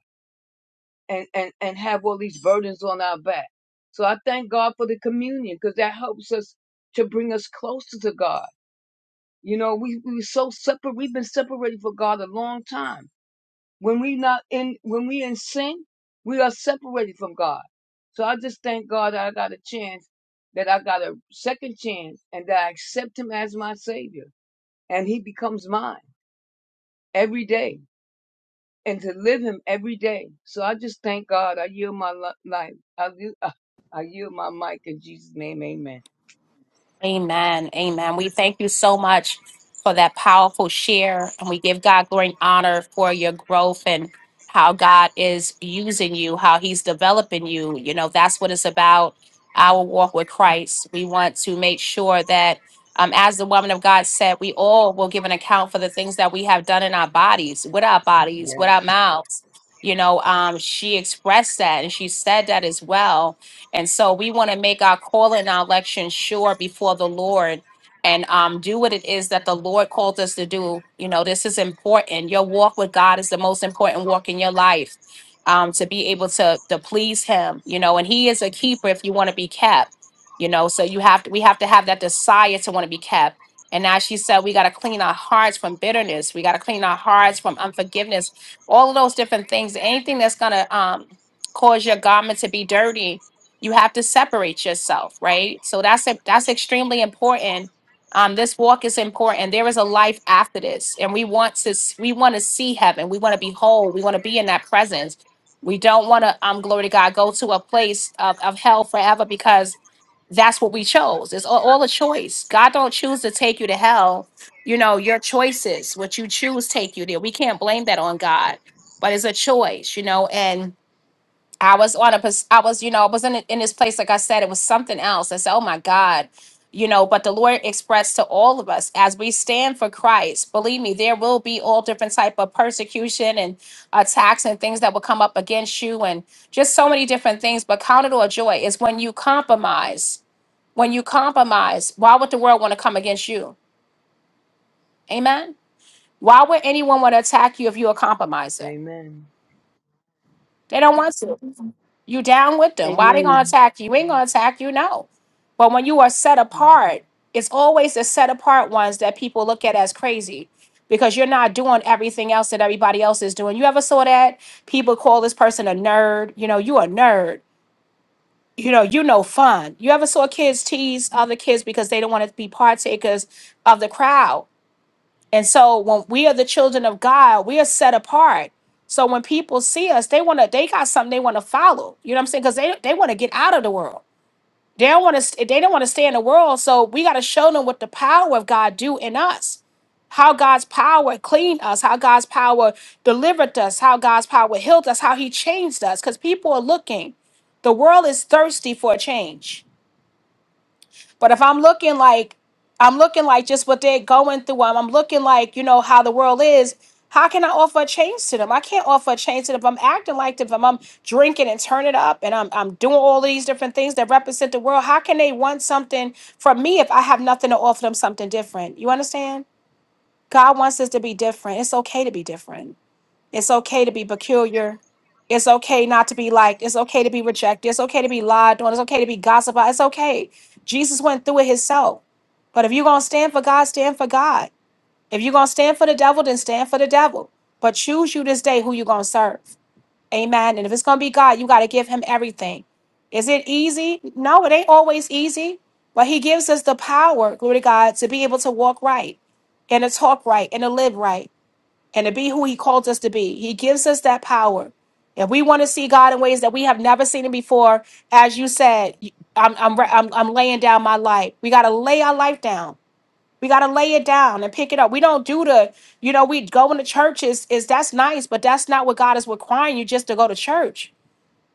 and, and, and have all these burdens on our back. So I thank God for the communion because that helps us to bring us closer to God. You know, we, we were so separate. We've been separated from God a long time. When we not in, when we in sin, we are separated from God. So I just thank God that I got a chance, that I got a second chance and that I accept him as my savior and he becomes mine every day. and to live him every day. So I just thank God. I yield my li- life. I, li- [laughs] uh, I yield my mic in Jesus' name. Amen. Amen. Amen. We thank you so much for that powerful share. And we give God glory and honor for your growth and how God is using you, how He's developing you. You know, that's what it's about, our walk with Christ. We want to make sure that, um, as the woman of God said, we all will give an account for the things that we have done in our bodies, with our bodies, with our Yes. mouths. You know, um, she expressed that and she said that as well and so we want to make our call and our election sure before the Lord and um, do what it is that the Lord called us to do. You know, this is important. Your walk with God is the most important walk in your life um, to be able to, to please Him, you know, and He is a keeper if you want to be kept, you know, so you have to, we have to have that desire to want to be kept. And as she said, we got to clean our hearts from bitterness. We got to clean our hearts from unforgiveness, all of those different things. Anything that's going to um, cause your garment to be dirty, you have to separate yourself right so that's e, that's extremely important um this walk is important there is a life after this and we want to s- we want to see heaven we want to be whole we want to be in that presence we don't want to um glory to god go to a place of, of hell forever because that's what we chose it's all, all a choice god don't choose to take you to hell you know your choices what you choose take you there we can't blame that on god but it's a choice you know and I was on a, pos- I was, you know, I was in, a- in this place, like I said, it was something else. I said, oh my God, you know, but the Lord expressed to all of us as we stand for Christ, believe me, there will be all different type of persecution and attacks and things that will come up against you and just so many different things. But count it all joy is when you compromise, when you compromise, why would the world want to come against you? Amen. Why would anyone want to attack you if you're a compromiser? Amen. They don't want to. You down with them. Why they gonna Amen. attack you? You ain't gonna attack you, no. But when you are set apart, it's always the set apart ones that people look at as crazy because you're not doing everything else that everybody else is doing. You ever saw that? People call this person a nerd. You know, you a nerd. You know, you no fun. You ever saw kids tease other kids because they don't want to be partakers of the crowd? And so when we are the children of God, we are set apart. So when people see us, they want to they got something they want to follow. You know what I'm saying? Cuz they they want to get out of the world. They don't want to they don't want to stay in the world. So we got to show them what the power of God do in us. How God's power cleaned us, how God's power delivered us, how God's power healed us, how he changed us cuz people are looking. The world is thirsty for a change. But if I'm looking like I'm looking like just what they're going through, I'm, I'm looking like, you know, how the world is, how can I offer a change to them? I can't offer a change to them if I'm acting like them, if I'm, I'm drinking and turning up and I'm, I'm doing all these different things that represent the world. How can they want something from me if I have nothing to offer them something different? You understand? God wants us to be different. It's okay to be different. It's okay to be peculiar. It's okay not to be liked. It's okay to be rejected. It's okay to be lied on. It's okay to be gossiped about. It's okay. Jesus went through it himself. But if you're going to stand for God, stand for God. If you're going to stand for the devil, then stand for the devil. But choose you this day who you're going to serve. Amen. And if it's going to be God, you got to give him everything. Is it easy? No, it ain't always easy. But he gives us the power, glory to God, to be able to walk right and to talk right and to live right and to be who he called us to be. He gives us that power. If we want to see God in ways that we have never seen him before, as you said, I'm, I'm, I'm, I'm laying down my life. We got to lay our life down. We got to lay it down and pick it up. We don't do the, you know, we go into churches is that's nice, but that's not what God is requiring you just to go to church.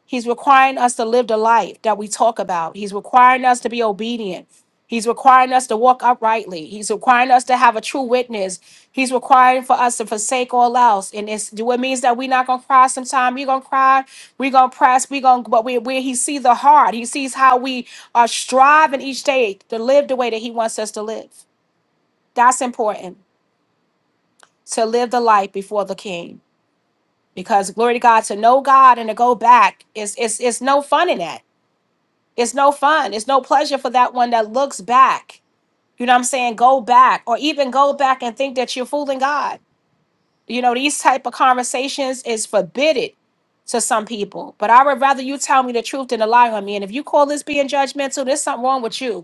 He's requiring us to live the life that we talk about. He's requiring us to be obedient. He's requiring us to walk uprightly. He's requiring us to have a true witness. He's requiring for us to forsake all else. And it's do it means that we're not gonna cry sometime. We're gonna cry, we're gonna press, we're gonna but we where he sees the heart. He sees how we are striving each day to live the way that he wants us to live. That's important. To live the life before the king. Because glory to God, to know God and to go back is it's it's no fun in that It's no fun. It's no pleasure for that one that looks back. You know what I'm saying? Go back or even go back and think that you're fooling God. You know, these type of conversations is forbidden to some people. But I would rather you tell me the truth than to lie on me. And if you call this being judgmental, there's something wrong with you.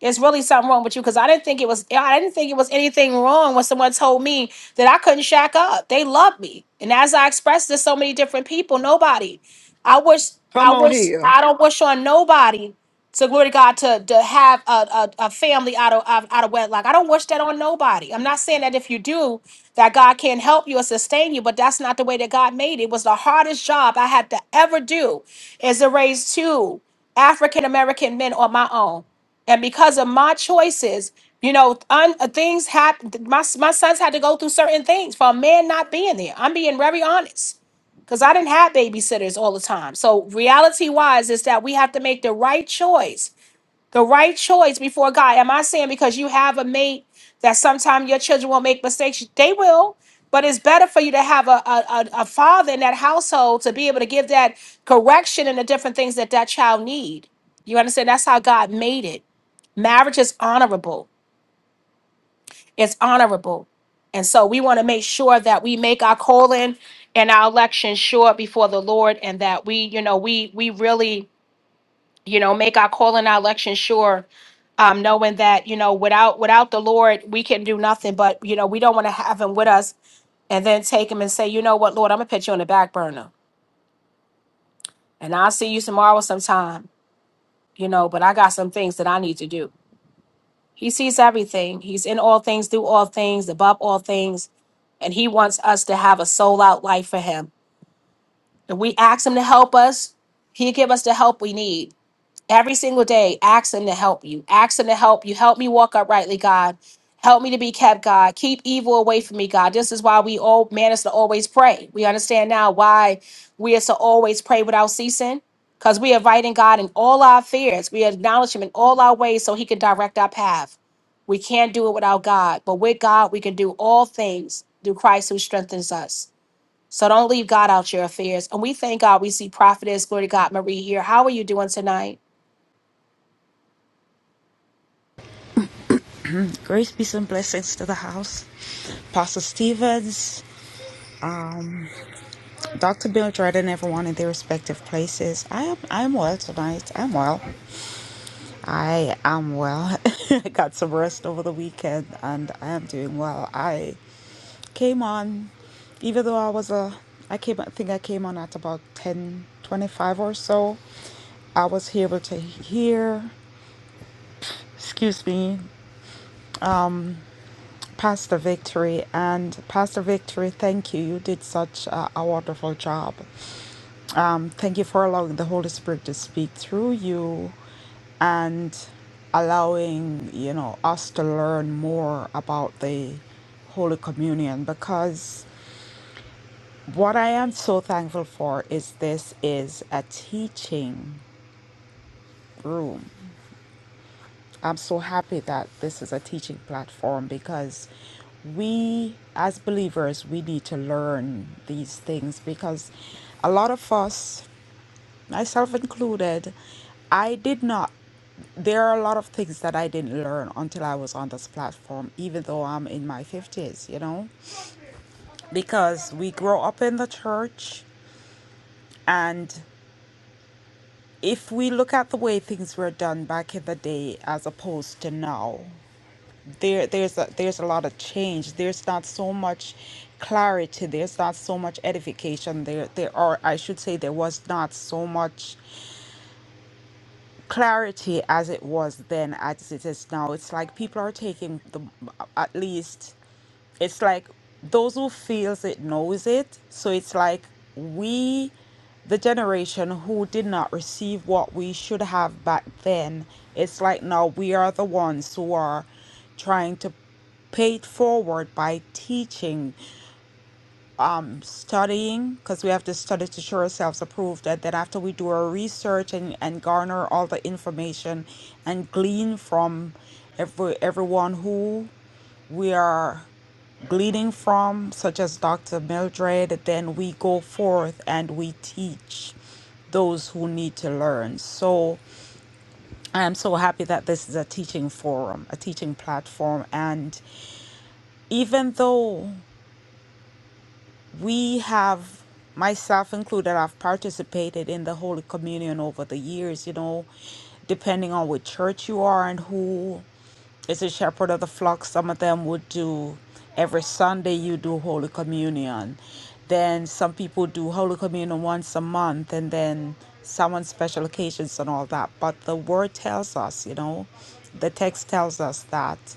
It's really something wrong with you because I didn't think it was I didn't think it was anything wrong when someone told me that I couldn't shack up. They loved me. And as I expressed to so many different people, nobody. I wish I Come on wish here. I don't wish on nobody to glory to God to, to have a, a, a family out of, of out of wedlock. I don't wish that on nobody. I'm not saying that if you do that God can not help you or sustain you, but that's not the way that God made it. It was the hardest job I had to ever do is to raise two African American men on my own and because of my choices you know un, uh, things happen my, s- my sons had to go through certain things for a man not being there i'm being very honest because i didn't have babysitters all the time so reality wise is that we have to make the right choice the right choice before God. Am I saying because you have a mate that sometimes your children will make mistakes? They will, but it's better for you to have a, a, a, a father in that household to be able to give that correction and the different things that that child need. You understand? That's how God made it. Marriage is honorable. It's honorable. And so we want to make sure that we make our calling and our election sure before the Lord and that we, you know, we we really you know make our call and our election sure um knowing that you know without without the lord we can do nothing but you know we don't want to have him with us and then take him and say you know what lord i'm gonna put you on the back burner and i'll see you tomorrow sometime you know but i got some things that i need to do he sees everything he's in all things through all things above all things and he wants us to have a soul out life for him and we ask him to help us he give us the help we need every single day, ask him to help you. Ask him to help you. Help me walk uprightly, God. Help me to be kept, God. Keep evil away from me, God. This is why we all man is to always pray. We understand now why we are to always pray without ceasing. Because we are inviting God in all our affairs. We acknowledge him in all our ways so he can direct our path. We can't do it without God, but with God, we can do all things through Christ who strengthens us. So don't leave God out your affairs. And we thank God we see Prophetess, glory to God, Marie here. How are you doing tonight? Grace, peace, and blessings to the house. Pastor Stevens, um, Dr. Bill Jordan, everyone in their respective places. I am I'm well tonight. I'm well. I am well. [laughs] I got some rest over the weekend and I am doing well. I came on, even though I was a, I came, I think I came on at about 10 25 or so. I was able to hear, excuse me, Pastor Victory. And Pastor Victory, thank you. You did such a, a wonderful job. Um, thank you for allowing the Holy Spirit to speak through you and allowing, you know, us to learn more about the Holy Communion because what I am so thankful for is this is a teaching room. I'm so happy that this is a teaching platform because we, as believers, we need to learn these things because a lot of us, myself included, I did not. There are a lot of things that I didn't learn until I was on this platform, even though I'm in my 50s, you know, because we grow up in the church and if we look at the way things were done back in the day as opposed to now, there there's a, there's a lot of change there's not so much clarity there's not so much edification there there are i should say there was not so much clarity as it was then as it is now it's like people are taking the at least it's like those who feels it knows it so it's like we the generation who did not receive what we should have back then it's like now we are the ones who are trying to pay it forward by teaching studying because we have to study to show ourselves approved and then after we do our research and, and garner all the information and glean from every everyone who we are gleaning from, such as Dr. Mildred, then we go forth and we teach those who need to learn. So I am so happy that this is a teaching forum, a teaching platform. And even though we have myself included i've participated in the holy communion over the years you know depending on which church you are and who is a shepherd of the flock some of them would do every sunday you do holy communion then some people do holy communion once a month and then some on special occasions and all that but the word tells us you know the text tells us that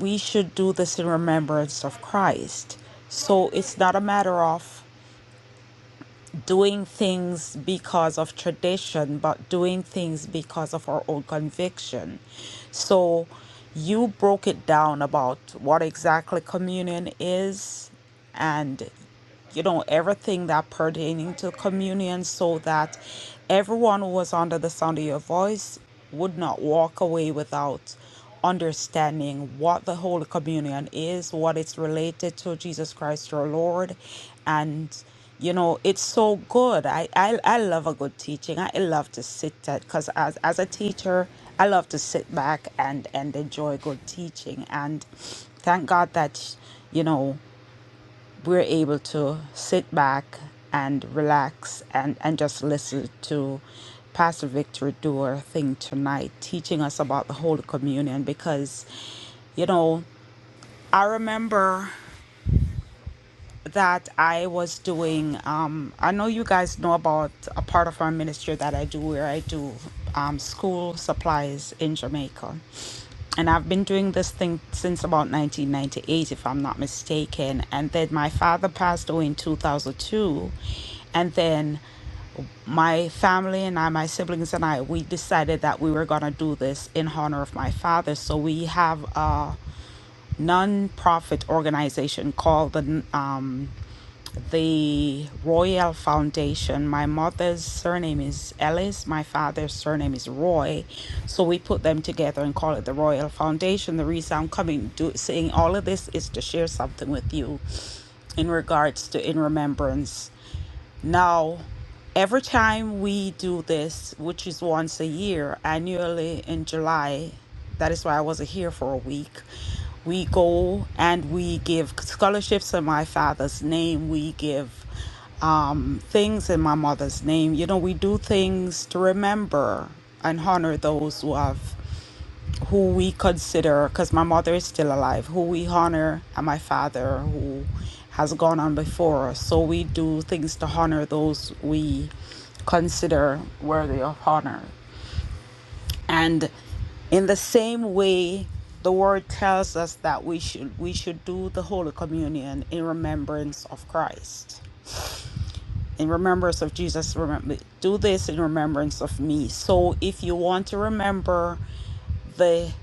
we should do this in remembrance of Christ. So it's not a matter of doing things because of tradition, but doing things because of our own conviction. So you broke it down about what exactly communion is and you know everything that pertaining to communion so that everyone who was under the sound of your voice would not walk away without understanding what the Holy Communion is, what it's related to Jesus Christ our Lord. And, you know, it's so good. I, I, I love a good teaching. I love to sit at, because as, as a teacher, I love to sit back and, and enjoy good teaching. And thank God that, you know, we're able to sit back and relax and, and just listen to Pastor Victor do her thing tonight, teaching us about the Holy Communion because, you know, I remember that I was doing. Um, I know you guys know about a part of our ministry that I do where I do um, school supplies in Jamaica. And I've been doing this thing since about 1998, if I'm not mistaken. And then my father passed away in 2002. And then my family and I, my siblings and I, we decided that we were going to do this in honor of my father. So we have a non-profit organization called the um, the Royal Foundation. My mother's surname is Ellis, my father's surname is Roy. So we put them together and call it the Royal Foundation. The reason I'm coming do, saying all of this is to share something with you in regards to in remembrance. Now, every time we do this, which is once a year, annually in July, that is why I wasn't here for a week. We go and we give scholarships in my father's name. We give um, things in my mother's name. You know, we do things to remember and honor those who have who we consider, because my mother is still alive, who we honor, and my father who has gone on before us. So we do things to honor those we consider worthy of honor. And in the same way, the word tells us that we should we should do the Holy Communion in remembrance of Christ. In remembrance of Jesus, remember do this in remembrance of me. So if you want to remember the.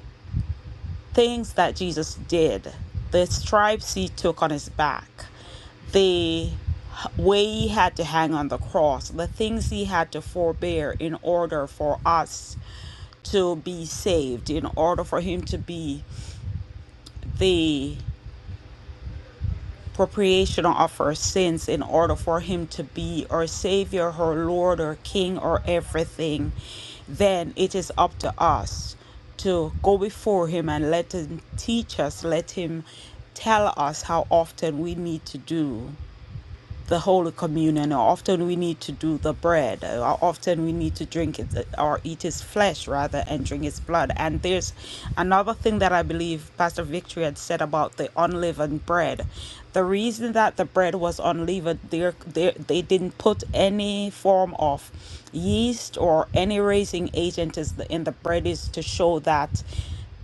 things that Jesus did, the stripes he took on his back, the way he had to hang on the cross, the things he had to forbear in order for us to be saved, in order for him to be the propitiation of her sins in order for him to be our savior, her lord, or king, or everything, then it is up to us to go before him and let him teach us, let him tell us how often we need to do the Holy Communion, or often we need to do the bread, or often we need to drink it, or eat his flesh rather, and drink his blood. And there's another thing that I believe Pastor Victory had said about the unleavened bread. The reason that the bread was unleavened, there, there they didn't put any form of yeast or any raising agent is the, in the bread is to show that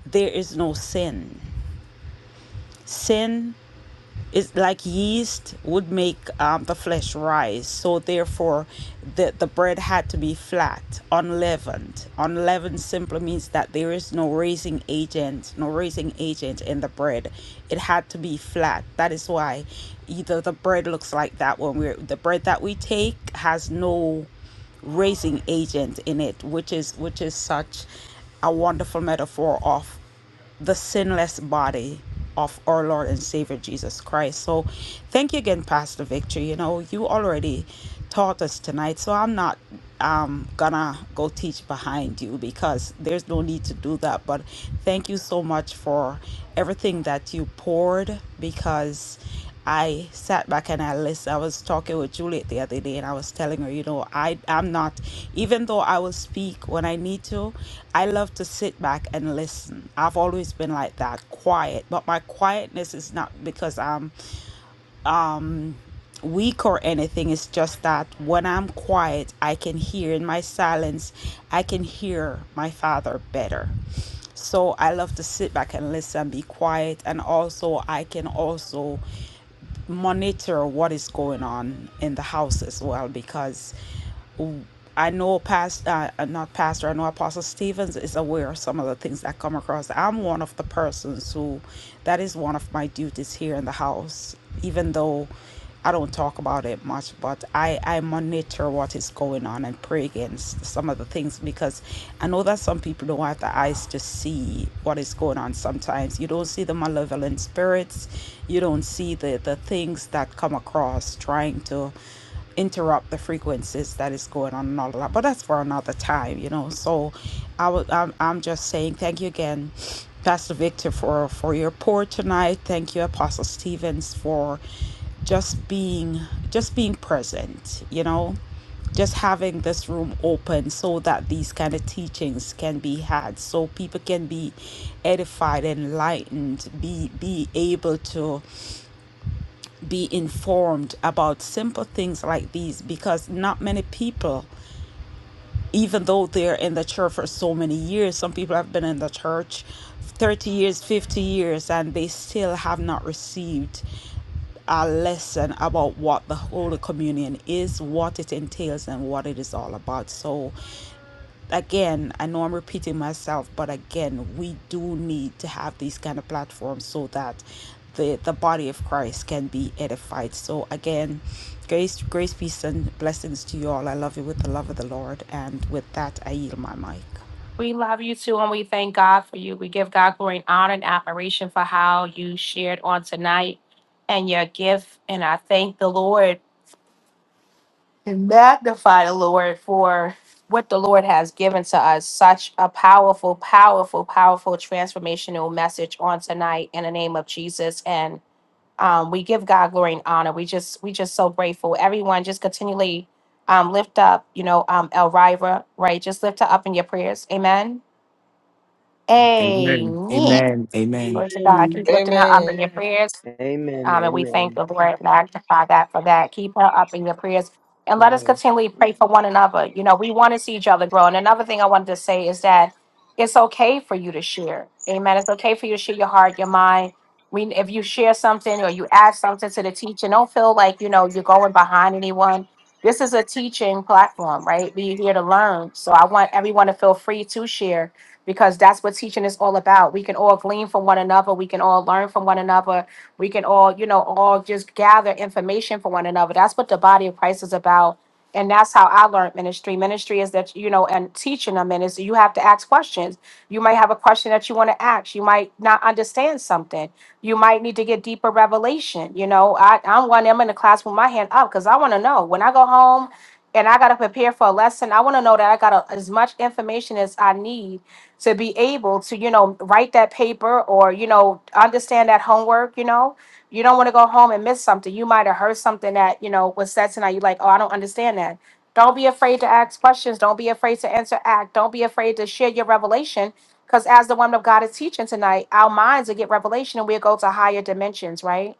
there is no sin. Sin it's like yeast would make um, the flesh rise so therefore the, the bread had to be flat unleavened unleavened simply means that there is no raising agent no raising agent in the bread it had to be flat that is why either the bread looks like that when we're the bread that we take has no raising agent in it which is which is such a wonderful metaphor of the sinless body of our Lord and Savior Jesus Christ. So thank you again, Pastor Victor. You know, you already taught us tonight, so I'm not um gonna go teach behind you because there's no need to do that. But thank you so much for everything that you poured because I sat back and I listened. I was talking with Juliet the other day and I was telling her, you know, I, I'm not, even though I will speak when I need to, I love to sit back and listen. I've always been like that, quiet. But my quietness is not because I'm weak or anything. It's just that when I'm quiet, I can hear in my silence, I can hear my father better. So I love to sit back and listen, be quiet, and also I can also monitor what is going on in the house as well because I know past uh, uh, not pastor, I know Apostle Stevens is aware of some of the things that come across. I'm one of the persons who that is one of my duties here in the house, even though I don't talk about it much, but I, I monitor what is going on and pray against some of the things because I know that some people don't have the eyes to see what is going on sometimes. You don't see the malevolent spirits, you don't see the, the things that come across trying to interrupt the frequencies that is going on and all of that. But that's for another time, you know. So I would I'm, I'm just saying thank you again, Pastor Victor, for, for your pour tonight. Thank you, Apostle Stevens, for just being just being present, you know just having this room open so that these kind of teachings can be had so people can be edified enlightened be be able to be informed about simple things like these because not many people, even though they're in the church for so many years, some people have been in the church 30 years, 50 years, and they still have not received a lesson about what the Holy Communion is, what it entails, and what it is all about. So again i know i'm repeating myself but again we do need to have these kind of platforms so that the the body of christ can be edified so again grace grace peace and blessings to you all i love you with the love of the lord and with that i yield my mic We love you too, and we thank God for you. We give God glory and honor and admiration for how you shared on tonight and your gift. And I thank the Lord and magnify the Lord for what the Lord has given to us. Such a powerful, powerful, powerful transformational message on tonight in the name of Jesus. And um, we give God glory and honor. We just, we just so grateful. Everyone, just continually um, lift up, you know, um, Elvira, right? Just lift her up in your prayers. Amen Amen. Amen. Amen. Amen. Glory to God. Keep Amen. lifting her up Amen. in your prayers. Amen. Um, and we thank Amen. the Lord and magnify that for that. Keep her up in your prayers. And let us Yes. continually pray for one another. You know, we want to see each other grow. And another thing I wanted to say is that it's okay for you to share. Amen. It's okay for you to share your heart, your mind. We, if you share something or you add something to the teacher, don't feel like, you know, you're going behind anyone. This is a teaching platform, right? We're here to learn. So I want everyone to feel free to share because that's what teaching is all about. We can all glean from one another. We can all learn from one another we can all, you know, all just gather information for one another. That's what the body of Christ is about. And that's how I learned ministry. Ministry is that, you know, and teaching them, and is you have to ask questions. You might have a question that you want to ask. You might not understand something. You might need to get deeper revelation. You know, I, I'm one, I'm in the class with my hand up because I want to know. When I go home, and I gotta prepare for a lesson. I want to know that I got a, as much information as I need to be able to you know write that paper or you know understand that homework you know you don't want to go home and miss something you might have heard something that you know was said tonight you're like oh i don't understand that don't be afraid to ask questions don't be afraid to interact don't be afraid to share your revelation because as the woman of god is teaching tonight our minds will get revelation and we'll go to higher dimensions right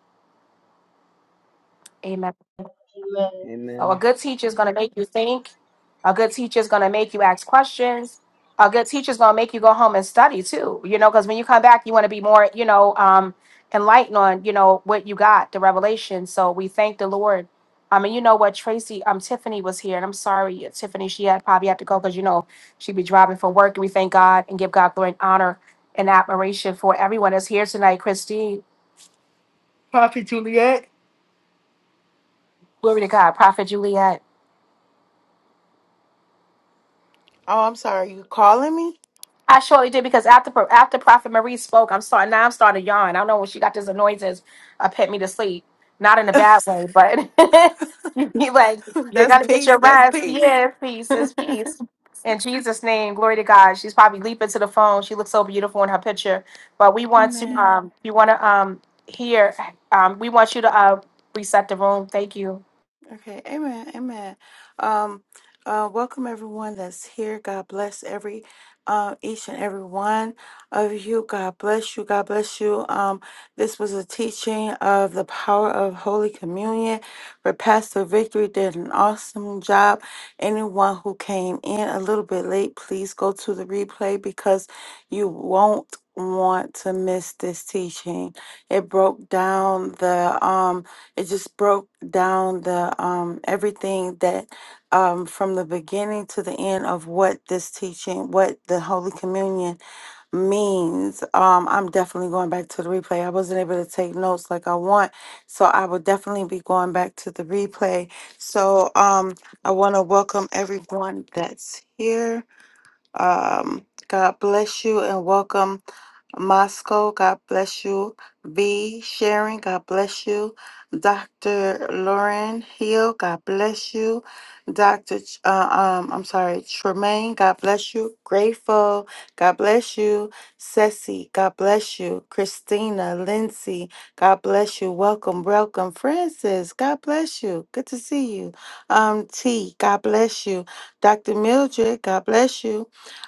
Amen. Amen. So a Amen. good teacher is going to make you think. A good teacher is going to make you ask questions. A good teacher is going to make you go home and study too. You know, because when you come back, you want to be more, you know, um, enlightened on, you know, what you got, the revelation. So we thank the Lord. I mean, you know what, Tracy, um, Tiffany was here, and I'm sorry, Tiffany, she had probably had to go because you know she'd be driving from work. And we thank God and give God glory and honor and admiration for everyone that's here tonight. Christine, glory to God, Prophet Juliet. Oh, I'm sorry. You calling me? I surely did because after after Prophet Marie spoke, I'm starting now. I'm starting to yawn. I don't know when she got this annoyances. I put me to sleep, not in a bad way, but [laughs] you like [laughs] you're That's gonna get your peace. That's rest. peace. Yeah, peace is peace. In Jesus' name, glory to God. She's probably leaping to the phone. She looks so beautiful in her picture. But we [laughs] want to Amen. um, we want to um hear um we want you to uh reset the room. Thank you. Okay, amen, amen. Um, uh, welcome everyone that's here. God bless every, uh, each and every one of you. God bless you. God bless you. Um, this was a teaching of the power of Holy Communion. Where Pastor Victory did an awesome job. Anyone who came in a little bit late, please go to the replay because you won't want to miss this teaching. It broke down the um it just broke down the um everything that um from the beginning to the end of what this teaching what the holy communion means um i'm definitely going back to the replay i wasn't able to take notes like i want so i will definitely be going back to the replay so um i want to welcome everyone that's here um god bless you and welcome Moscow, God bless you. B. Sharon, God bless you. Dr. Lauren Hill, God bless you. Dr. Ch- uh, um, I'm sorry, Tremaine, God bless you. Grateful, God bless you. Ceci, God bless you. Christina, Lindsay, God bless you. Welcome, welcome. Francis, God bless you. Good to see you. Um, T, God bless you. Dr. Mildred, God bless you.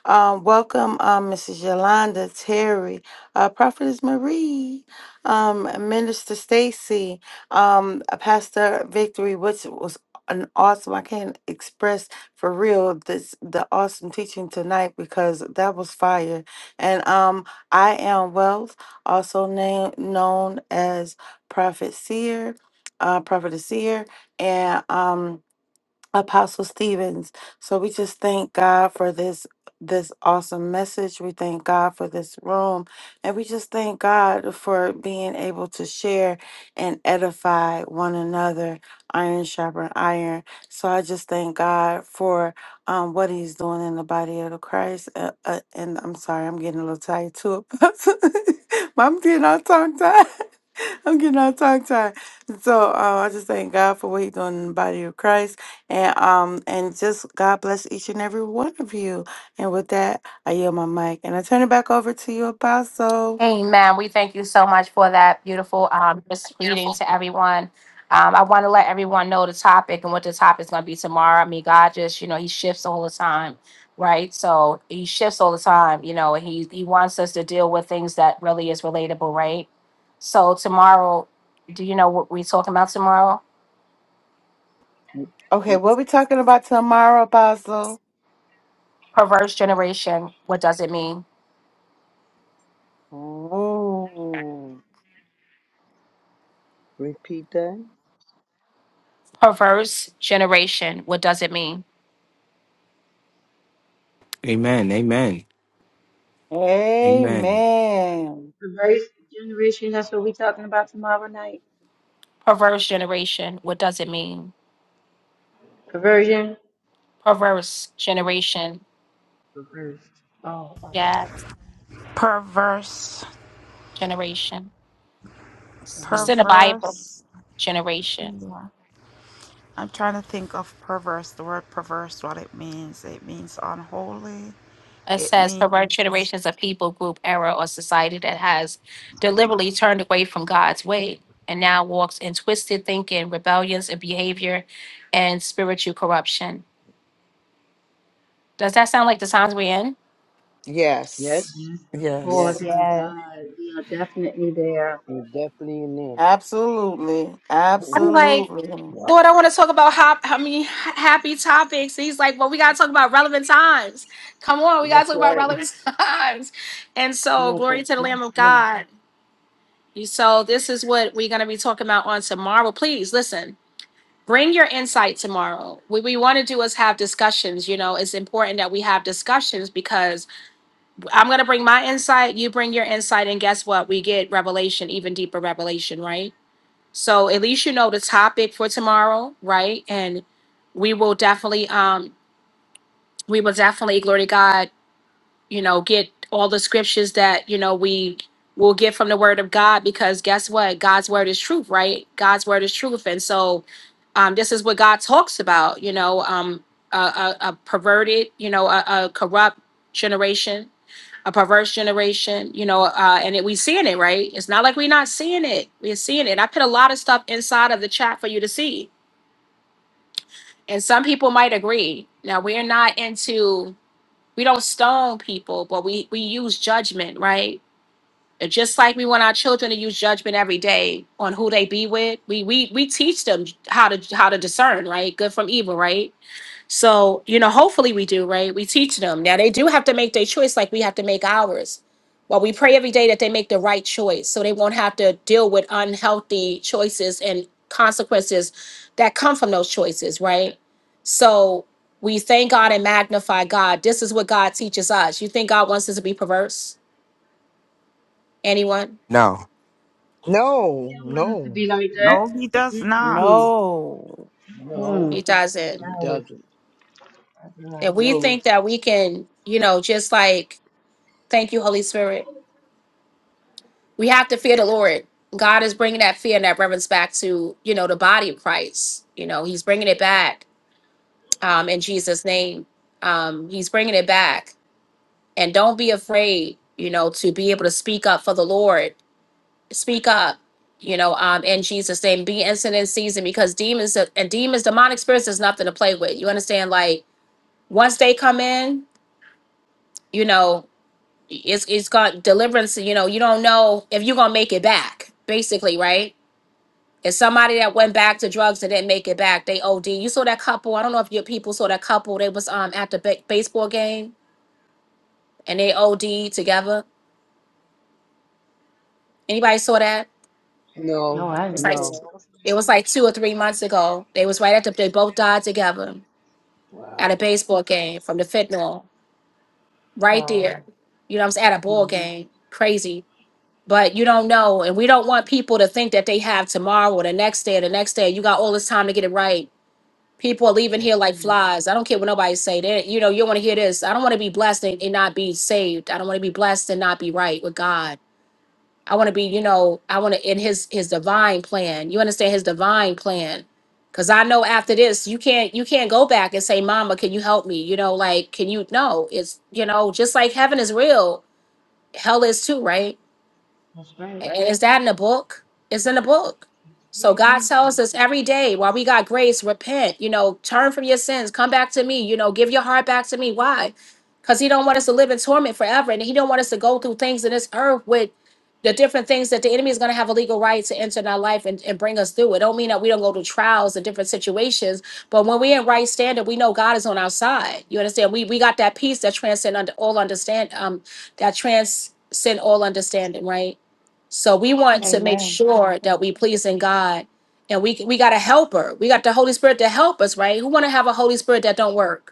Um, welcome, um, Mrs. Yolanda, Terry, uh, Prophetess Marie, um, Minister Stacy, um, uh, Pastor Victory, which was an awesome. I can't express for real this the awesome teaching tonight because that was fire. And um, I am Wealth, also named known as Prophet Seer, uh, Prophet Seer, and um. Apostle Stevens. So we just thank God for this this awesome message. We thank God for this room. And we just thank God for being able to share and edify one another, iron sharpen iron. So I just thank God for um, what he's doing in the body of the Christ. Uh, uh, and I'm sorry, I'm getting a little tired too. [laughs] I'm getting all tongue tied. [laughs] I'm getting all tongue tied. So uh, I just thank God for what he's doing in the body of Christ. And um and just God bless each and every one of you. And with that, I yield my mic and I turn it back over to you, Apostle. Amen. We thank you so much for that beautiful um, just reading Beautiful. to everyone. Um, I want to let everyone know the topic and what the topic is going to be tomorrow. I mean, God just, you know, He shifts all the time, right? So He shifts all the time, you know, and He He wants us to deal with things that really is relatable, right? So tomorrow, do you know what we're talking about tomorrow? Okay, what we talking about tomorrow, Apostle? Perverse generation. What does it mean? Ooh. Repeat that. Perverse generation. What does it mean? Amen. Amen. Amen. Amen. Reverse generation. That's what we talking about tomorrow night. Perverse generation. What does it mean? Conversion. Perverse generation Reverse. Oh, oh, oh. Yes, perverse generation. It's in Reverse the generation. Bible, perverse generation. i'm trying to think of perverse the word perverse what it means it means unholy It it says pervert means generation is a people, group, era, or society that has deliberately turned away from God's way and now walks in twisted thinking, rebellions and behavior, and spiritual corruption. Does that sound like the times we're in? Yes. Yes. Yes, of Yes. course, Yes. my Yes. God. We are definitely there. You're definitely in Absolutely. there. I'm like, [laughs] Absolutely. yeah. Lord, I want to talk about hop, I mean, ha- happy topics. And He's like, well, we got to talk about relevant times. Come on, we got to That's talk about right. relevant [laughs] times. And We so, have glory to to the drink Lamb of this. God. You so this is what we're gonna be talking about on tomorrow. Please listen. Bring your insight tomorrow. What we want to do is have discussions. You know, it's important that we have discussions because I'm going to bring my insight, you bring your insight, and guess what? We get revelation, even deeper revelation, right? So at least you know the topic for tomorrow, right? And we will definitely, um, we will definitely, glory to God, you know, get all the scriptures that, you know, we will get from the word of God because guess what? God's word is truth, right? God's word is truth. And so um, this is what God talks about, you know, um, a, a, a perverted, you know, a, a corrupt generation, a perverse generation, you know, uh, and it, we seeing it, right? It's not like we're not seeing it. We're seeing it. I put a lot of stuff inside of the chat for you to see. And some people might agree. Now, we're not into we don't stone people, but we we use judgment, right? And Just like we want our children to use judgment every day on who they be with, we we we teach them how to how to discern, right? Good from evil, right? So, you know, hopefully we do, right? We teach them. Now they do have to make their choice like we have to make ours. Well, we pray every day that they make the right choice so they won't have to deal with unhealthy choices and consequences that come from those choices, right? So we thank God and magnify God. This is what God teaches us. You think God wants us to be perverse? Anyone? No. We No, don't want us to no. be like that. no he does not Mm-mm. No. No, Mm. He doesn't. it No. doesn't. My God, And we no. think that we can, you know, just like, thank you, Holy Spirit We have to fear the Lord. God is bringing that fear and that reverence back to, you know, the body of Christ. You know, he's bringing it back um, in Jesus' name. Um, he's bringing it back. And don't be afraid, you know, to be able to speak up for the Lord. Speak up, you know, um, in Jesus' name. Be instant in season because demons and demons, demonic spirits is nothing to play with. You understand? Like once they come in, you know, it's it's got deliverance, you know, you don't know if you're gonna make it back, basically, right? It's somebody that went back to drugs and didn't make it back. They OD. You saw that couple. I don't know if your people saw that couple. They was um at the ba- baseball game and they OD together. Anybody saw that? No. No, I It's didn't like say No. that. it was like two or three months ago. They was right at the. They both died together at a Wow. baseball game from the fentanyl. Right Wow. there. You know what I'm saying? At a ball Mm. game. Crazy. But you don't know, and we don't want people to think that they have tomorrow or the next day or the next day. You got all this time to get it right People are leaving here like mm. flies. I don't care what nobody say. That you know, you want to hear this. I don't want to be blessed and, and not be saved. I don't want to be blessed and not be right with God. I want to be, you know, I want to in His His divine plan. You understand His divine plan, because I know after this, you can't you can't go back and say, "Mama, can you help me?" You know, like, can you? No, it's you know, just like heaven is real, hell is too, right? That's right. And is that in the book? It's in the book. So God Mhm. tells us every day while we got grace, repent, you know, turn from your sins, come back to me, you know, give your heart back to me. Why? Because he don't want us to live in torment forever. And he don't want us to go through things in this earth with the different things that the enemy is going to have a legal right to enter in our life and, and bring us through. It don't mean that we don't go through trials and different situations, but when we're in right standard, we know God is on our side. You understand? We we got that peace that transcend under all understand um that transcend all understanding, right? So we That's want right. to make Amen. sure that we pleasing God, and we we got a helper. We got the Holy Spirit to help us, right? Who want to have a Holy Spirit that don't work?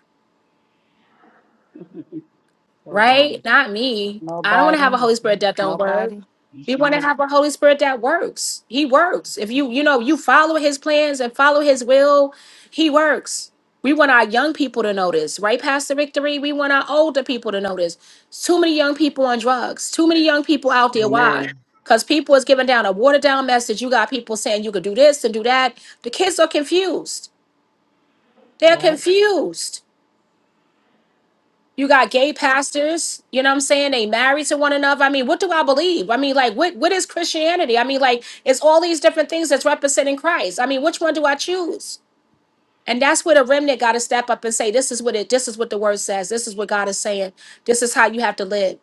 right? Not me. I don't want to have a Nobody. Holy Spirit that don't work. Nobody. We want to have a Holy Spirit that works. He works. If you, you know, you follow his plans and follow his will, he works. We want our young people to know this, right, Pastor Victory? We want our older people to know this. Too many young people on drugs. Too many young people out there. Why? Amen. Because people is giving down a watered down message. You got people saying you could do this and do that. The kids are confused. They're Yeah. confused you got gay pastors, you know what I'm saying? They married to one another. I mean, what do I believe? I mean, like, what, what is Christianity? I mean, like, it's all these different things that's representing Christ. I mean, which one do I choose? And that's where the remnant got to step up and say, this is what it, this is what the word says. This is what God is saying. This is how you have to live.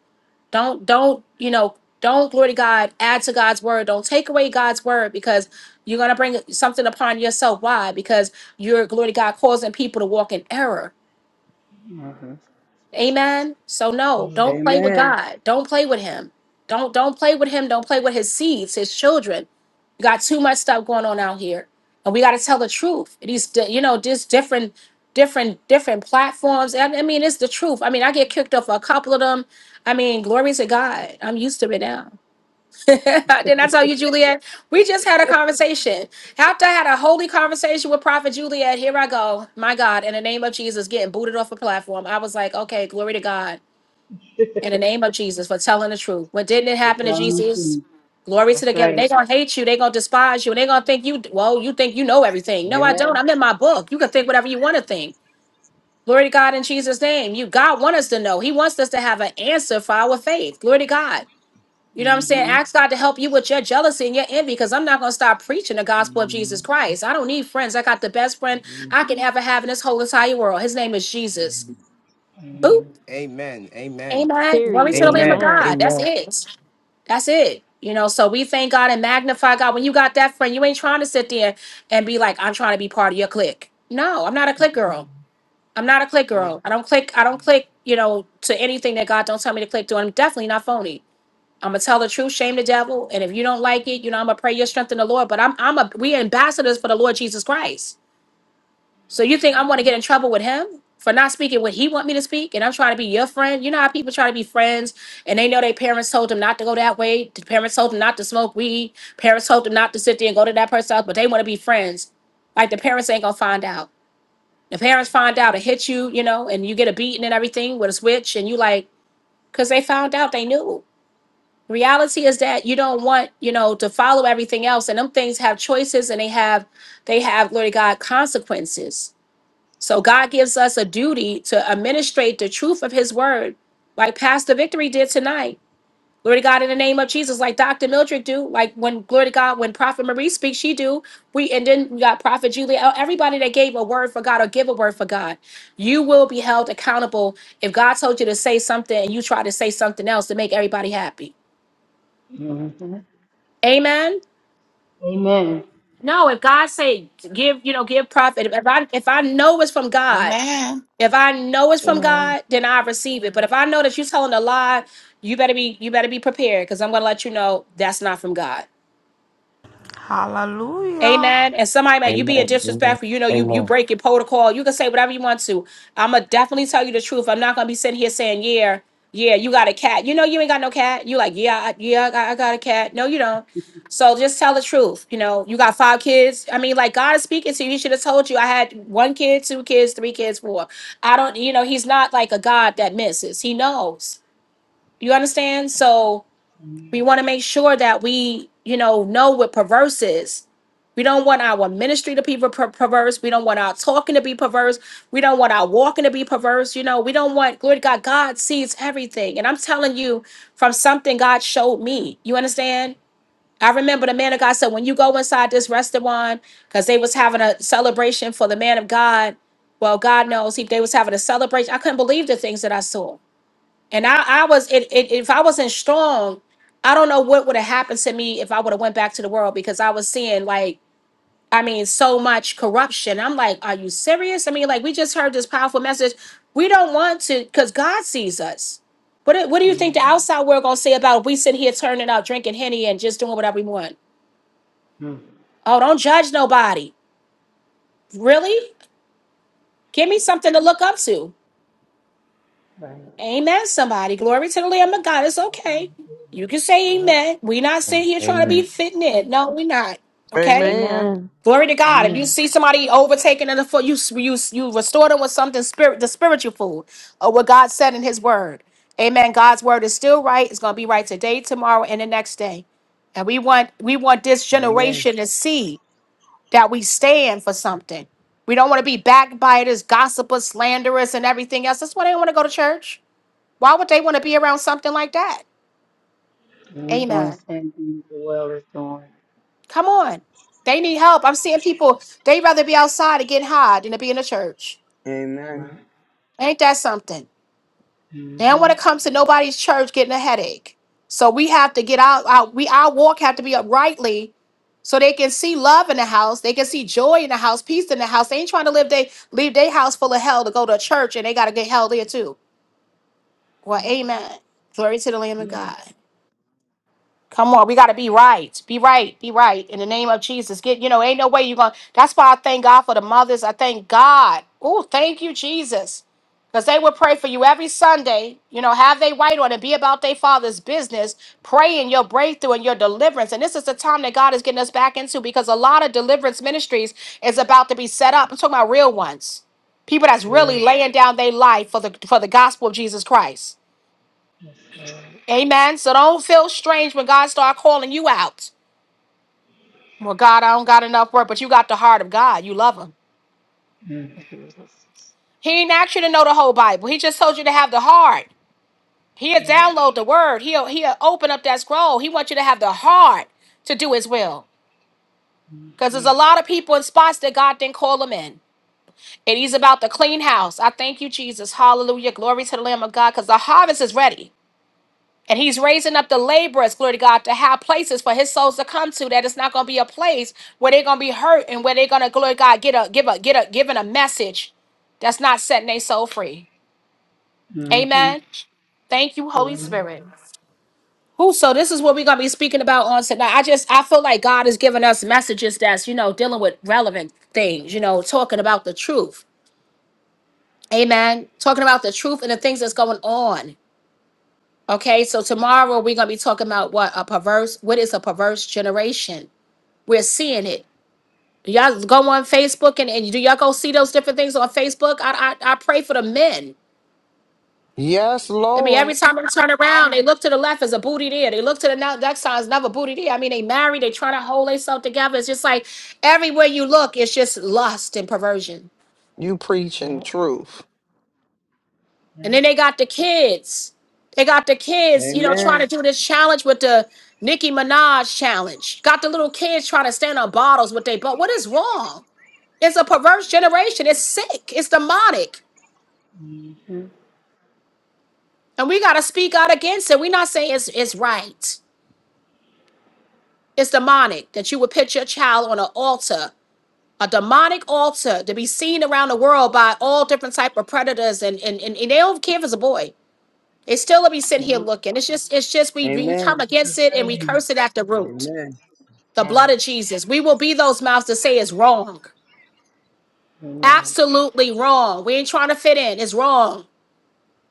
Don't, don't, you know, don't glory to God, add to God's word. Don't take away God's word because you're going to bring something upon yourself. Why? Because you're, glory to God, causing people to walk in error Mm-hmm. Amen. So no, don't play with Amen. God. Don't play with him. Don't don't play with him. Don't play with his seeds, his children. You got too much stuff going on out here. And we got to tell the truth. These di- you know, just different different different platforms. And I mean, it's the truth. I mean, I get kicked off a couple of them. I mean, glory to God. I'm used to it now. [laughs] Didn't I tell you, Juliet? We just had a conversation. After I had a holy conversation with Prophet Juliet, here I go. My God, in the name of Jesus, getting booted off a platform. I was like, okay, glory to God. In the name of Jesus for telling the truth. When didn't it But happen to telling the Jesus? truth. Glory to the That's God. right. They're gonna hate you, they're gonna despise you, and they're gonna think you well, you think you know everything. No, I Amen. don't. I'm in my book. You can think whatever you want to think. Glory to God in Jesus' name. You God want us to know. He wants us to have an answer for our faith. Glory to God. You know what I'm saying? Mm-hmm. Ask God to help you with your jealousy and your envy because I'm not going to stop preaching the gospel of Mhm. Jesus Christ. I don't need friends. I got the best friend Mhm. I can ever have in this whole entire world. His name is Jesus. Boop. Amen. Amen. Amen. Amen. Glory to Period. the Lamb of Amen. Amen. God. That's Amen. it. That's it. You know, so we thank God and magnify God. When you got that friend, you ain't trying to sit there and be like, I'm trying to be part of your clique. No, I'm not a clique girl. I'm not a clique That's girl. right. I don't click. I don't click, you know, to anything that God don't tell me to click to. I'm definitely not phony. I'm gonna tell the truth, shame the devil. And if you don't like it, you know, I'm gonna pray your strength in the Lord. But I'm I'm a we ambassadors for the Lord Jesus Christ. So you think I'm gonna get in trouble with him for not speaking what he want me to speak? And I'm trying to be your friend. You know how people try to be friends and they know their parents told them not to go that way. The parents told them not to smoke weed. Parents told them not to sit there and go to that person's house, but they want to be friends. Like the parents ain't gonna find out. The parents find out, it hit you, you know, and you get a beating and everything with a switch, and you like, cause they found out they knew reality is that you don't want you know to follow everything else and them things have choices and they have they have glory to god consequences so god gives us a duty to administrate the truth of his word like pastor victory did tonight glory to god in the name of jesus like dr mildred do like when glory to god when prophet marie speaks she do we and then we got prophet julia uh, everybody that gave a word for god or give a word for god you will be held accountable if god told you to say something and you try to say something else to make everybody happy Mm-hmm. amen Amen. No, if God say give, you know, give profit. If I if I know it's from God, Amen. if I know it's from Amen. God, then I receive it. But if I know that you're telling a lie, you better be you better be prepared because I'm gonna let you know that's not from God. hallelujah Amen. And somebody man, you being Amen. Amen. disrespectful, you know, you you Amen. breaking protocol. You can say whatever you want to. I'ma definitely tell you the truth. I'm not gonna be sitting here saying, yeah, yeah, you got a cat. You know, you ain't got no cat. You like, yeah, I, yeah, I got, I got a cat. No, you don't. So just tell the truth. You know, you got five kids. I mean, like God is speaking to you. He should have told you I had one kid, two kids, three kids, four. I don't, you know, he's not like a God that misses. He knows. You understand? So we want to make sure that we, you know, know what perverse is. We don't want our ministry to be per- perverse. We don't want our talking to be perverse. We don't want our walking to be perverse. You know, we don't want, glory to God, God sees everything. And I'm telling you from something God showed me. You understand? I remember the man of God said, when you go inside this restaurant, because they was having a celebration for the man of God. Well, God knows if they was having a celebration. I couldn't believe the things that I saw. And I, I was, it, it, if I wasn't strong, I don't know what would have happened to me if I would have went back to the world because I was seeing like, I mean, so much corruption. I'm like, are you serious? I mean, like we just heard this powerful message. We don't want to, because God sees us. What, do- what do you think the Mm-hmm. outside world gonna say about if we sit here turning out, drinking henny, and just doing whatever we want? Oh, don't judge nobody. Really? Give me something to look up to. Right. Amen, somebody. Glory to the Lamb of God. It's okay. You can say Yeah. amen. We're not sitting here trying to be Amen. fitting in. No, we're not. Okay? Amen. Amen. Glory to God. If you Amen. see somebody overtaken in the foot, you, you, you restore them with something spirit, the spiritual food or what God said in his word. Amen. God's word is still right. It's gonna be right today, tomorrow, and the next day. And we want we want this Amen. generation to see that we stand for something. We don't want to be backbiters, gossipers, slanderers, and everything else. That's why they don't want to go to church. Why would they want to be around something like that? And we're going to Amen. send you the well is doing. Come on. They need help. I'm seeing people, they'd rather be outside and getting high than to be in the church. Amen. Right. Ain't that something? They don't want to come to nobody's church getting a headache. So we have to get out, out we our walk have to be uprightly so they can see love in the house. They can see joy in the house, peace in the house. They ain't trying to live they leave their house full of hell to go to a church and they gotta get hell there too. Well, amen. Glory to the Lamb of God. Come on, we gotta be right. Be right. Be right. In the name of Jesus. Get you know, ain't no way you're gonna that's why I thank God for the mothers. I thank God. Oh, thank you, Jesus. Because they would pray for you every Sunday, you know, have they right on and be about their father's business, pray in your breakthrough and your deliverance. And this is the time that God is getting us back into because a lot of deliverance ministries is about to be set up. I'm talking about real ones. People that's really laying down their life for the for the gospel of Jesus Christ. Amen. So don't feel strange when God start calling you out. Well, God, I don't got enough work, but you got the heart of God. You love him. Mm. Jesus. He ain't asked you to know the whole Bible. He just told you to have the heart. He'll download the word. He'll he'll open up that scroll. He wants you to have the heart to do his will. Because there's a lot of people in spots that God didn't call them in. And he's about the clean house. I thank you, Jesus. Hallelujah. Glory to the Lamb of God. Because the harvest is ready. And he's raising up the laborers, glory to God, to have places for his souls to come to. That it's not going to be a place where they're going to be hurt and where they're going to, glory to God, get a, give a, get a, given a message that's not setting their soul free. Mm-hmm. Amen. Thank you, Holy Spirit. Who? So this is what we're going to be speaking about on tonight. I just, I feel like God is giving us messages that's, you know, dealing with relevant things, you know, talking about the truth. Amen. Talking about the truth and the things that's going on. Okay, so tomorrow we're gonna be talking about what a perverse, what is a perverse generation? We're seeing it. Y'all go on Facebook and, and do y'all go see those different things on Facebook? I, I I pray for the men. Yes, I mean, every Lord, time they turn around, they look to the left as a booty there. They look to the now- next side is another booty there. I mean, they married, they trying to hold themselves together. It's just like everywhere you look, it's just lust and perversion. you preaching truth. And then they got the kids. They got the kids, you know, trying Amen. to do this challenge with the Nicki Minaj challenge. Got the little kids trying to stand on bottles with they but what is wrong? It's a perverse generation. It's sick. It's demonic. Mm-hmm. And we gotta speak out against it. We're not saying it's it's right. It's demonic that you would put your child on an altar, a demonic altar to be seen around the world by all different type of predators and and, and, and they don't care if it's a boy. It's still let me sit here No, looking. It's just, it's just we, we come that's Amen. the against it and we perversion. curse it at the root. Amen. The Yes. blood of Jesus. We will be those mouths to say it's wrong. Amen. Absolutely wrong. We ain't trying to fit in. It's wrong.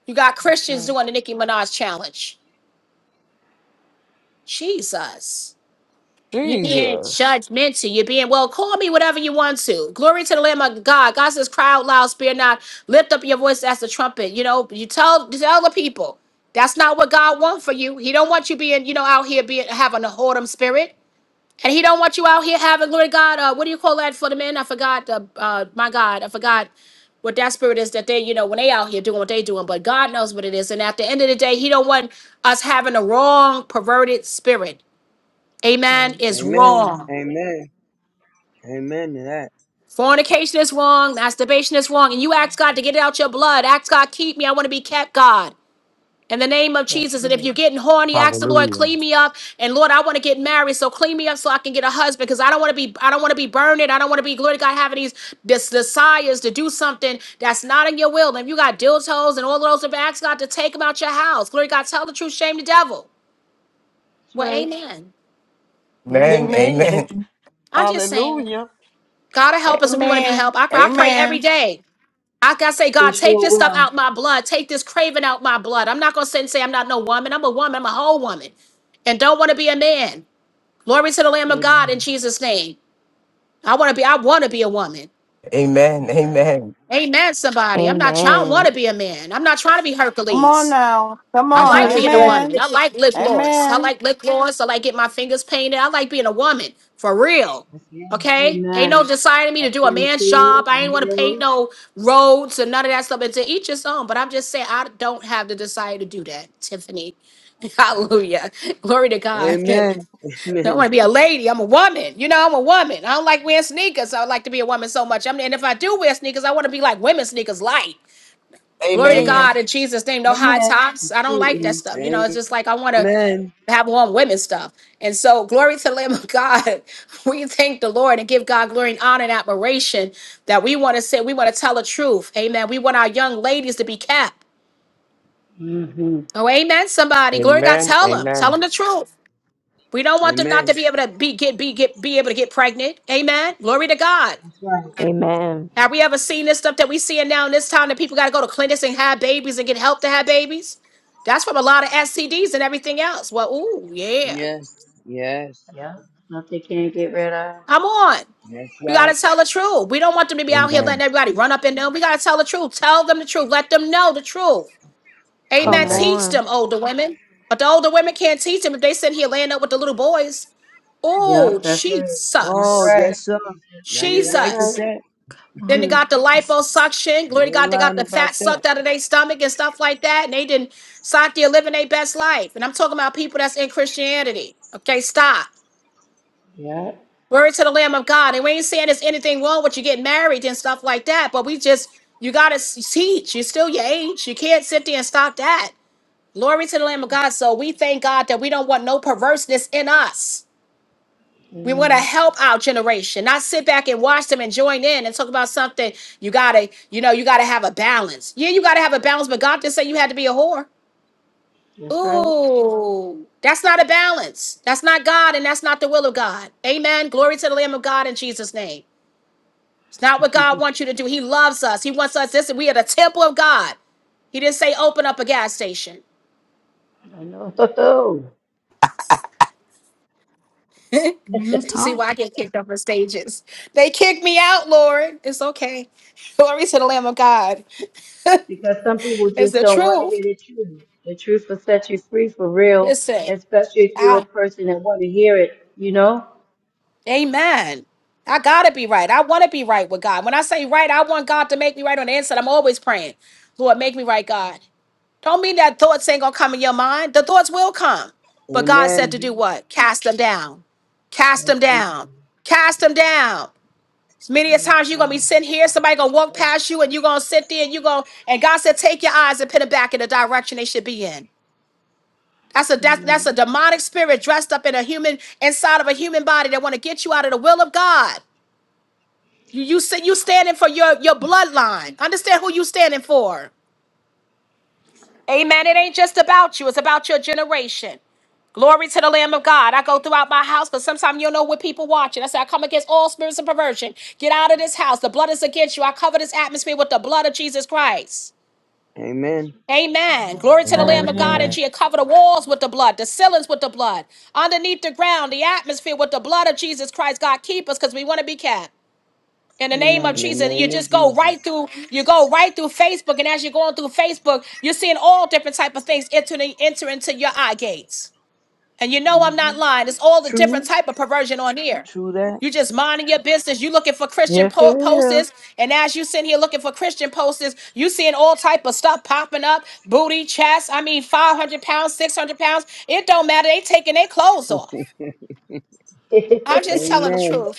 You got That's Christians right. doing the Nicki Minaj challenge. Jesus. you being Jesus. judgmental. You're being, well, call me whatever you want to. Glory to the Lamb of God. God says, cry out loud, spare not. Lift up your voice as the trumpet. You know, you tell tell the people. That's not what God wants for you. He don't want you being, you know, out here being having a whoredom spirit. And he don't want you out here having, glory to God, uh, what do you call that for the men? I forgot, uh, uh, my God, I forgot what that spirit is that they, you know, when they out here doing what they doing, but God knows what it is. And at the end of the day, he don't want us having a wrong, perverted spirit. That's right. Amen. It's Amen. wrong. Mm. Amen. Amen to that. Fornication is wrong. Masturbation is wrong. And you ask God to get it out your blood. Ask God, keep me. I want to be kept, God. In the name of That's Jesus. And if right. you're getting horny, ask the Lord, Hallelujah. clean me up. And Lord, I want to get married. So clean me up so I can get a husband. Because I don't want to be, I don't want to be burning. I don't want to be glory to God having these this desires to do something that's not in your will. And if you got dildos and all of those, if ask God to take them out your house. Glory to God, tell the truth, shame the devil. That's Well, right. amen. Amen. Amen. Amen. Amen. [laughs] I'm just saying, Hallelujah. God will help us if we want to be Amen. helped. I, I pray every Amen. day. I gotta say, We God, take sure this stuff will. out my blood. Take this craving out my blood. I'm not gonna sit and say I'm not no woman. I'm a woman. I'm a whole woman, and don't want to be a man. Glory to the Lamb of God in Amen. Jesus' name. I want to be. I want to be a woman. Amen. That's right. Amen. Amen. Somebody, I'm not trying. Want Amen. to be a man. I'm not trying to be Come on Hercules. now. Come I I know like on. that's being a right. woman. Amen. I [laughs] like lip gloss. I Amen. like lip gloss. I like getting my fingers painted. I like being a woman for real. that's, yeah. Okay? Ain't no Amen. deciding me I to do a praise man's job. you I and ain't want to paint you. no roads and none of that stuff. And to each his own. But I'm just saying, I don't have the desire to do that, Tiffany. [laughs] That's right. Hallelujah. Glory to God. [laughs] I Amen. [laughs] don't want to be a lady. I'm a woman. You know, I'm a woman. I don't like wearing sneakers. I would like to be a woman so much. I mean, and if I do wear sneakers, I want to be like women's sneakers light. Glory to Mm-hmm. Amen. God in Jesus' name. No high Amen. tops. Thank I don't like that you. stuff. You know, it's Amen. just like I want to Amen. have on women stuff. And so, glory to the Lamb of God. [laughs] We thank the Lord and give God glory and honor and admiration that we want to say, we want to tell the truth. Amen. We want our young ladies to be kept. hmm Oh, amen. Somebody, glory to God, Amen. tell them, tell Amen. That's them the truth. We don't want them not Amen. to be able to be get be get be able to get pregnant. Amen. Glory to God. right. Amen. Have we ever seen this stuff that we seeing now in this town that people got to go to clinics and have babies and get help to have babies? That's from a lot of STDs and everything else. Well, ooh, yeah. Yes. Yes. Yeah. Stuff they can't get rid of. Come on. That's We got right. to tell the truth. We don't want them to be out here Amen. letting everybody run up in them. We got to tell the truth. Tell them the truth. Let them know the truth. Amen. Come Amen. Teach on. them, older women. But the older women can't teach them if they sit here laying up with the little boys. Oh, Yep, that's right. That's Oh, Jesus. right. yes, sir. He said Now something. you're That's right Jesus. with right. that. Then Wow, they Hmm. got the that's liposuction. Glory to You ain't God, they got the lying about fat that. sucked out of their stomach and stuff like that. And they didn't sought to living their best life. And I'm talking about people that's in Christianity. Okay, stop. Yeah, Glory to the Lamb of God. And we ain't saying there's anything wrong with you getting married and stuff like that. But we just, you got to teach. You're still your age. You can't sit there and stop that. Glory to the Lamb of God. So we thank God that we don't want no perverseness in us. We want to amen. help our generation, not sit back and watch them and join in and talk about something. You gotta, you know, you gotta have a balance. Yeah, you gotta have a balance, but God didn't say you had to be a whore. That's right. Ooh, that's not a balance. That's not God, and that's not the will of God. Amen. Glory to the Lamb of God in Jesus' name. It's not what God wants you to do. He loves us. He wants us. Listen, we are the temple of God. He didn't say open up a gas station. I know. [laughs] real [laughs] See why I talk. get kicked off of stages. They kicked me out, Lord. It's okay. [laughs] Glory to the Lamb of God. because some people It's just the don't want to hear truth. the truth. The truth will set you free for real, Listen, especially if you're a I, person that want to hear it, you know? amen. I gotta be right. I want to be right with God. When I say right, I want God to make me right on the inside. I'm always praying, Lord, make me right, God. Don't mean that thoughts ain't gonna come in your mind. The thoughts will come, but God said Amen. to do hmm what? Cast them down. Cast them That's something. down. Cast them down. As many as You're times you're gonna be strong. sitting here, somebody gonna walk past you, and you're gonna sit there, and you gonna, and God said, take your eyes and put them back in the direction they should be in. That's a that's, that's a Mhm. demonic spirit dressed up in a human inside of a human body that want to get you out of the will of God. You you sit you standing for your your bloodline. Understand who you standing for. Amen. It ain't just about you. It's about your generation. Glory to the Lamb of God. I go throughout my house, but sometimes you don't know what people watching. I say, I come against all spirits of perversion. Get out of this house. The blood is against you. I cover this atmosphere with the blood of Jesus Christ. That's Amen. Amen. right. Glory to the Lamb Amen. of God. And Amen. Amen. she had covered the walls with the blood, the ceilings with the blood, underneath the ground, the atmosphere with the blood of Jesus Christ. God keep us because we want to be kept. In the name In of Amen. the Jesus, you name of just go Jesus. right through, you go right through Facebook. And as you're going through Facebook, you're seeing all different type of things enter, enter into your eye gates. And you know I'm not hmm lying. It's all the different type of perversion on here. True that. You just minding your business. You looking for Christian Yes, it po- is. posters, and as you sitting here looking for Christian posters, you seeing all type of stuff popping up: booty, chest. I mean, five hundred pounds, six hundred pounds. It don't matter. They taking their clothes off. I'm just telling the Amen. truth.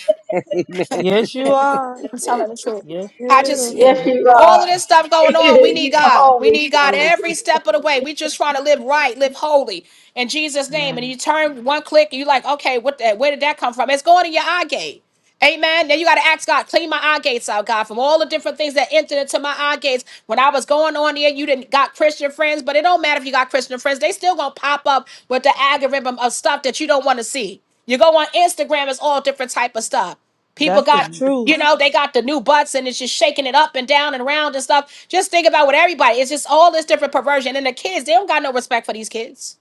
[laughs] Amen. Yes, you are. [laughs] I'm telling the truth. Yes, I you just, [laughs] is. with yes, Yes, it you all of are. goes. this stuff [laughs] going on, we need you God. We always need say God every it. step of the way. We just trying to live right, live holy in Jesus' Yeah, name. And you turn one click and you're like, okay, what that? where did that come from? It's going in your eye gate. Amen. Then you got to ask God, clean my eye gates out, God, from all the different things that entered into my eye gates. When I was going on here. you didn't got Christian friends, but it don't matter if you got Christian friends. They still going to pop up with the algorithm of stuff that you don't want to see. You go on Instagram, it's all different type of stuff. People That's the got, you truth. know, they got the new butts and it's just shaking it up and down and around and stuff. Just think about what everybody, it's just all this different perversion. And the kids, they don't got no respect for these kids.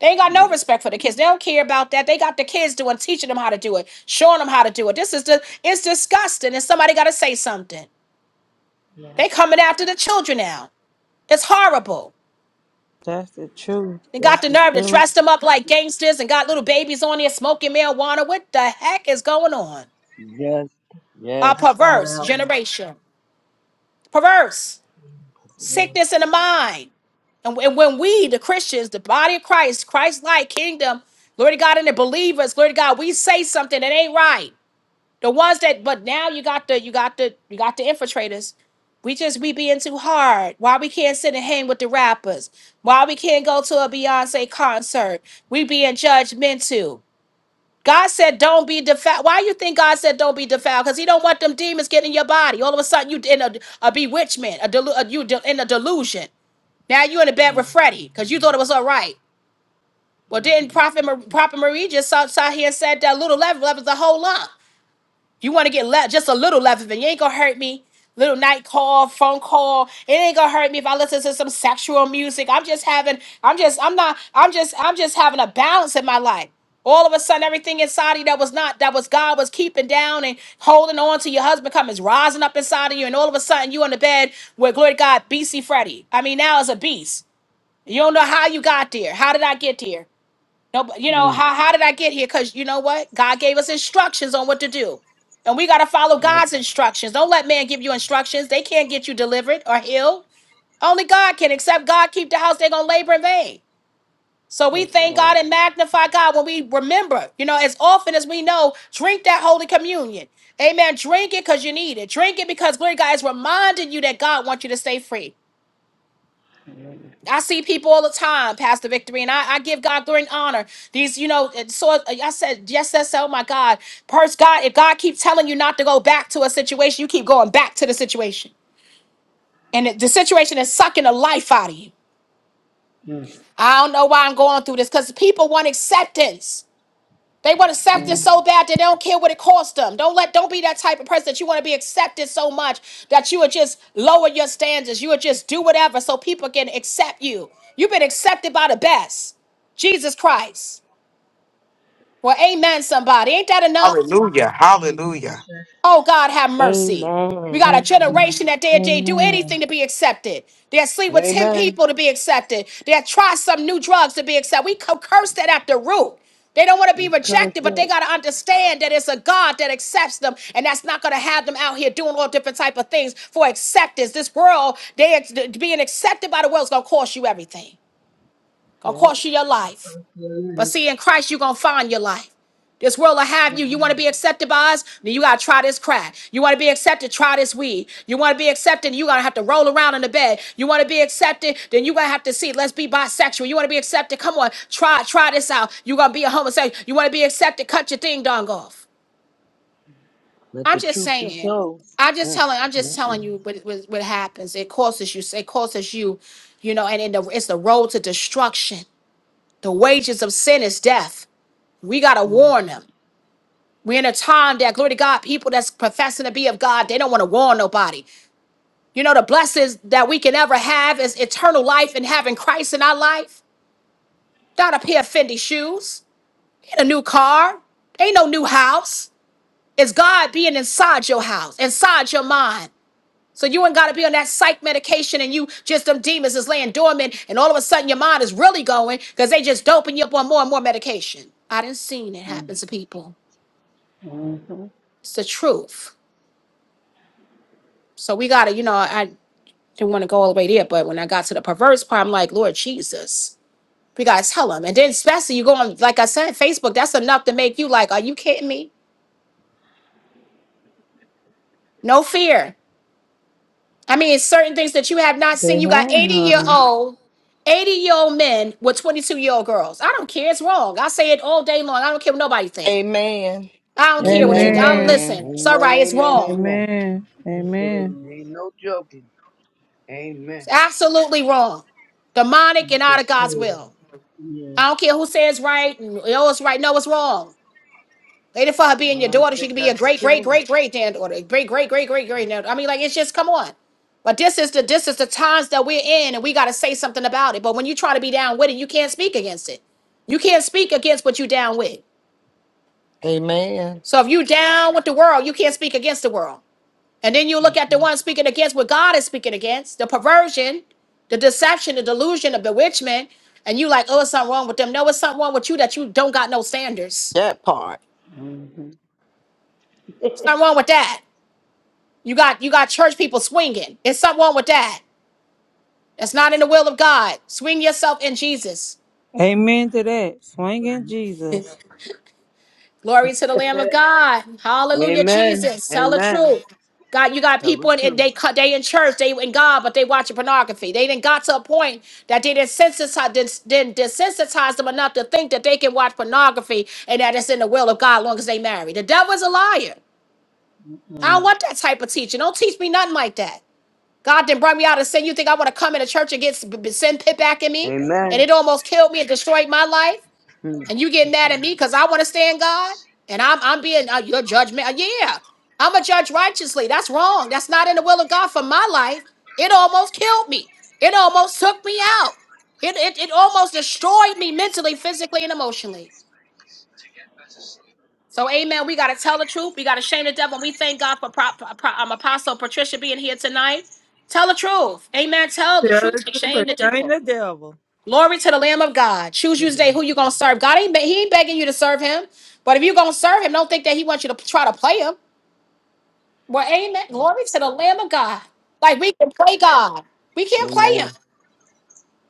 They ain't got no respect for the kids. They don't care about that. They got the kids doing, teaching them how to do it, showing them how to do it. This is the, it's disgusting. And somebody got to say something. They yes, coming after the children now. It's horrible. That's the truth. They That's got the the nerve to truth. dress them up like gangsters and got little babies on there smoking marijuana. What the heck is going on? Yes. A Yes. perverse generation. Perverse. sickness in the mind. And when when we, the Christians, the body of Christ, Christ like kingdom, glory to God, and the believers, glory to God, we say something that ain't right. The ones that, but now you got the, you got the, you got the infiltrators. We just we being too hard. Why we can't sit and hang with the rappers? Why we can't go to a Beyonce concert? We being judgmental. God said, "Don't be defiled." Why you think God said, "Don't be defiled"? Because He don't want them demons getting in your body. All of a sudden, you in a, a bewitchment, a, delu- a you de- in a delusion. Now you in a bed with Freddie because you thought it was all right. Well, didn't Prophet, Mar- Prophet Marie just sat, sat here and said that little level was a whole lot? You want to get left just a little left of You ain't gonna hurt me. Little night call, phone call. It ain't gonna hurt me if I listen to some sexual music. I'm just having, I'm just, I'm not, I'm just, I'm just having a balance in my life. All of a sudden, everything inside of you that was not, that was God was keeping down and holding on to your husband comes rising up inside of you. And all of a sudden, you on the bed with, glory to God, BC Freddy. I mean, now it's a beast. You don't know how you got there. How did I get there? No, but you know how how did I get here? Because you know what, God gave us instructions on what to do, and we got to follow God's instructions. Don't let man give you instructions; they can't get you delivered or healed. Only God can. Except God keep the house, they're gonna labor in vain. So we thank God and magnify God when we remember. You know, as often as we know, drink that holy communion. Amen. Drink it because you need it. Drink it because glory, to God is reminding you that God wants you to stay free. I see people all the time, Pastor Victory, and I, I give God glory and honor. These, you know, and so I said, yes, that's oh my God. Purse God, if God keeps telling you not to go back to a situation, you keep going back to the situation. And it- the situation is sucking the life out of you. I don't know why I'm going through this because people want acceptance. They want acceptance so bad that they don't care what it costs them. Don't let don't be that type of person that you want to be accepted so much that you would just lower your standards. You would just do whatever so people can accept you. You've been accepted by the best. Jesus Christ. Well, amen, somebody. Ain't that enough? Hallelujah. Hallelujah. Oh, God, have mercy. We got Amen. a Amen. generation that they, they do anything Amen. to be accepted. They'll sleep with 10 Amen. people to be accepted. They'll try some new drugs to be accepted. We co- curse that at the root. They don't want to be Curse rejected, it. but they got to understand that it's a God that accepts them, and that's not going to have them out here doing all different type of things for acceptance. This world, they being accepted by the world is going to cost you everything. Going to yep, cost you your life. You're But right. see, in Christ, you're going to find your life. This world will have you. You want to be accepted by us? Then you got to try this crack. You want to be accepted? Try this weed. You want to be accepted? You going to have to roll around in the bed. You want to be accepted? Then you going to have to see. Let's be bisexual. You want to be accepted? Come on. Try try this out. you going to be a homosexual. You want to be accepted? Cut your thing dong off. Let I'm the just truth be saying. told. I'm just Mm, telling. I'm just mm, telling mm. you what, what, what happens. It causes you. It causes you, you know. And in the, it's the road to destruction. The wages of sin is death. We gotta warn them. We're in a time that, glory to God, people that's professing to be of God, they don't want to warn nobody. You know, the blessings that we can ever have is eternal life and having Christ in our life. Not a pair of Fendi shoes, ain't a new car, ain't no new house. It's God being inside your house, inside your mind. So you ain't got to be on that psych medication and you just them demons is laying dormant and all of a sudden your mind is really going because they just doping you up on more and more medication. I didn't seen it happen to people. mm-hmm, It's the truth. So we gotta, you know, I didn't want to go all the way there, but when I got to the perverse part, I'm like, Lord Jesus, we gotta tell him. And then especially you go on, like I said, Facebook, that's enough to make you like, are you kidding me? No fear. I mean, it's certain things that you have not They seen. You got have 80 year none. old, 80 year old men with 22 year old girls. I don't care. It's wrong. I say it all day long. I don't care what nobody think. Amen. I don't care what you. Amen. I don't Amen. listen. Amen. It's all Amen. right. It's Amen. wrong. Amen. Amen. Amen. Ain't no joking. It's Amen. absolutely wrong. Demonic and She's out of God's crazy. will. I yes, don't care who says right. and, Oh, it's right. No, it's wrong. Later for her being When your I'm daughter, she sick, could be I a great, can great, change. great, great granddaughter, great, great, great, great, great. grand- I mean, like it's just come on. But this is the this is the times that we're in, and we got to say something about it. But when you try to be down with it, you can't speak against it. You can't speak against what you down with. Amen. So if you down with the world, you can't speak against the world. And then you look at the one speaking against what God is speaking against, the perversion, the deception, the delusion, the bewitchment, and you like, oh, it's something wrong with them. No, it's something wrong with you that you don't got no standards. That part. [laughs] It's not wrong with that. You got you got church people swinging. It's something wrong with that. That's not in the will of God. Swing yourself in Jesus. Amen to that. Swinging Jesus. Glory to the Lamb of God. Hallelujah, Amen. Jesus. Tell the Amen. truth. God, you got Tell the people in, in truth. they cut they in church, they in God, but they watching pornography. They didn't got to a point that they didn't sensitize didn't, didn't desensitize them enough to think that they can watch pornography and that it's in the will of God as long as they marry. The devil is a liar. I don't want that type of teaching. Don't teach me nothing like that. God didn't brought me out of sin. You think I want to come into church and get s- b- b- sin pit back in me? And Amen. it almost killed me and destroyed my life. Mm, And you get mad at me because I want to stand God? And I'm I'm being uh, your judgment. uh, Yeah, I'm a judge righteously. That's wrong. That's not in the will of God for my life. It almost killed me. It almost took me out. It it, it almost destroyed me mentally, physically, and emotionally. So, amen. We got to tell the truth. We got to shame the devil. We thank God for Pro- Pro- um, Apostle Patricia being here tonight. Tell the truth. Amen. Tell the Tell truth. the and truth Shame or the shame devil. the devil. Glory to the Lamb of God. Choose you Mhm. today who you going to serve. God ain't, be- he ain't begging you to serve him. But if you going to serve him, don't think that he wants you to try to play him. Well, that's amen. right, Glory to the Lamb of God. Like we can play God. We can't play him. Amen.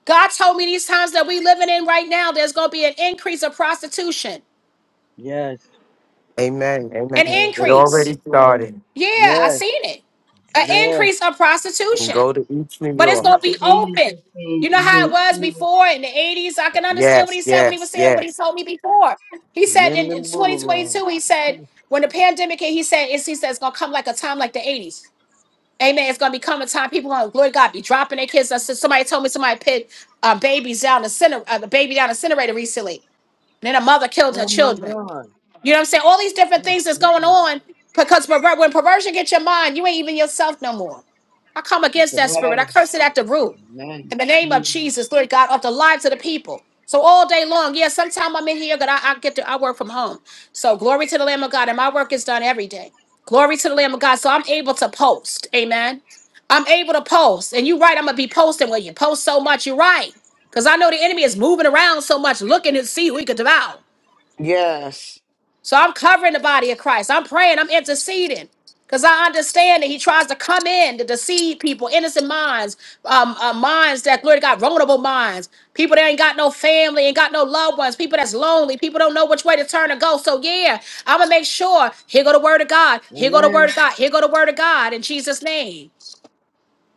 God told me these times that we living in right now, there's going to be an increase of prostitution. Yes. Amen. An Amen. It yeah, increase. already started. Yeah, I Yes. seen it. An Yes. increase of prostitution, Go to each New but it's York. gonna That's the be they used open. to say You know in how it was before in the eighties. I can understand what Yes. he said when he was Yes. saying what he Yes. told me before. He said in Linden Boulevard. 2022, he said Mm, when the pandemic hit, he said it's, he said it's gonna come like a time like the eighties. Amen. It's gonna be coming time. People gonna glory to God be dropping their kids. I said somebody told me somebody put uh, babies down the center, uh, the baby down the incinerator recently, and then a mother killed her Oh my children. God. You know what I'm saying? All these different Mm, things that's mm, going mm. on because perver- when perversion gets your mind, you ain't even yourself no more. I come It's against a that Oh, spirit. I pattern. curse it at the root. Amen. In the name of Jesus, Lord God, of the lives of the people. So all day long, yeah, sometime I'm in here, but I, I get to I work from home. So glory to the Lamb of God. And my work is done every day. Glory to the Lamb of God. So I'm able to post. Amen. I'm able to post. And you're right, I'm gonna be posting when you post so much. You're right. Because I know the enemy is moving around so much, looking to see who he could devour. Yes. So I'm covering the body of Christ. I'm praying. I'm interceding because I understand that he tries to come in to deceive people, innocent minds, um, uh, minds that glory to God, vulnerable minds, people that ain't got no family, ain't got no loved ones, people that's lonely, people don't know which way to turn or go. So yeah, I'm gonna make sure. Here go the word of God. Here go the word Amen. of God. Here go the word of God in Jesus' name.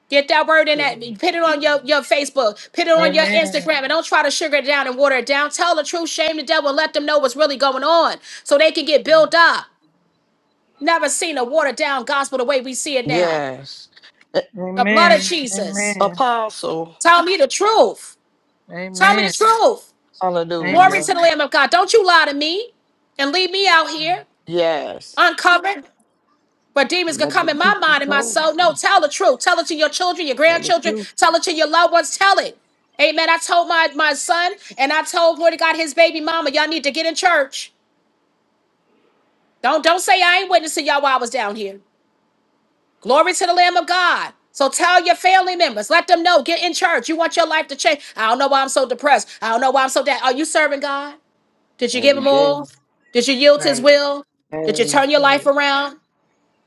Get that word in it was that. Put it on your, your Facebook. Put it on your Amen. Instagram. And don't try to sugar it down and water it down. Tell the truth, shame the devil, and let them know what's really going on so they can get built up. Never seen a watered down gospel the way we see it now. Yes. Eh, The blood of Amen. Jesus. Amen. Apostle. Tell me the truth. Tell me the Amen. truth. Glory Amen. to Hallelujah. the Lamb of God. Don't you lie to me and leave me out here Yes. uncovered. But demons could Let the come in my truth be mind and my told. soul. No, Mm, tell the truth. Tell it to your children, your Tell the grandchildren. truth Tell it to your loved ones. Tell it. Amen. I told my, my son and I told, glory to God, his baby mama, y'all need to get in church. Don't, don't say I ain't witnessing y'all while I was down here. Glory to the Lamb of God. So tell your family members, let them know, get in church. You want your life to change. I don't know why I'm so depressed. I don't know why I'm so down. Are you serving God? Did you give every him day. all? Did you yield to his right, will? Did you And turn your life right. around?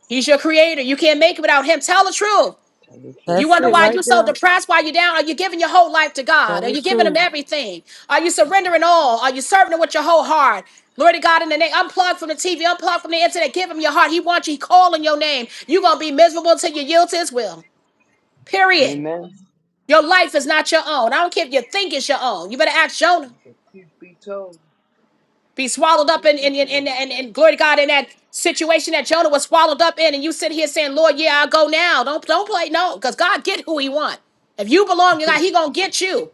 He's your creator. You can't make it without him. Tell the truth. tell the You truth. That's wonder it why right you're so there. depressed, why you're down. Are you giving your whole life to God? Tell Are the you giving Him truth. everything? Are you surrendering all? Are you serving Him with your whole heart? Glory to God in the name. Unplug from the TV, unplug from the internet. Give Him your heart. He wants you. He calling your name. You're going to be miserable until you yield to His will. Period. that's, Amen. Your life is not your own. I don't care if you think it's your own. You better ask Jonah. The truth be told, be swallowed up truth in be in in in, told. in, in- glory to God in that situation that Jonah was swallowed up in, and you sit here saying, "Lord, yeah, I'll go now." Don't don't play no, because God get who He want. If you belong to God, [laughs] He gonna get you.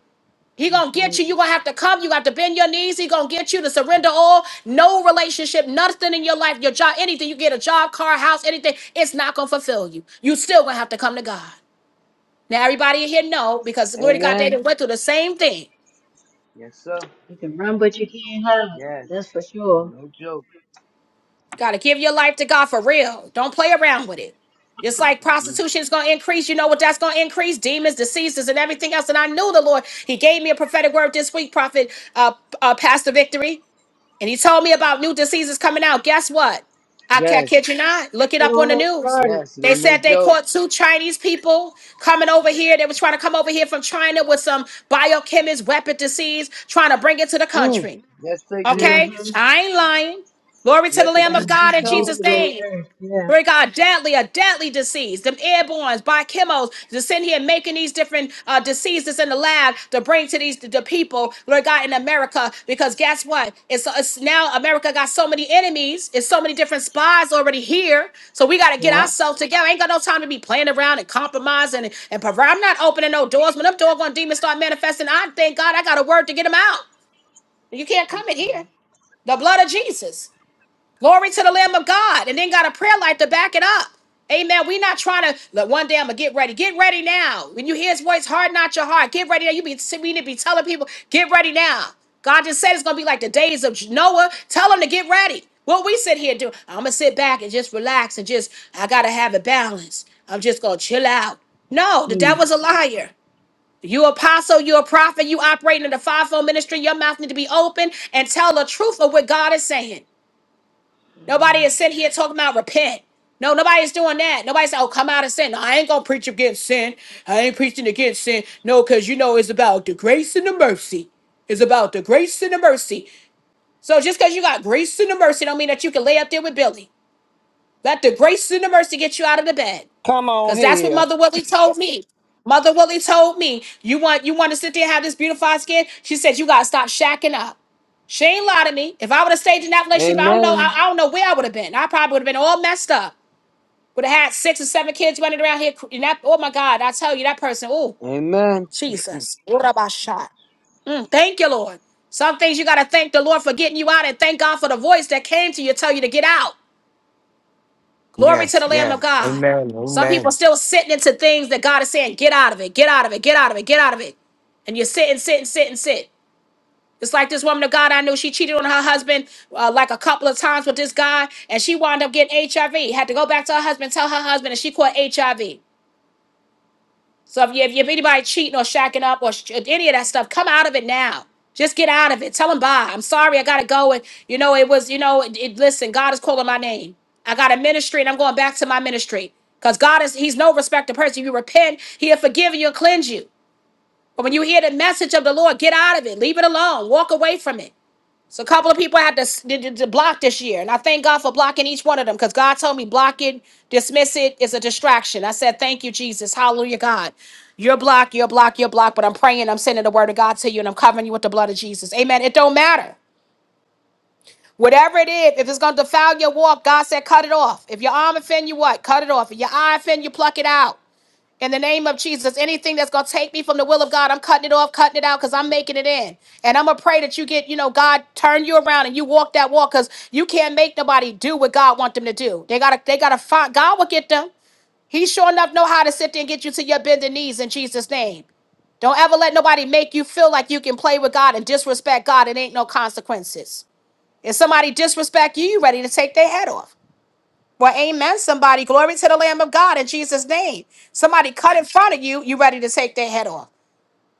He gonna That's get right. you. You gonna have to come. You have to bend your knees. He gonna get you to surrender all. No relationship, nothing in your life, your job, anything. You get a job, car, house, anything. It's not gonna fulfill you. You still gonna have to come to God. Now everybody in here know because glory to God, they Amen. done went through the same thing. Yes, sir. You can run, but you can't hide. Yes. That's for sure. No joke. Gotta give your life to God for real. Don't play around with it. Just like Mm-mm. prostitution is gonna increase, you know what that's gonna increase? Demons, diseases, and everything else. And I knew the Lord. He gave me a prophetic word this week, Prophet uh, uh, Pastor Victory, and He told me about new diseases coming out. Guess what? I ca- kid Yes. you not. Look it But up all on the right, news. started. Yes, it They ain't no said they joke. caught two Chinese people coming over here. They were trying to come over here from China with some biochemist weapon disease, trying to bring it to the Mm. country. Yes, they did. Okay? Mm-hmm. I ain't lying. Glory to the Let the Lamb Trying of truth to be God in release told. Jesus' it in the name. earth. Glory Yeah. to God, deadly, a deadly disease. Them airborns, by chemos, to sit here making these different uh, diseases in the lab to bring to these the people, Lord God, in America. Because guess what? It's, it's now America got so many enemies. It's so many different spies already here. So we got to get Yeah. ourselves together. Ain't got no time to be playing around and compromising and, and provide. I'm not opening no doors. When them doggone demons start manifesting, I thank God I got a word to get them out. You can't come that's in right, here. The blood of Jesus. Glory to the Lamb of God. And then got a prayer life to back it up. Amen. we not trying to look one day I'm gonna get ready. Get ready now. When you hear his voice, harden not your heart. Get ready now. You be we need to be telling people, get ready now. God just said it's gonna be like the days of Noah. Tell them to get ready. What we sit here and do, I'm gonna sit back and just relax and just I gotta have a balance. I'm just gonna chill out. No, the devil's Mm. a liar. You apostle, you a prophet, you operating in the fivefold ministry. Your mouth need to be open and tell the truth of what God is saying. Nobody is sitting here talking about repent. No, nobody's doing that. Nobody say, "Oh, come out of sin." No, I ain't gonna preach against sin. I ain't preaching against sin. No, because you know it's about the grace and the mercy. It's about the grace and the mercy. So just because you got grace and the mercy, don't mean that you can lay up there with Billy. Let the grace and the mercy get you out of the bed. Come on Cause that's what here. Mother Willie told me. Mother Willie told me, you want you want to sit there and have this beautified skin? She said, you gotta stop shacking up. She ain't lied to me. If I would have stayed in that relationship, I don't know, Amen. I, I don't know where I would have been. I probably would have been all messed up. Would have had six or seven kids running around here. cr- And that, oh my God, I tell you, that person, oh, Amen. Jesus. What about shot? Mm, thank you, Lord. Some things you gotta thank the Lord for getting you out and thank God for the voice that came to you, tell you to get out. Glory to Yes. the Lamb of Yes. God. Amen. Some people Amen. still sitting into things that God is saying, get out of it, get out of it, get out of it, get out of it. And you're sitting, sitting, sitting, sit. It's like this woman of God I knew. She cheated on her husband uh, like a couple of times with this guy, and she wound up getting HIV. Had to go back to her husband, tell her husband, and she caught HIV. So if you if you have anybody cheating or shacking up or sh- any of that stuff, come out of it now. Just get out of it. Tell them bye. I'm sorry. I gotta go. And you know it was. You know it, it- Listen, God is calling my name. I got a ministry, and I'm going back to my ministry because God is. He's no respecter person. You repent, He'll forgive you and cleanse you. But when you hear the message of the Lord, get out of it, leave it alone, walk away from it. So a couple of people had to, s- to, to- to block this year, and I thank God for blocking each one of them because God told me block it, dismiss it is a distraction. I said, "Thank you, Jesus, Hallelujah, God." you're blocked, you're blocked, you're blocked." But I'm praying, I'm sending the word of God to you, and I'm covering you with the blood of Jesus. Amen. It don't matter. Whatever it is, if it's gonna defile your walk, God said, cut it off. If your arm offend you, what? Cut it off. If your eye offend you, pluck it out. In the name of Jesus, anything that's going to take me from the will of God, I'm cutting it off, cutting it out because I'm making it in. And I'm going to pray that you get, you know, God turn you around and you walk that walk because you can't make nobody do what God want them to do. They got to, they got to find, God will get them. He sure enough know how to sit there and get you to your bending knees in Jesus' name. Don't ever let nobody make you feel like you can play with God and disrespect God It ain't no consequences. If somebody disrespect you, you ready to take their head off. Well, amen, somebody. Glory to the Lamb of God in Jesus' name. Somebody cut in front of you, you ready to take their head off.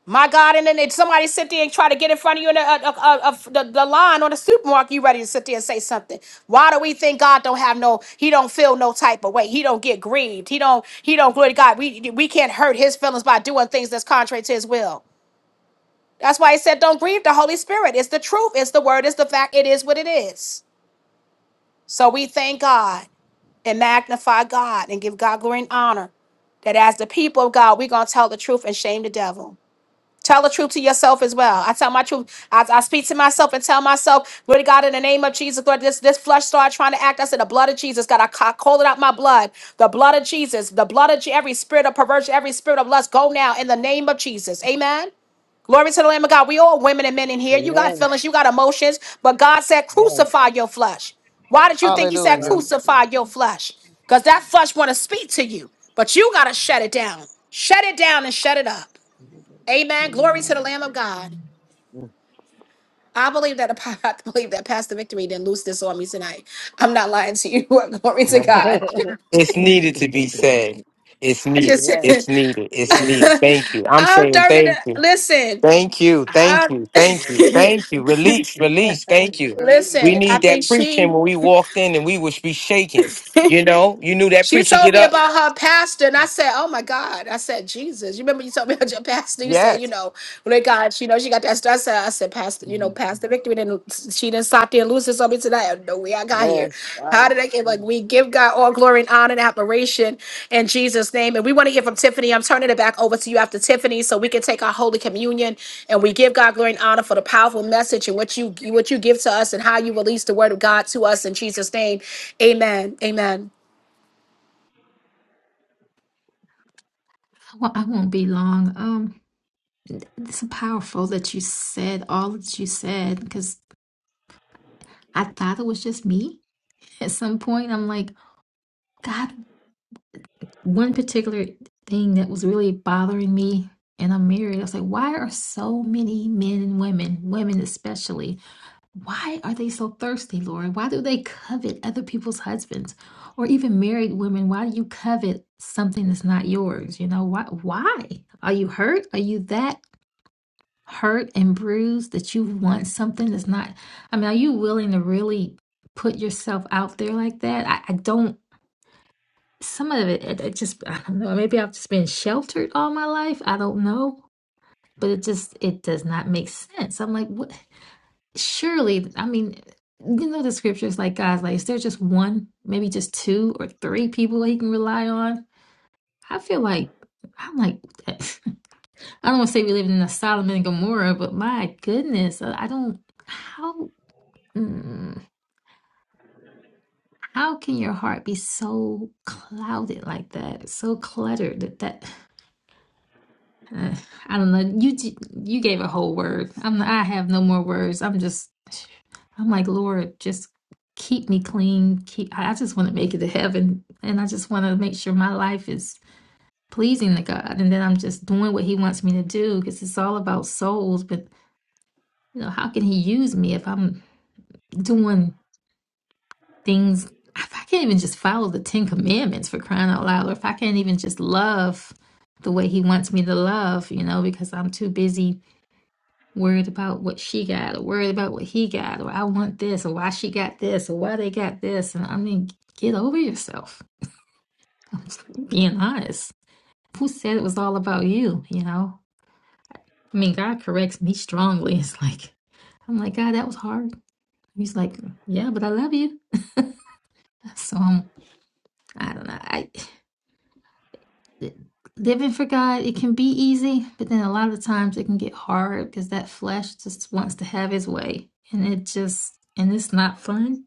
My God, and then if somebody sit there and try to get in front of you in a, a, a, a- a- the, the line or the supermarket, you ready to sit there and say something. Why do we think God don't have no, he don't feel no type of way. He don't get grieved. He don't, he don't, glory to God. We, we can't hurt his feelings by doing things that's contrary to his will. That's why he said, don't grieve the Holy Spirit. It's the truth. It's the word. It's the fact. It is what it is. So we thank God and magnify God and give God glory and honor. That as the people of God, we're going to tell the truth and shame the devil. Tell the truth to yourself as well. I tell my truth. I, I speak to myself and tell myself, glory to God, in the name of Jesus, Lord, this, this flesh started trying to act. I said, the blood of Jesus, God, I ca- call it out my blood. The blood of Jesus, the blood of Je- every spirit of perversion, every spirit of lust, go now in the name of Jesus. Amen. Glory to the Lamb of God. We all women and men in here. You got Amen. feelings, you got emotions, but God said, crucify your flesh. Why did you think He said, Hallelujah. crucify your flesh? Because that flesh want to speak to you, but you got to shut it down. Shut it down and shut it up. Amen. amen, Glory to the Lamb of God. I believe that [laughs] I believe that Pastor Victory didn't loose this on me tonight. I'm not lying to you. [laughs] Glory to Amen. God. It's needed to be said. It's I needed. just It's needed. It's needed. [laughs] Thank you. I'm I'm saying dirty. To, thank you. listen, Thank you, I thank you, thank you, [laughs] thank you. Release, release, thank you. We listen. I need that think preaching she. when we walked in and we would be shaking. [laughs] You know, you knew that She preacher told get me up. about her pastor, and I said, "Oh my God!" I said, "Jesus." You remember you told me about your pastor? You said, "You Yes. know, when they got, you know, she got that." stuff." I said, "I said, Pastor, you know, Pastor Victory didn't she didn't stop there and lose this on me tonight? I have No way I got here. How did I get? Like we give God all glory and honor and admiration in Jesus' name, and we want to hear from Tiffany. I'm turning it back over to you after Tiffany, so we can take our holy communion and we give God glory and honor for the powerful message and what you what you give to us and how you release the word of God to us in Jesus' name. Amen. Amen. Well, I won't be long. Um, it's so powerful that you said all that you said because I thought it was just me. At some point, I'm like, God, one particular thing that was really bothering me, and I'm married. I was like, why are so many men and women, women especially? Why are they so thirsty, Lord? Why do they covet other people's husbands or even married women? Why do you covet something that's not yours? You know, why why? Are you hurt? Are you that hurt and bruised that you want something that's not I mean, are you willing to really put yourself out there like that? I, I don't some of it, it it just I don't know, maybe I've just been sheltered all my life. I don't know. But it just it does not make sense. I'm like, what Surely, I mean, you know the scriptures like God's like, is there just one, maybe just two or three people that he can rely on? I feel like I'm like [laughs] I don't want to say we live in a Solomon and Gomorrah, but my goodness, uh, I don't how mm, how can your heart be so clouded like that, so cluttered that that Uh, I don't know. You g- you gave a whole word. I'm I have no more words. I'm just I'm like Lord, just keep me clean. Keep I I just want to make it to heaven, and I just want to make sure my life is pleasing to God, and then I'm just doing what He wants me to do because it's all about souls. But you know, how can He use me if I'm doing things? If I can't even just follow the Ten Commandments for crying out loud, or if I can't even just love the way He wants me to love, you know, because I'm too busy worried about what she got or worried about what he got or I want this or why she got this or why they got this and I mean get over yourself. [laughs] I'm just being honest. Who said it was all about you, you know? I mean God corrects me strongly. [laughs] It's like I'm like, God, that was hard. He's like, Yeah, but I love you. [laughs] so um, I don't know. I living for God, it can be easy, but then a lot of the times it can get hard because that flesh just wants to have his way, and it just and it's not fun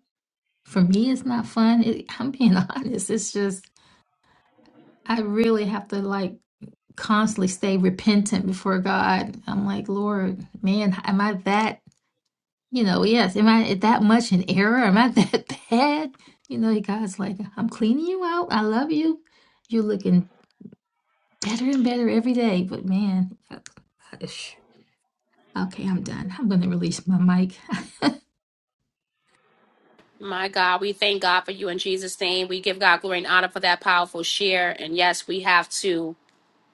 for me it's not fun it, i'm being [laughs] honest it's just i really have to like constantly stay repentant before god i'm like lord man am i that you know yes am i that much in error am i that [laughs] bad you know god's like i'm cleaning you out i love you you're looking better and better every day but man I- I- okay i'm done i'm gonna release my mic [laughs] My God, we thank God for you in Jesus' name. We give God glory and honor for that powerful share. And yes, we have to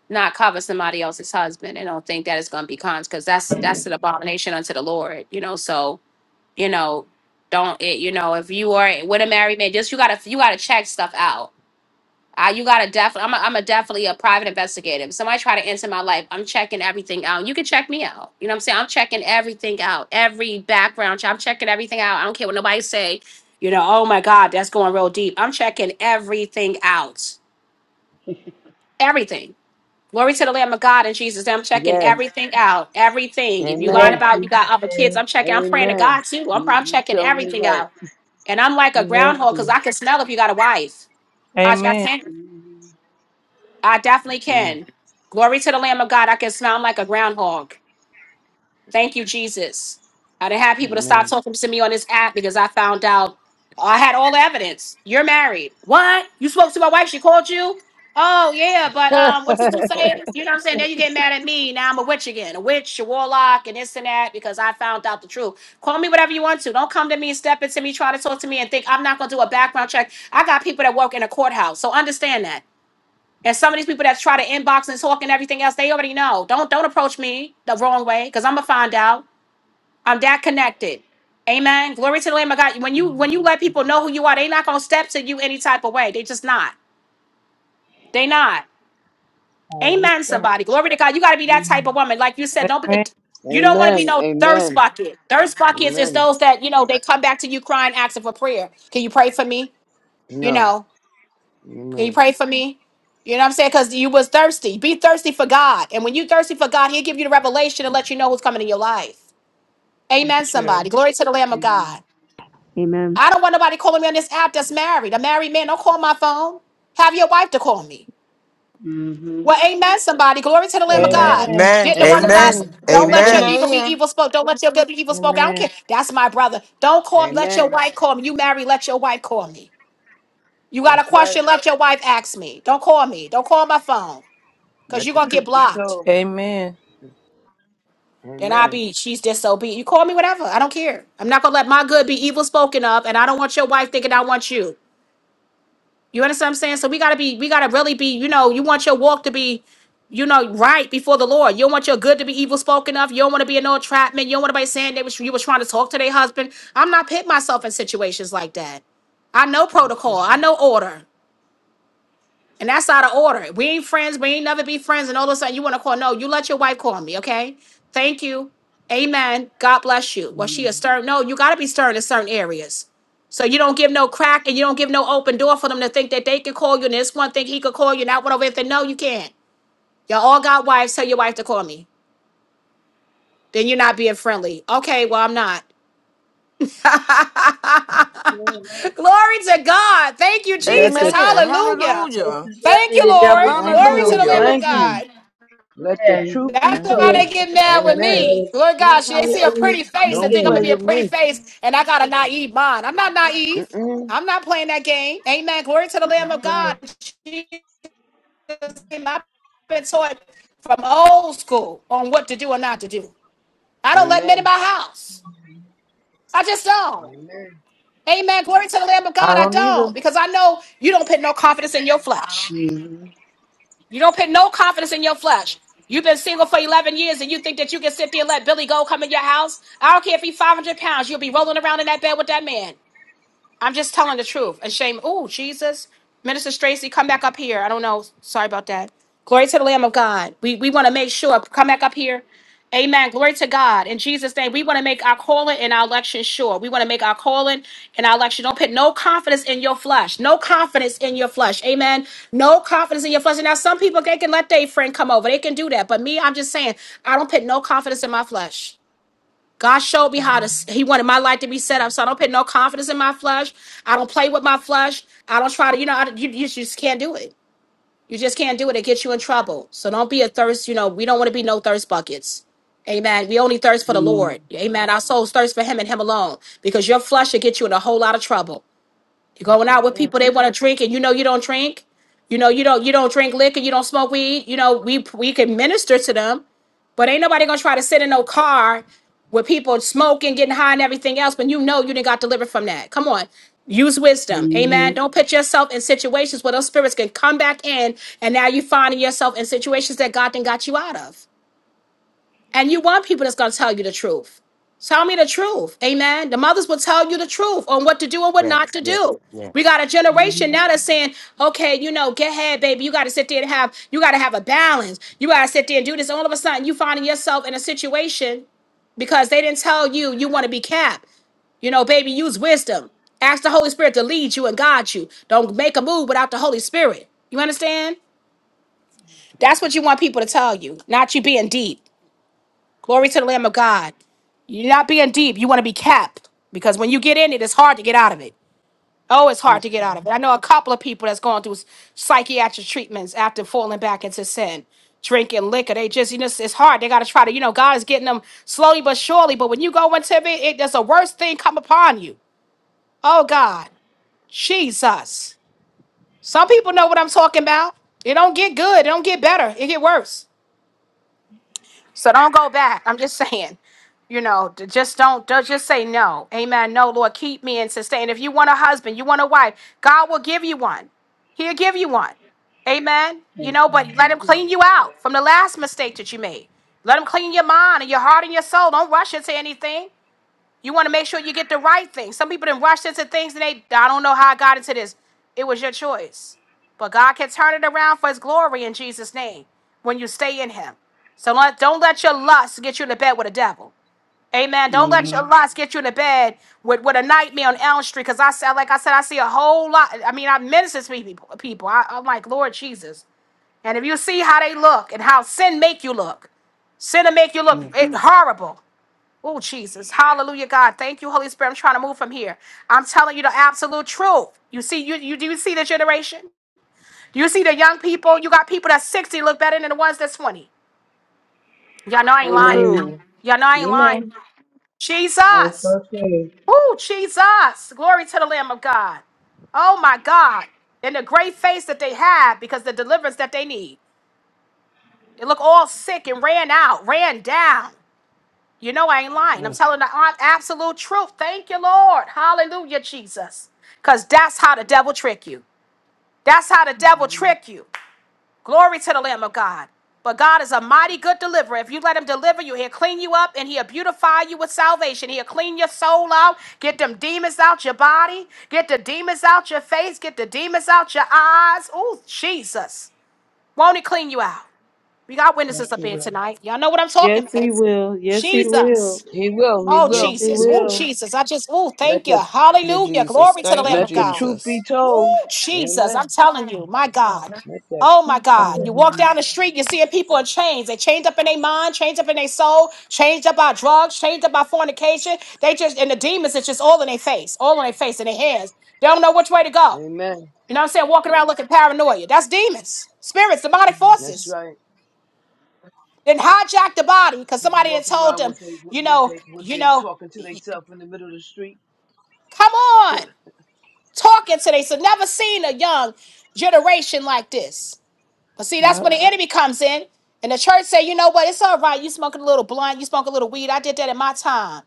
not cover somebody else's husband and don't think that it's going to be cons because that's that's an abomination unto the Lord. You know, so you know, don't it. You know, if you are with a married man, just you gotta you gotta check stuff out. Uh, you gotta definitely. I'm. A, I'm a definitely a private investigator. If somebody try to enter my life, I'm checking everything out. You can check me out. You know what I'm saying? I'm checking everything out. Every background. check. I'm checking everything out. I don't care what nobody say. You know. Oh my God, that's going real deep. I'm checking everything out. Everything. Glory to the Lamb of God and Jesus. I'm checking Yes. everything out. Everything. If you You lying have Amen. to about you got be other kids, days. I'm checking. I'm praying to Amen. God too. I'm. You, I'm you checking tell me everything like, out. And I'm like a You have groundhog because to. I can smell if you got a wife. I Amen. got mm I definitely mm, can. Glory to the Lamb of God. I can sound like a groundhog. Thank you, Jesus. I didn't have people to stop amen. talking to me on this app because I found out I had all the evidence. You're married. What? You spoke to my wife. She called you. Oh yeah, but [laughs] um, what you do say? You know what I'm saying? Now you get mad at me. Now I'm a witch again, a witch, a warlock, and this and that because I found out the truth. Call me whatever you want to. Don't come to me, step into me, try to talk to me, and think I'm not gonna do a background check. I got people that work in a courthouse, so understand that. And some of these people that try to inbox and talk and everything else, they already know. Don't don't approach me the wrong way because I'm gonna find out. I'm that connected. Amen. Glory to the Lamb of God. When you mm. when you let people know who you are, they not gonna step to you any type of way. They just not. They not. I Amen. respect. Somebody. Glory to God. You gotta be that mm type of woman. Like you said, don't be a Amen. you don't want to be Amen. no thirst Amen. bucket. Thirst buckets is Amen. those that, you know, they come back to you crying, asking for prayer. Can you pray for me? You know. No. Can you Amen. pray for me? You know what I'm saying? Because you was thirsty. Be thirsty for God. And when you thirsty for God, he'll give you the revelation and let you know who's coming in your life. Amen, It's true. somebody. Glory to the Lamb of Amen. God. Amen. I don't want nobody calling me on this app that's married. A married man, don't call my phone. Have your wife to call me. Mm-hmm. Well, amen, somebody. Glory to the Lamb of Amen. God. Amen. Amen. Didn't the one of God Amen. say, Amen. don't let Amen. your Amen. evil Amen. be evil spoke. Don't let your good be evil spoke. I don't care. Amen. That's my brother. Don't call him. Let your Amen. wife call me. You married, let your wife call me. You got a That's right. question, let your wife ask me. Don't call me. Don't call my phone. Cause Let you're the gonna get truth be blocked. told. Amen. Then i Amen. be she's disobedient. You call me whatever. I don't care. I'm not gonna let my good be evil spoken of, and I don't want your wife thinking I want you. You understand what I'm saying? So we gotta be, we gotta really be, you know, you want your walk to be, you know, right before the Lord. You don't want your good to be evil spoken of. You don't want to be in no entrapment. You don't want to be saying that you was trying to talk to their husband. I'm not putting myself in situations like that. I know That's protocol. right. I know order. And that's out of order. We ain't friends. We ain't never be friends. And all of a sudden you want to call. No, you let your wife call me, okay? Thank you. Amen. God bless you. Was she a Amen. stern? No, you got to be stern in certain areas. So you don't give no crack and you don't give no open door for them to think that they can call you. And this one think he could call you. And that one over there think, no, you can't. Y'all all got wives. Tell your wife to call me. Then you're not being friendly. Okay, well, I'm not. That's right. [laughs] Glory to God. Thank you, Let Jesus. the Amen. Hallelujah. That's Hallelujah. Thank exactly you, the devil Lord. thank looking Glory to for a you, the Lamb Hallelujah. way of thank you. in. God. Let the Yeah. truth be That's Thank why you. Yeah. they told. get mad with Thank Amen. you. That me. is Lord God, just she how they the see a enemy pretty face sneak and Don't think I'm play gonna be in. a with pretty me. face, and I got a naive mind. I'm not naive. Mm-mm. I'm not playing that game. Amen. Glory to the Lamb That's of right. God. Jesus, name. I've been taught from old school on what to do and not to do. I don't let men in my Amen. house. I just don't. Amen. Amen. Glory to the Lamb of God. I I don't either. don't because I know you don't put no confidence in your flesh. Mm-hmm. You don't put no confidence in your flesh. You've been single for 11 years and you think that you can sit there and let Billy Gold come in your house? I don't care if he's 500 pounds. You'll be rolling around in that bed with that man. I'm just telling the truth. And shame. Oh, Jesus. Minister Stracy, come back up here. I don't know. Sorry about that. Glory to the Lamb of God. We we want to make sure. Come back up here. Amen. Glory to God. In Jesus' name, we want to make our calling and our election sure. We want to make our calling and our election. Don't put no confidence in your flesh. No confidence in your flesh. Amen. No confidence in your flesh. And now some people, they can let their friend come over. They can do that. But me, I'm just saying, I don't put no confidence in my flesh. God showed me how to, He wanted my life to be set up. So I don't put no confidence in my flesh. I don't play with my flesh. I don't try to, you know, I, you, you just can't do it. You just can't do it. It gets you in trouble. So don't be a thirst, you know, we don't want to be no thirst buckets. Amen. We only thirst for the Amen. Lord. Amen. Our souls thirst for Him and Him alone because your flesh will get you in a whole lot of trouble. You're That's going the out with fact. people they want to drink, and you know you don't drink. You know you don't you don't drink liquor. You don't smoke weed. You know we we can minister to them, but ain't nobody gonna try to sit in no car with people smoking, getting high, and everything else. When you know you didn't got delivered from that. Come on, use wisdom, amen. Mm-hmm. Don't put yourself in situations where those spirits can come back in, and now you finding yourself in situations that God didn't got you out of. And you want people that's going to tell you the truth. Tell me the truth. Amen. The mothers will tell you the truth on what to do and what not Yes, to yes, do. yes. We got a generation Mm-hmm. now that's saying, okay, you know, get ahead, baby. You got to sit there and have, you got to have a balance. You got to sit there and do this. All of a sudden, you finding yourself in a situation because they didn't tell you you want to be capped. You know, baby, use wisdom. Ask the Holy Spirit to lead you and guide you. Don't make a move without the Holy Spirit. You understand? That's what you want people to tell you, not you being deep. Glory to the Lamb of God. You're not being deep. You want to be capped because when you get in it, it's hard to get out of it. Oh, it's hard That's to get out of it. right. I know a couple of people that's going through psychiatric treatments after falling back into sin, drinking liquor. They just, you know, it's it's hard. They got to try to, you know, God is getting them slowly but surely. But when you go into it, it there's a worse thing come upon you. Oh, God. Jesus. Some people know what I'm talking about. It don't get good. It don't get better. It get worse. So don't go back. I'm just saying, you know, d- just don't, do just say no. Amen. No, Lord, keep me and sustain. If you want a husband, you want a wife, God will give you one. He'll give you one. Amen. You That's know, but let him right. clean you out from the last mistake that you made. Let him clean your mind and your heart and your soul. Don't rush into anything. You want to make sure you get the right thing. Some people done rushed into things and they, I don't know how I got into this. It was your choice. But God can turn it around for his glory in Jesus' name when you stay in him. So let, don't let your lust get you in the bed with a devil. Amen. Don't Yeah. let your lust get you in the bed with, with a nightmare on Elm Street. Because I said, like I said, I see a whole lot. I mean, I minister to people. people. I, I'm like, Lord Jesus. And if you see how they look and how sin make you look, sin will make you look Mm-hmm. eh, horrible. Oh, Jesus. Hallelujah, God. Thank you, Holy Spirit. I'm trying to move from here. I'm telling you the absolute truth. You see, you, you do you see the generation? Do you see the young people? You got people that's 60 look better than the ones that's 20. Y'all know I ain't lying. Amen. True. Y'all know I ain't Amen. lying. No, it's Jesus. okay. Oh, Jesus. Glory to the Lamb of God. Oh my God. And the great face that they have because the deliverance that they need. They look all sick and ran out, ran down. You know I ain't lying. I'm telling the hon- absolute truth. Thank you, Lord. Hallelujah, Jesus. Because that's how the devil trick you. That's how the devil trick you. Glory to the Lamb of God. But God is a mighty good deliverer. If you let him deliver you, he'll clean you up and he'll beautify you with salvation. He'll clean your soul out, get them demons out your body, get the demons out your face, get the demons out your eyes. Oh, Jesus. Won't he clean you out? We got Yes, witnesses up he here will. tonight. Y'all know what I'm talking Yes, he about. will. Yes, he Jesus. will. He will. He Oh, Yes, will. he Jesus. Oh, will. Jesus. I just, oh, Let thank you. the You Hallelujah. Jesus. Glory to the Thank Lamb you, let of the God. truth be Jesus. Woo, told. Jesus, I'm Amen. telling you, my God. Let that Oh my truth be God. You told. walk Hallelujah. down the street, you see people in chains. They chained up in their mind, chained up in their soul, changed up by drugs, changed up by fornication. They just, and the demons, it's just all in their face, all in their face, in their hands. They don't know which way to go. Amen. You know what I'm saying? Walking around looking paranoia. That's demons, spirits, demonic That's forces. right. Then hijack the body because People somebody had walking told around them, with they what you what know, they what you they know, talking to themselves in the middle of the street. come on. talking today. So never seen a young generation like this. But see, that's when Yep. the enemy comes in. And the church say, you know what, it's all right. You smoking a little blunt, you smoke a little weed. I did that in my time.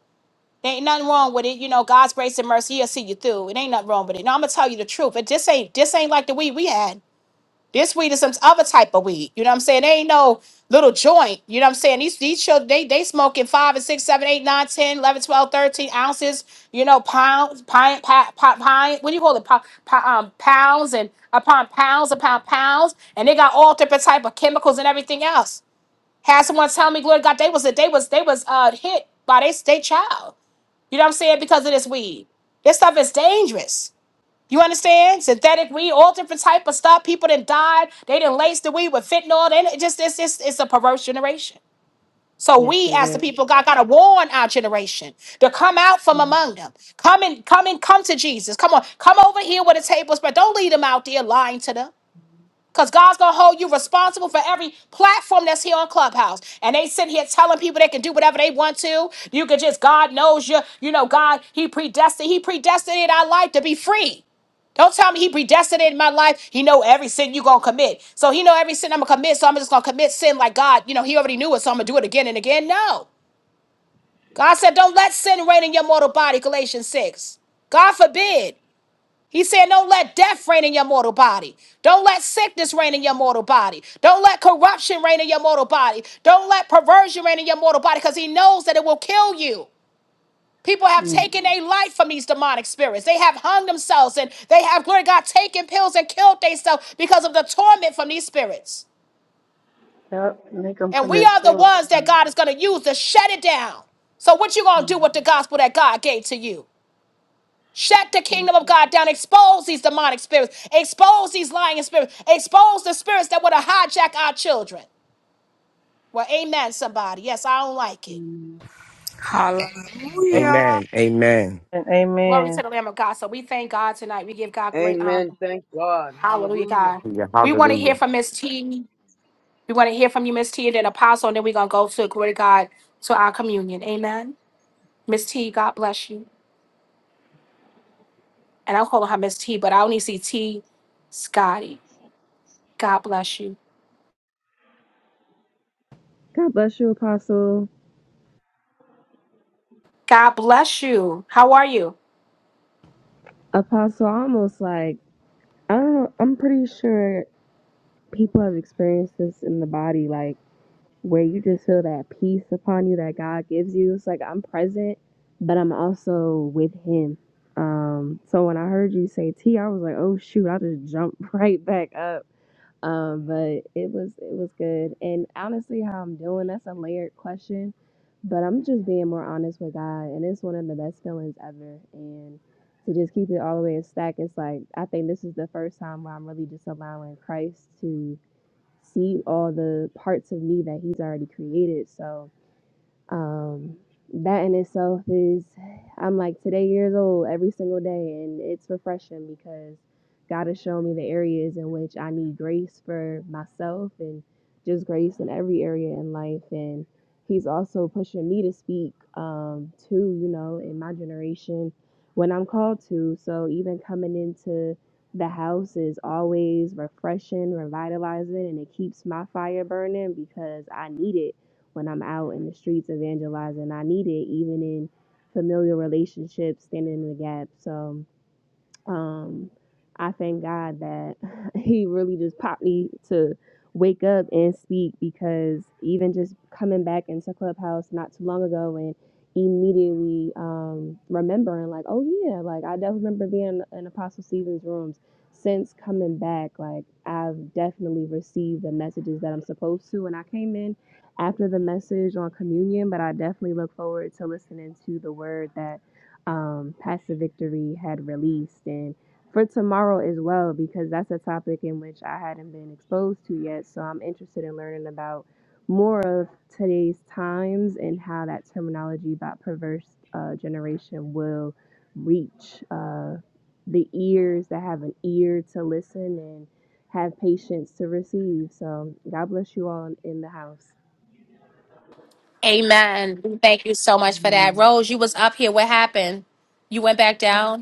There ain't nothing wrong with it. You know, God's grace and mercy, he'll see you through. It ain't nothing wrong with it. No, I'm gonna tell you the truth. It just ain't this ain't like the weed we had. This weed is some other type of weed. You know what I'm saying? They ain't no little joint. You know what I'm saying? These these children, they they smoking five and six, seven, eight, nine, ten, eleven, twelve, thirteen ounces, you know, pounds, pint, pint, pint, what do you call it? Po, po, um, pounds and upon pounds upon pounds. And they got all different type of chemicals and everything else. Had someone tell me, glory to God, they was they was they was uh hit by they state child. You know what I'm saying? Because of this weed. This stuff is dangerous. You understand? Synthetic weed, all different type of stuff. People that died, they didn't lace the weed with fentanyl. They done- it just it's, it's it's a perverse generation. So Yes, we it as the is. people of God gotta warn our generation to come out from among them. Come and come and come to Jesus. Come on, come over here with the tables, but don't lead them out there lying to them. Because God's going to hold you responsible for every platform that's here on Clubhouse. And they sit here telling people they can do whatever they want to. You can just, God knows you. You know, God, He predestined. He predestinated our life to be free. Don't tell me He predestinated my life. He know every sin you going to commit. So He know every sin I'm going to commit. So I'm just going to commit sin like God, you know, He already knew it. So I'm going to do it again and again. No. God said, don't let sin reign in your mortal body, Galatians 6. God forbid. He said, Don't let death reign in your mortal body. Don't let sickness reign in your mortal body. Don't let corruption reign in your mortal body. Don't let perversion reign in your mortal body because he knows that it will kill you. People have Mm-hmm. taken a life from these demonic spirits. They have hung themselves and they have, glory to God, taken pills and killed themselves because of the torment from these spirits. Yep. Make them And we commit are the ones that suicide. God is going to use to shut it down. So what you going to do Mm. with the gospel that God gave to you? Shut the Jesus. kingdom of God down. Expose these demonic spirits. Expose these lying spirits. Expose the spirits that want to hijack our children. Well, amen, somebody. Yes, I don't like it. Mm. Amen. Amen. Amen. Glory to Amen. the Lamb of God. So we thank God tonight. We give God great honor. Amen. Thank God. Hallelujah, Hallelujah. God. Hallelujah. We want to hear Hallelujah. from Miss T. We want to hear from you, Miss T, and then Apostle, and then we're going to go to, glory to God, to our communion. Amen. Miss T, God bless you. And I'm calling her Miss T, but I only see T. Scotty, God bless you. God bless you, Apostle. God bless you. How are you? Apostle, I almost like, I don't know, I'm pretty sure people have experienced this in the body, like where you just feel that peace upon you that God gives you. It's like I'm present, but I'm also with Him. Um, so when I heard you say T, I was like, oh shoot, I just jumped [laughs] right back up um, but it was it was good. And honestly, how I'm doing, that's a layered question. But I'm just being more honest with God, and it's one of the best feelings ever. And to just keep it all the way in stack, it's like I think this is the first time where I'm really just allowing Christ to see all the parts of me that He's already created. So um, that in itself is, I'm like today years old every single day, and it's refreshing because God has shown me the areas in which I need grace for myself and just grace in every area in life. And He's also pushing me to speak um, to, you know, in my generation when I'm called to. So even coming into the house is always refreshing, revitalizing, and it keeps my fire burning because I need it when I'm out in the streets evangelizing. I need it even in familiar relationships, standing in the gap. So um, I thank God that [laughs] He really just popped me to wake up and speak because even just coming back into Clubhouse not too long ago and immediately um, remembering, like, oh yeah, like I definitely remember being in Apostle Stephen's rooms. Since coming back, like I've definitely received the messages that I'm supposed to. And I came in after the message on communion, but I definitely look forward to listening to the word that um, Pastor Victory had released, and for tomorrow as well, because that's a topic in which I hadn't been exposed to yet. So I'm interested in learning about more of today's times and how that terminology about perverse uh, generation will reach uh, the ears that have an ear to listen and have patience to receive. So God bless you all in the house. Amen. We Thank you so much for that. Rose, you was up here. What happened? You went back down?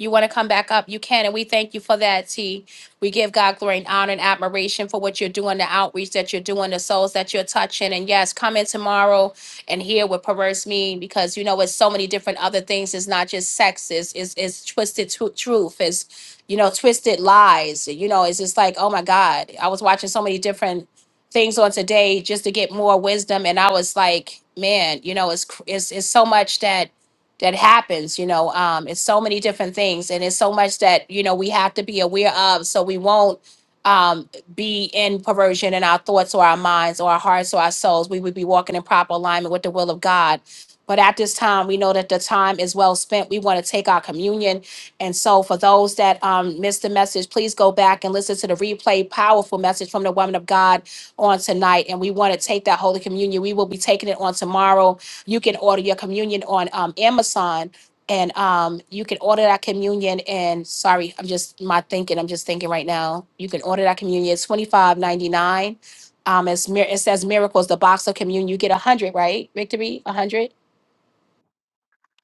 You want to come back up? You can. And we thank you for that, T. We give God glory and honor and admiration for what you're doing, the outreach that you're doing, the souls that you're touching. And yes, come in tomorrow and hear what perverse mean because you know it's so many different other things. It's not just sex, it's, it's, it's twisted tru- truth, it's, you know, twisted lies. You know, it's just like, oh my God, I was watching so many different things on today just to get more wisdom. And I was like, man, you know, it's, cr- it's, it's so much that that happens you know um it's so many different things and it's so much that you know we have to be aware of so we won't um be in perversion in our thoughts or our minds or our hearts or our souls we would be walking in proper alignment with the will of god but at this time we know that the time is well spent we want to take our communion and so for those that um missed the message please go back and listen to the replay powerful message from the woman of god on tonight and we want to take that holy communion we will be taking it on tomorrow you can order your communion on um, Amazon and um, you can order that communion and sorry, I'm just my thinking, I'm just thinking right now. You can order that communion, it's twenty five ninety nine. Um, it's mir- it says miracles, the box of communion. You get a hundred, right? Victory, a hundred.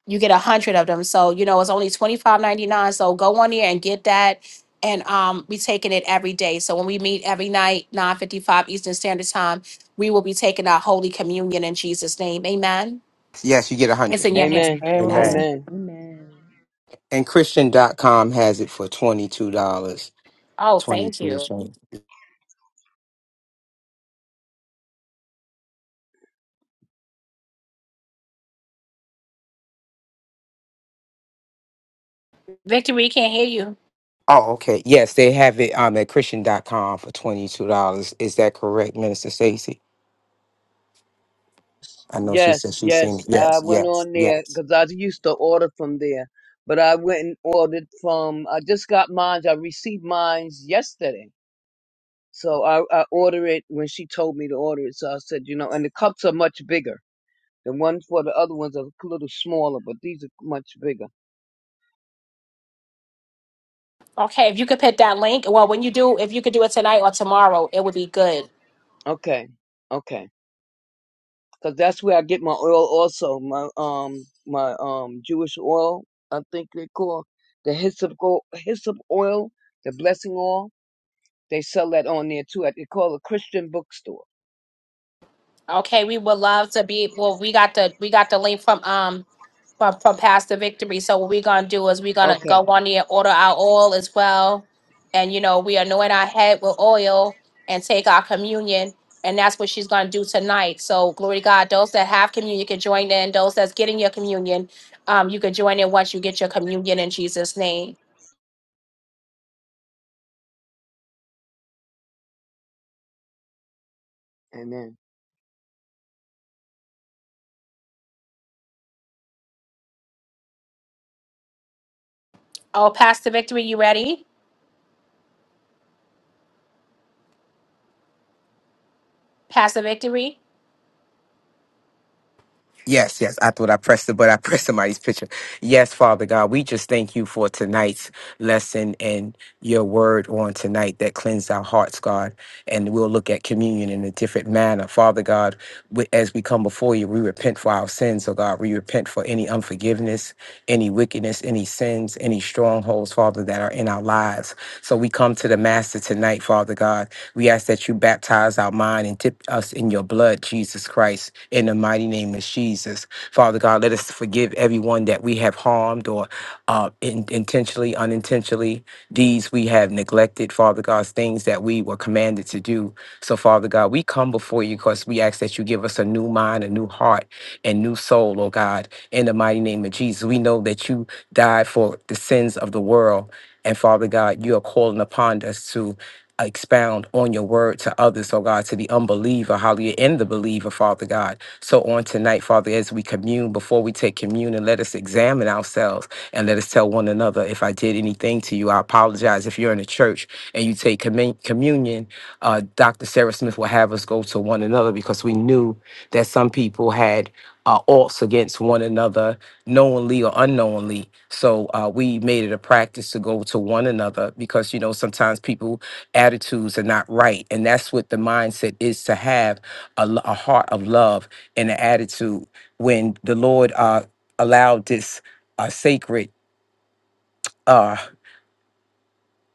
You get a hundred of them. So, you know, it's only twenty five ninety nine. So go on there and get that. And um, we taking it every day. So when we meet every night, 9.55 Eastern Standard Time, we will be taking our Holy Communion in Jesus' name. Amen. Yes, you get a It's hundred. in your hands, Amen. Amen. Pastor. Amen. Amen. Amen. Amen. And Christian dot com has it for twenty-two dollars. Oh, thank Twenty-two you. cents. Victor, we can't hear you. Oh, okay. Yes, they have it um at Christian dot com for twenty two dollars. Is that correct, Minister Stacy? I know she Yes, said she's seen it. yes. I Yes, went yes, on there yes. because I used to order from there, but I went and ordered from. I just got mine. I received mine yesterday, so I I order it when she told me to order it. So I said, you know, and the cups are much bigger. The ones for the other ones are a little smaller, but these are much bigger. Okay, if you could put that link, well, when you do, if you could do it tonight or tomorrow, it would be good. Okay, okay. because that's where I get my oil also. My um my um Jewish oil, I think they call the hyssop go hyssop oil, the blessing oil. They sell that on there too. they call a Christian bookstore. Okay, we would love to be, well, we got the, we got the link from, um, from, from Pastor Victory, so what we gonna do is we gonna Okay. go on there, order our oil as well. And, you know, we anoint our head with oil and take our communion, and that's what she's gonna do tonight. So glory to God, those that have communion can join in, those that's getting your communion, um, you can join in once you get your communion in Jesus' name. Amen. Oh, Pastor Victory, you ready? Pastor Victory? Yes, yes. I thought I pressed it, but I [laughs] pressed somebody's picture. Yes, Father God, we just thank you for tonight's lesson and your word on tonight that cleansed our hearts, God. And we'll look at communion in a different manner. Father God, we, as we come before you, we repent for our sins, oh God. We repent for any unforgiveness, any wickedness, any sins, any strongholds, Father, that are in our lives. So we come to the Master tonight, Father God. We ask that you baptize our mind and dip us in your blood, Jesus Christ, in the mighty name of Jesus. Father God, let us forgive everyone that we have harmed or uh, in, intentionally, unintentionally, deeds we have neglected, Father God, things that we were commanded to do. So, Father God, we come before you because we ask that you give us a new mind, a new heart, and new soul, oh God, in the mighty name of Jesus. We know that you died for the sins of the world. And Father God, you are calling upon us to expound on your word to others, oh God, to the unbeliever, hallelujah, and the believer, Father God. So on tonight, Father, as we commune, before we take communion, let us examine ourselves and let us tell one another if I did anything to you. I apologize if you're in a church and you take commun- communion. Uh, Dr. Sarah Smith will have us go to one another because we knew that some people had uh, alts against one another, knowingly or unknowingly. So uh, we made it a practice to go to one another because you know sometimes people attitudes are not right, and that's what the mindset is to have a, lo- a heart of love and an attitude. When the Lord uh, allowed this uh, sacred. uh,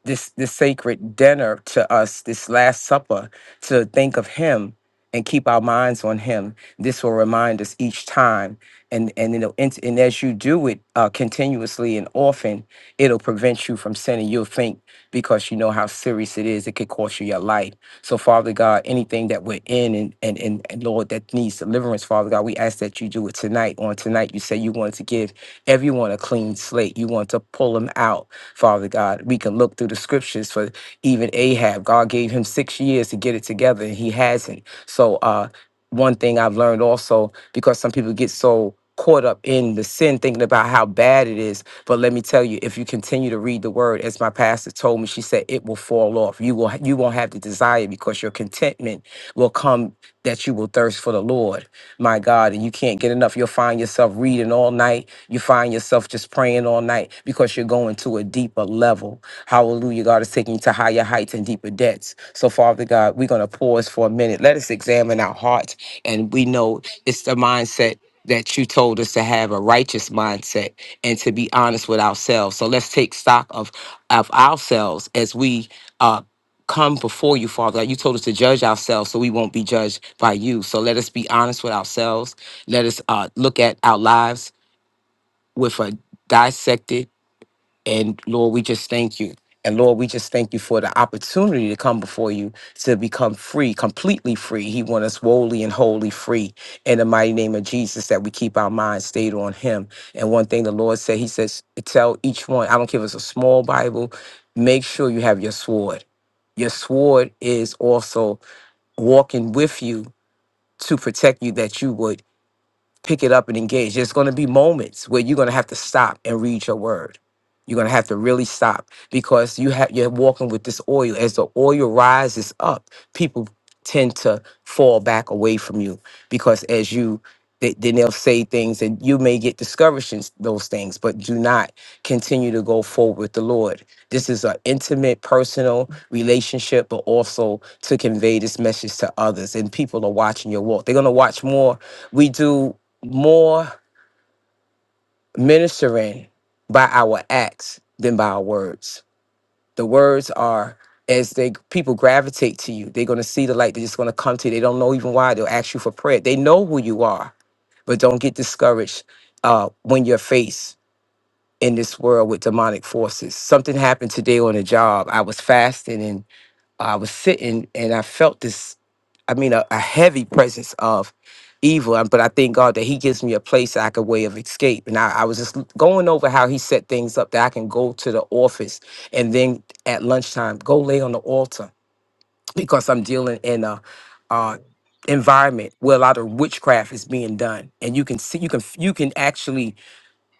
this this sacred dinner to us, this last supper, to think of him and keep our minds on him. This will remind us each time. And and you know, and, and as you do it uh, continuously and often, it'll prevent you from sinning. You'll think because you know how serious it is, it could cost you your life. So Father God, anything that we're in and and, and, and Lord that needs deliverance, Father God, we ask that you do it tonight. On tonight you say you want to give everyone a clean slate. You want to pull them out Father God. We can look through the scriptures for even Ahab. God gave him six years to get it together, and he hasn't. So, uh, one thing I've learned also, because some people get so caught up in the sin, thinking about how bad it is. But let me tell you, if you continue to read the word, as my pastor told me, she said it will fall off. You will you won't have the desire because your contentment will come that you will thirst for the Lord. My my God, and you can't get enough. You'll find yourself reading all night. You find yourself just praying all night because you're going to a deeper level. Hallelujah. God is taking you to higher heights and deeper depths. So, Father God, we're going to pause for a minute. Let us examine our hearts. And we know it's the mindset that you told us to have a righteous mindset and to be honest with ourselves. So let's take stock of of ourselves as we uh, come before you, Father God. You told us to judge ourselves so we won't be judged by you. So let us be honest with ourselves. Let us uh, look at our lives with a dissected and Lord, we just thank you. And Lord, we just thank you for the opportunity to come before you to become free, completely free. He wants us wholly and wholly free in the mighty name of Jesus that we keep our minds stayed on Him. And one thing the Lord said, He says, Tell each one, I don't care if it's a small Bible, make sure you have your sword. Your sword is also walking with you to protect you that you would pick it up and engage. There's going to be moments where you're going to have to stop and read your word. You're going to have to really stop because you have you're walking with this oil. As the oil rises up, people tend to fall back away from you because as you they, then they'll say things and you may get discouraged in those things, but do not continue to go forward with the Lord. This is an intimate, personal relationship, but also to convey this message to others. And people are watching your walk. They're going to watch more. We do more ministering by our acts than by our words. The words are as they people gravitate to you, they're gonna see the light, they're just gonna come to you. They don't know even why, they'll ask you for prayer. They know who you are, but don't get discouraged uh, when you're faced in this world with demonic forces. Something happened today on the job. I was fasting I was sitting and I felt this, I mean, a, a heavy presence of evil. um, But I thank God that He gives me a place like a way of escape. And I, I was just l- going over how He set things up that I can go to the office and then at lunchtime go lay on the altar [laughs] because I'm dealing in a, uh environment where a lot of witchcraft is being done and you can see you can f- you can actually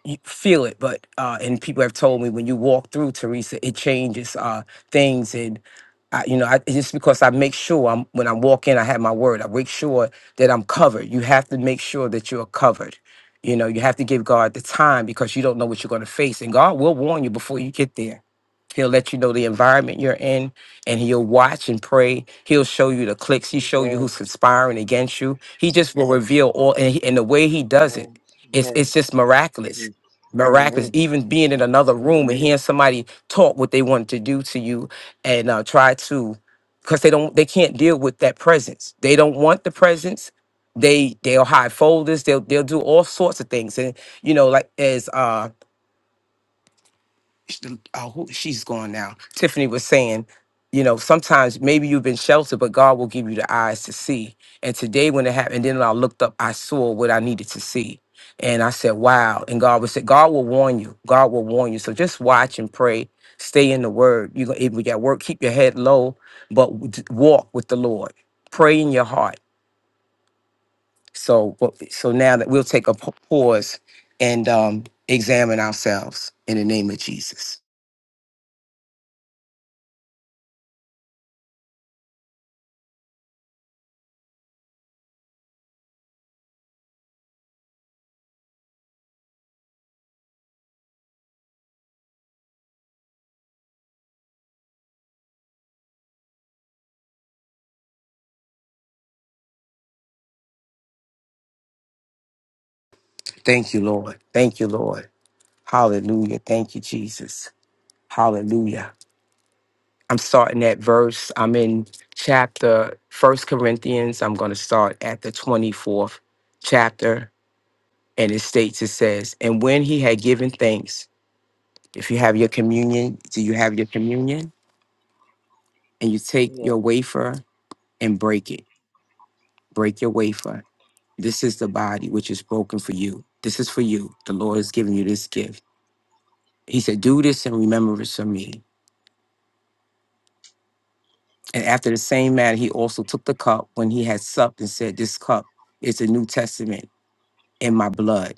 you feel it, but uh, and people have told me when you walk through Teresa, it changes uh, things. And I, you know, I, it's just because I make sure I'm when I walk in, I have my word. I make sure that I'm covered. You have to make sure that you are covered. You know, you have to give God the time because you don't know what you're going to face, and God will warn you before you get there. He'll let you know the environment you're in, and he'll watch and pray. He'll show you the clicks. He show you Yes. who's conspiring against you. He just will reveal all, and, he, and the way he Yes. does it, it's Yes. it's just miraculous yes. miraculous Amen. even being in another room and hearing somebody talk what they wanted to do to you and uh, try to because they don't they can't deal with that presence they don't want the presence they they'll hide folders they'll they'll do all sorts of things and you know like as uh oh, who, she's gone now. Tiffany was saying, you know, sometimes maybe you've been sheltered, but God will give you the eyes to see. And today, when it happened, then I looked up, I saw what I needed to see. And I said, wow. And God would say, God will warn you. God will warn you. So just watch and pray. Stay in the word. You're able to get work. Keep your head low, but w- d- walk with the Lord. Pray in your heart. So, but- so now that we'll take a pa- pause and um, examine ourselves in the name of Jesus. Thank you, Lord. Thank you, Lord. Hallelujah. Thank you, Jesus. Hallelujah. I'm starting that verse. I'm in chapter First Corinthians. I'm going to start at the 24th chapter. And it states, it says, And when he had given thanks, if you have your communion, do you have your communion? And you take your Yes. wafer and break it. Break your wafer. This is the body which is broken for you. This is for you. The Lord has given you this gift. He said, Do this in remembrance of me. And after the same manner, he also took the cup when he had supped and said, This cup is the New Testament in my blood.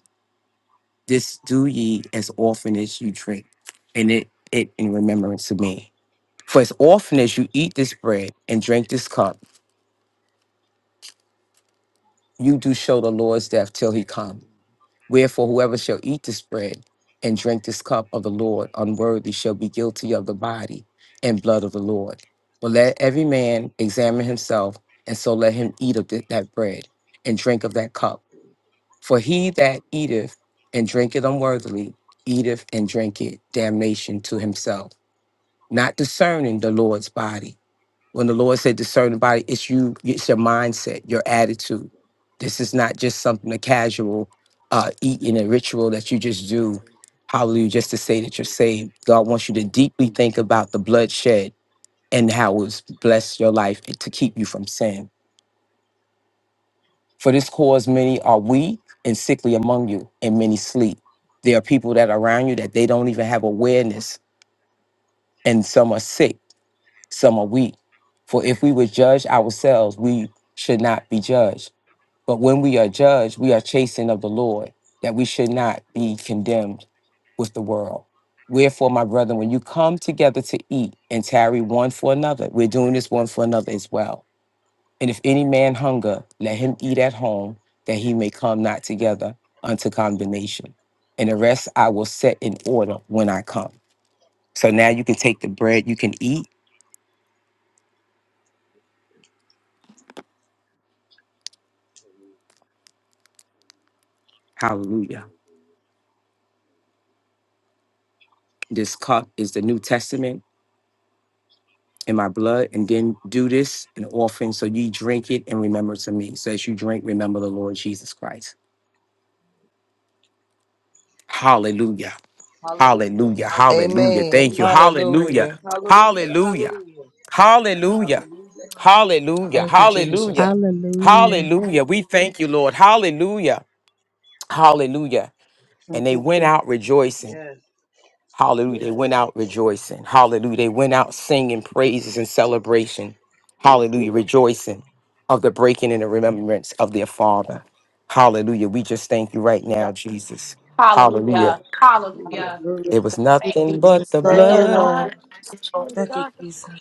This do ye as often as you drink. And it, it in remembrance of me. For as often as you eat this bread and drink this cup, you do show the Lord's death till he come." Wherefore, whoever shall eat this bread and drink this cup of the Lord unworthy shall be guilty of the body and blood of the Lord. But let every man examine himself, and so let him eat of th- that bread and drink of that cup. For he that eateth and drinketh unworthily, eateth and drinketh damnation to himself, not discerning the Lord's body. When the Lord said discern the body, it's you, it's your mindset, your attitude. This is not just something a casual uh eating a ritual that you just do, hallelujah, just to say that you're saved. God wants you to deeply think about the bloodshed and how it's blessed your life and to keep you from sin. For this cause, many are weak and sickly among you, and many sleep. There are people that are around you that they don't even have awareness, and some are sick some are weak. For if we would judge ourselves, we should not be judged. But when we are judged, we are chastened of the Lord, that we should not be condemned with the world. Wherefore, my brethren, when you come together to eat and tarry one for another, we're doing this one for another as well. And if any man hunger, let him eat at home, that he may come not together unto condemnation. And the rest I will set in order when I come. So now you can take the bread, you can eat. Hallelujah This cup is the New Testament in my blood, and then do this in offering so ye drink it in remembrance of me. So as you drink, remember the Lord Jesus Christ. Hallelujah. Hallelujah. Hallelujah. Hallelujah. Hallelujah. Amen. Thank you. Hallelujah. Hallelujah. Hallelujah. Hallelujah. Hallelujah. Hallelujah. Hallelujah. Hallelujah. Hallelujah. Hallelujah. Thank you, Hallelujah. Jesus. Hallelujah. Hallelujah. We thank you, Lord. Hallelujah. Hallelujah. Thank And they you. went out rejoicing. Yes. Hallelujah. They went out rejoicing. Hallelujah. They went out singing praises Yes. and Lord. celebration. Hallelujah. Rejoicing of the breaking and the remembrance of their father. Hallelujah. We just thank you right now, Jesus. Hallelujah. Hallelujah, hallelujah. Hallelujah. Hallelujah. It was Thank you, Thank nothing you, Jesus. but Jesus. the Let Thank the you, Lord, blood. Lord. blood touch the Thank you, dark Jesus.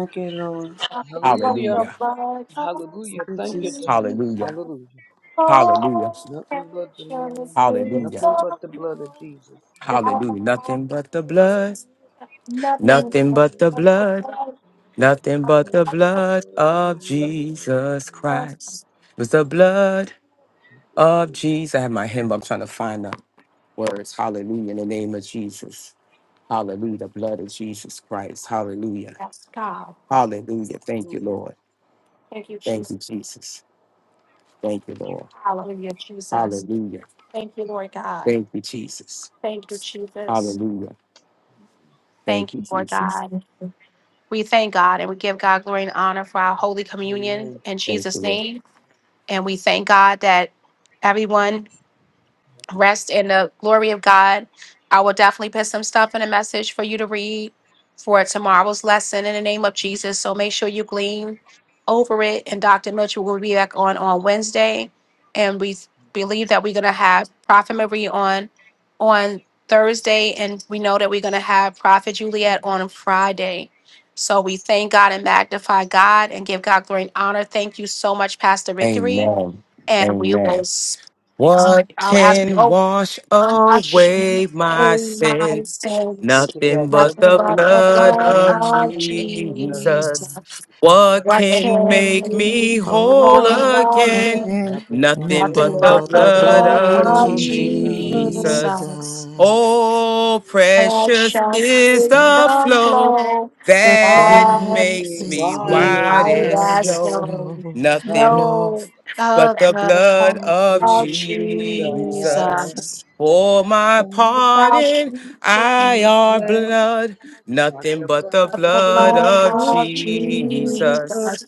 Thank you, Lord. nothing but Hallelujah. the Hallelujah. blood of Hallelujah. Thank you, Thank you, Jesus. Jesus. Jesus. Hallelujah. Hallelujah. Hallelujah. Oh, Nothing but the Lord. precious Hallelujah. Nothing but the victory blood of Jesus. that Hallelujah. Hallelujah. Nothing but the is blood. But nothing Nothing the but but the the blood of blood. blood Jesus. But Nothing the of but the blood blood of of Jesus. Jesus the Christ. It was the blood of Jesus. I have my hymn. but I'm trying to find the words. Hallelujah. In the name of Jesus. Hallelujah. The blood of Jesus Christ. Hallelujah. Yes, God. Hallelujah. Thank you, Hallelujah. Lord. Thank you, Thank Jesus. you, Jesus. Thank you, Lord. Hallelujah, Jesus. Hallelujah. Thank you, Lord God. Thank you, Jesus. Thank you, Jesus. Hallelujah. Thank Thank you, you, Lord Jesus. God. We thank God and we give God glory and honor for our Holy Communion Amen. in Thank you, Jesus' Lord. name. And we thank God that everyone rest in the glory of God. I will definitely put some stuff in a message for you to read for tomorrow's lesson in the name of Jesus. So make sure you glean over it. And Dr. Mitchell will be back on on Wednesday. And we believe that we're going to have Prophet Marie on on Thursday. And we know that we're going to have Prophet Juliet on Friday. So we thank God and magnify God and give God glory and honor. Thank you so much, Pastor Victory Amen. and we Amen. will, s- What uh, as we can oh wash wash in away my my sins? sins, Nothing Nothing but the but nothing the but the blood blood blood of of of Jesus. Jesus. Jesus, Jesus. What What can can make you me whole hold hold back? again? again. Amen. Nothing but Nothing the Nothing but Nothing blood the but but the the blood of blood blood of of of Jesus. Jesus. Jesus. Jesus. Oh, precious Precious is is Jesus. If the the flow flow Thank you, that Jesus. that that makes empty, makes me makes white me me as white white as white as as snow, snow. snow. snow, a Nothing no. No but the other blood of Jesus. but Jesus. Jesus. For my My Nothing Father, pardon, get I but are flesh, blood, not nothing the but the but blood the blood blood Thank of of of Jesus. you, Jesus. Jesus. Jesus.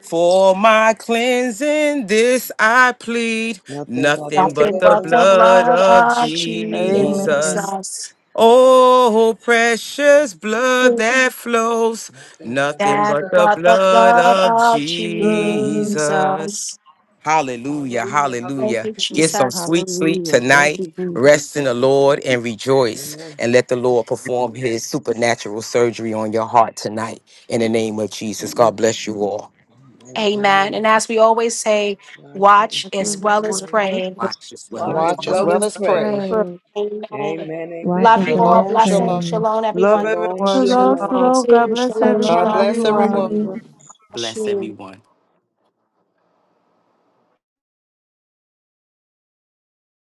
For my cleansing, this I plead, Nothing but the nothing but Nothing the but the blood of blood blood of of Jesus. Amen. Jesus. Jesus. Oh, precious blood that flows, Nothing but the nothing but That blood the but the of blood blood of of Love, Jesus. Jesus. Jesus. Hallelujah, Hallelujah, Thank hallelujah. you, hallelujah. Get Mm, some Jesus. sweet sleep Hallelujah. Thank tonight. you, Jesus. Rest in the Lord and rejoice, Amen. and let the Lord perform his supernatural surgery on your heart tonight in the name of Jesus. God bless you all. Amen. Yeah. Amen. Amen. And as we always say, God, Watch come, watch as Father, this well as word. pray. Watch as well Watch Watch as as Watch my as well love well and as as pray. pray. pray. Amen. Amen. Amen. Watch Love as you well all. as Shalom, Blessing. shalom. pray. Shalom, Love everyone. Shalom, Bless everyone. you. Hello, shalom. Love you Shalom. hello. too. God bless Shalom, God everyone. Love shalom. bless you Bless Shalom. everyone. all. everyone. Bless bless you. everyone.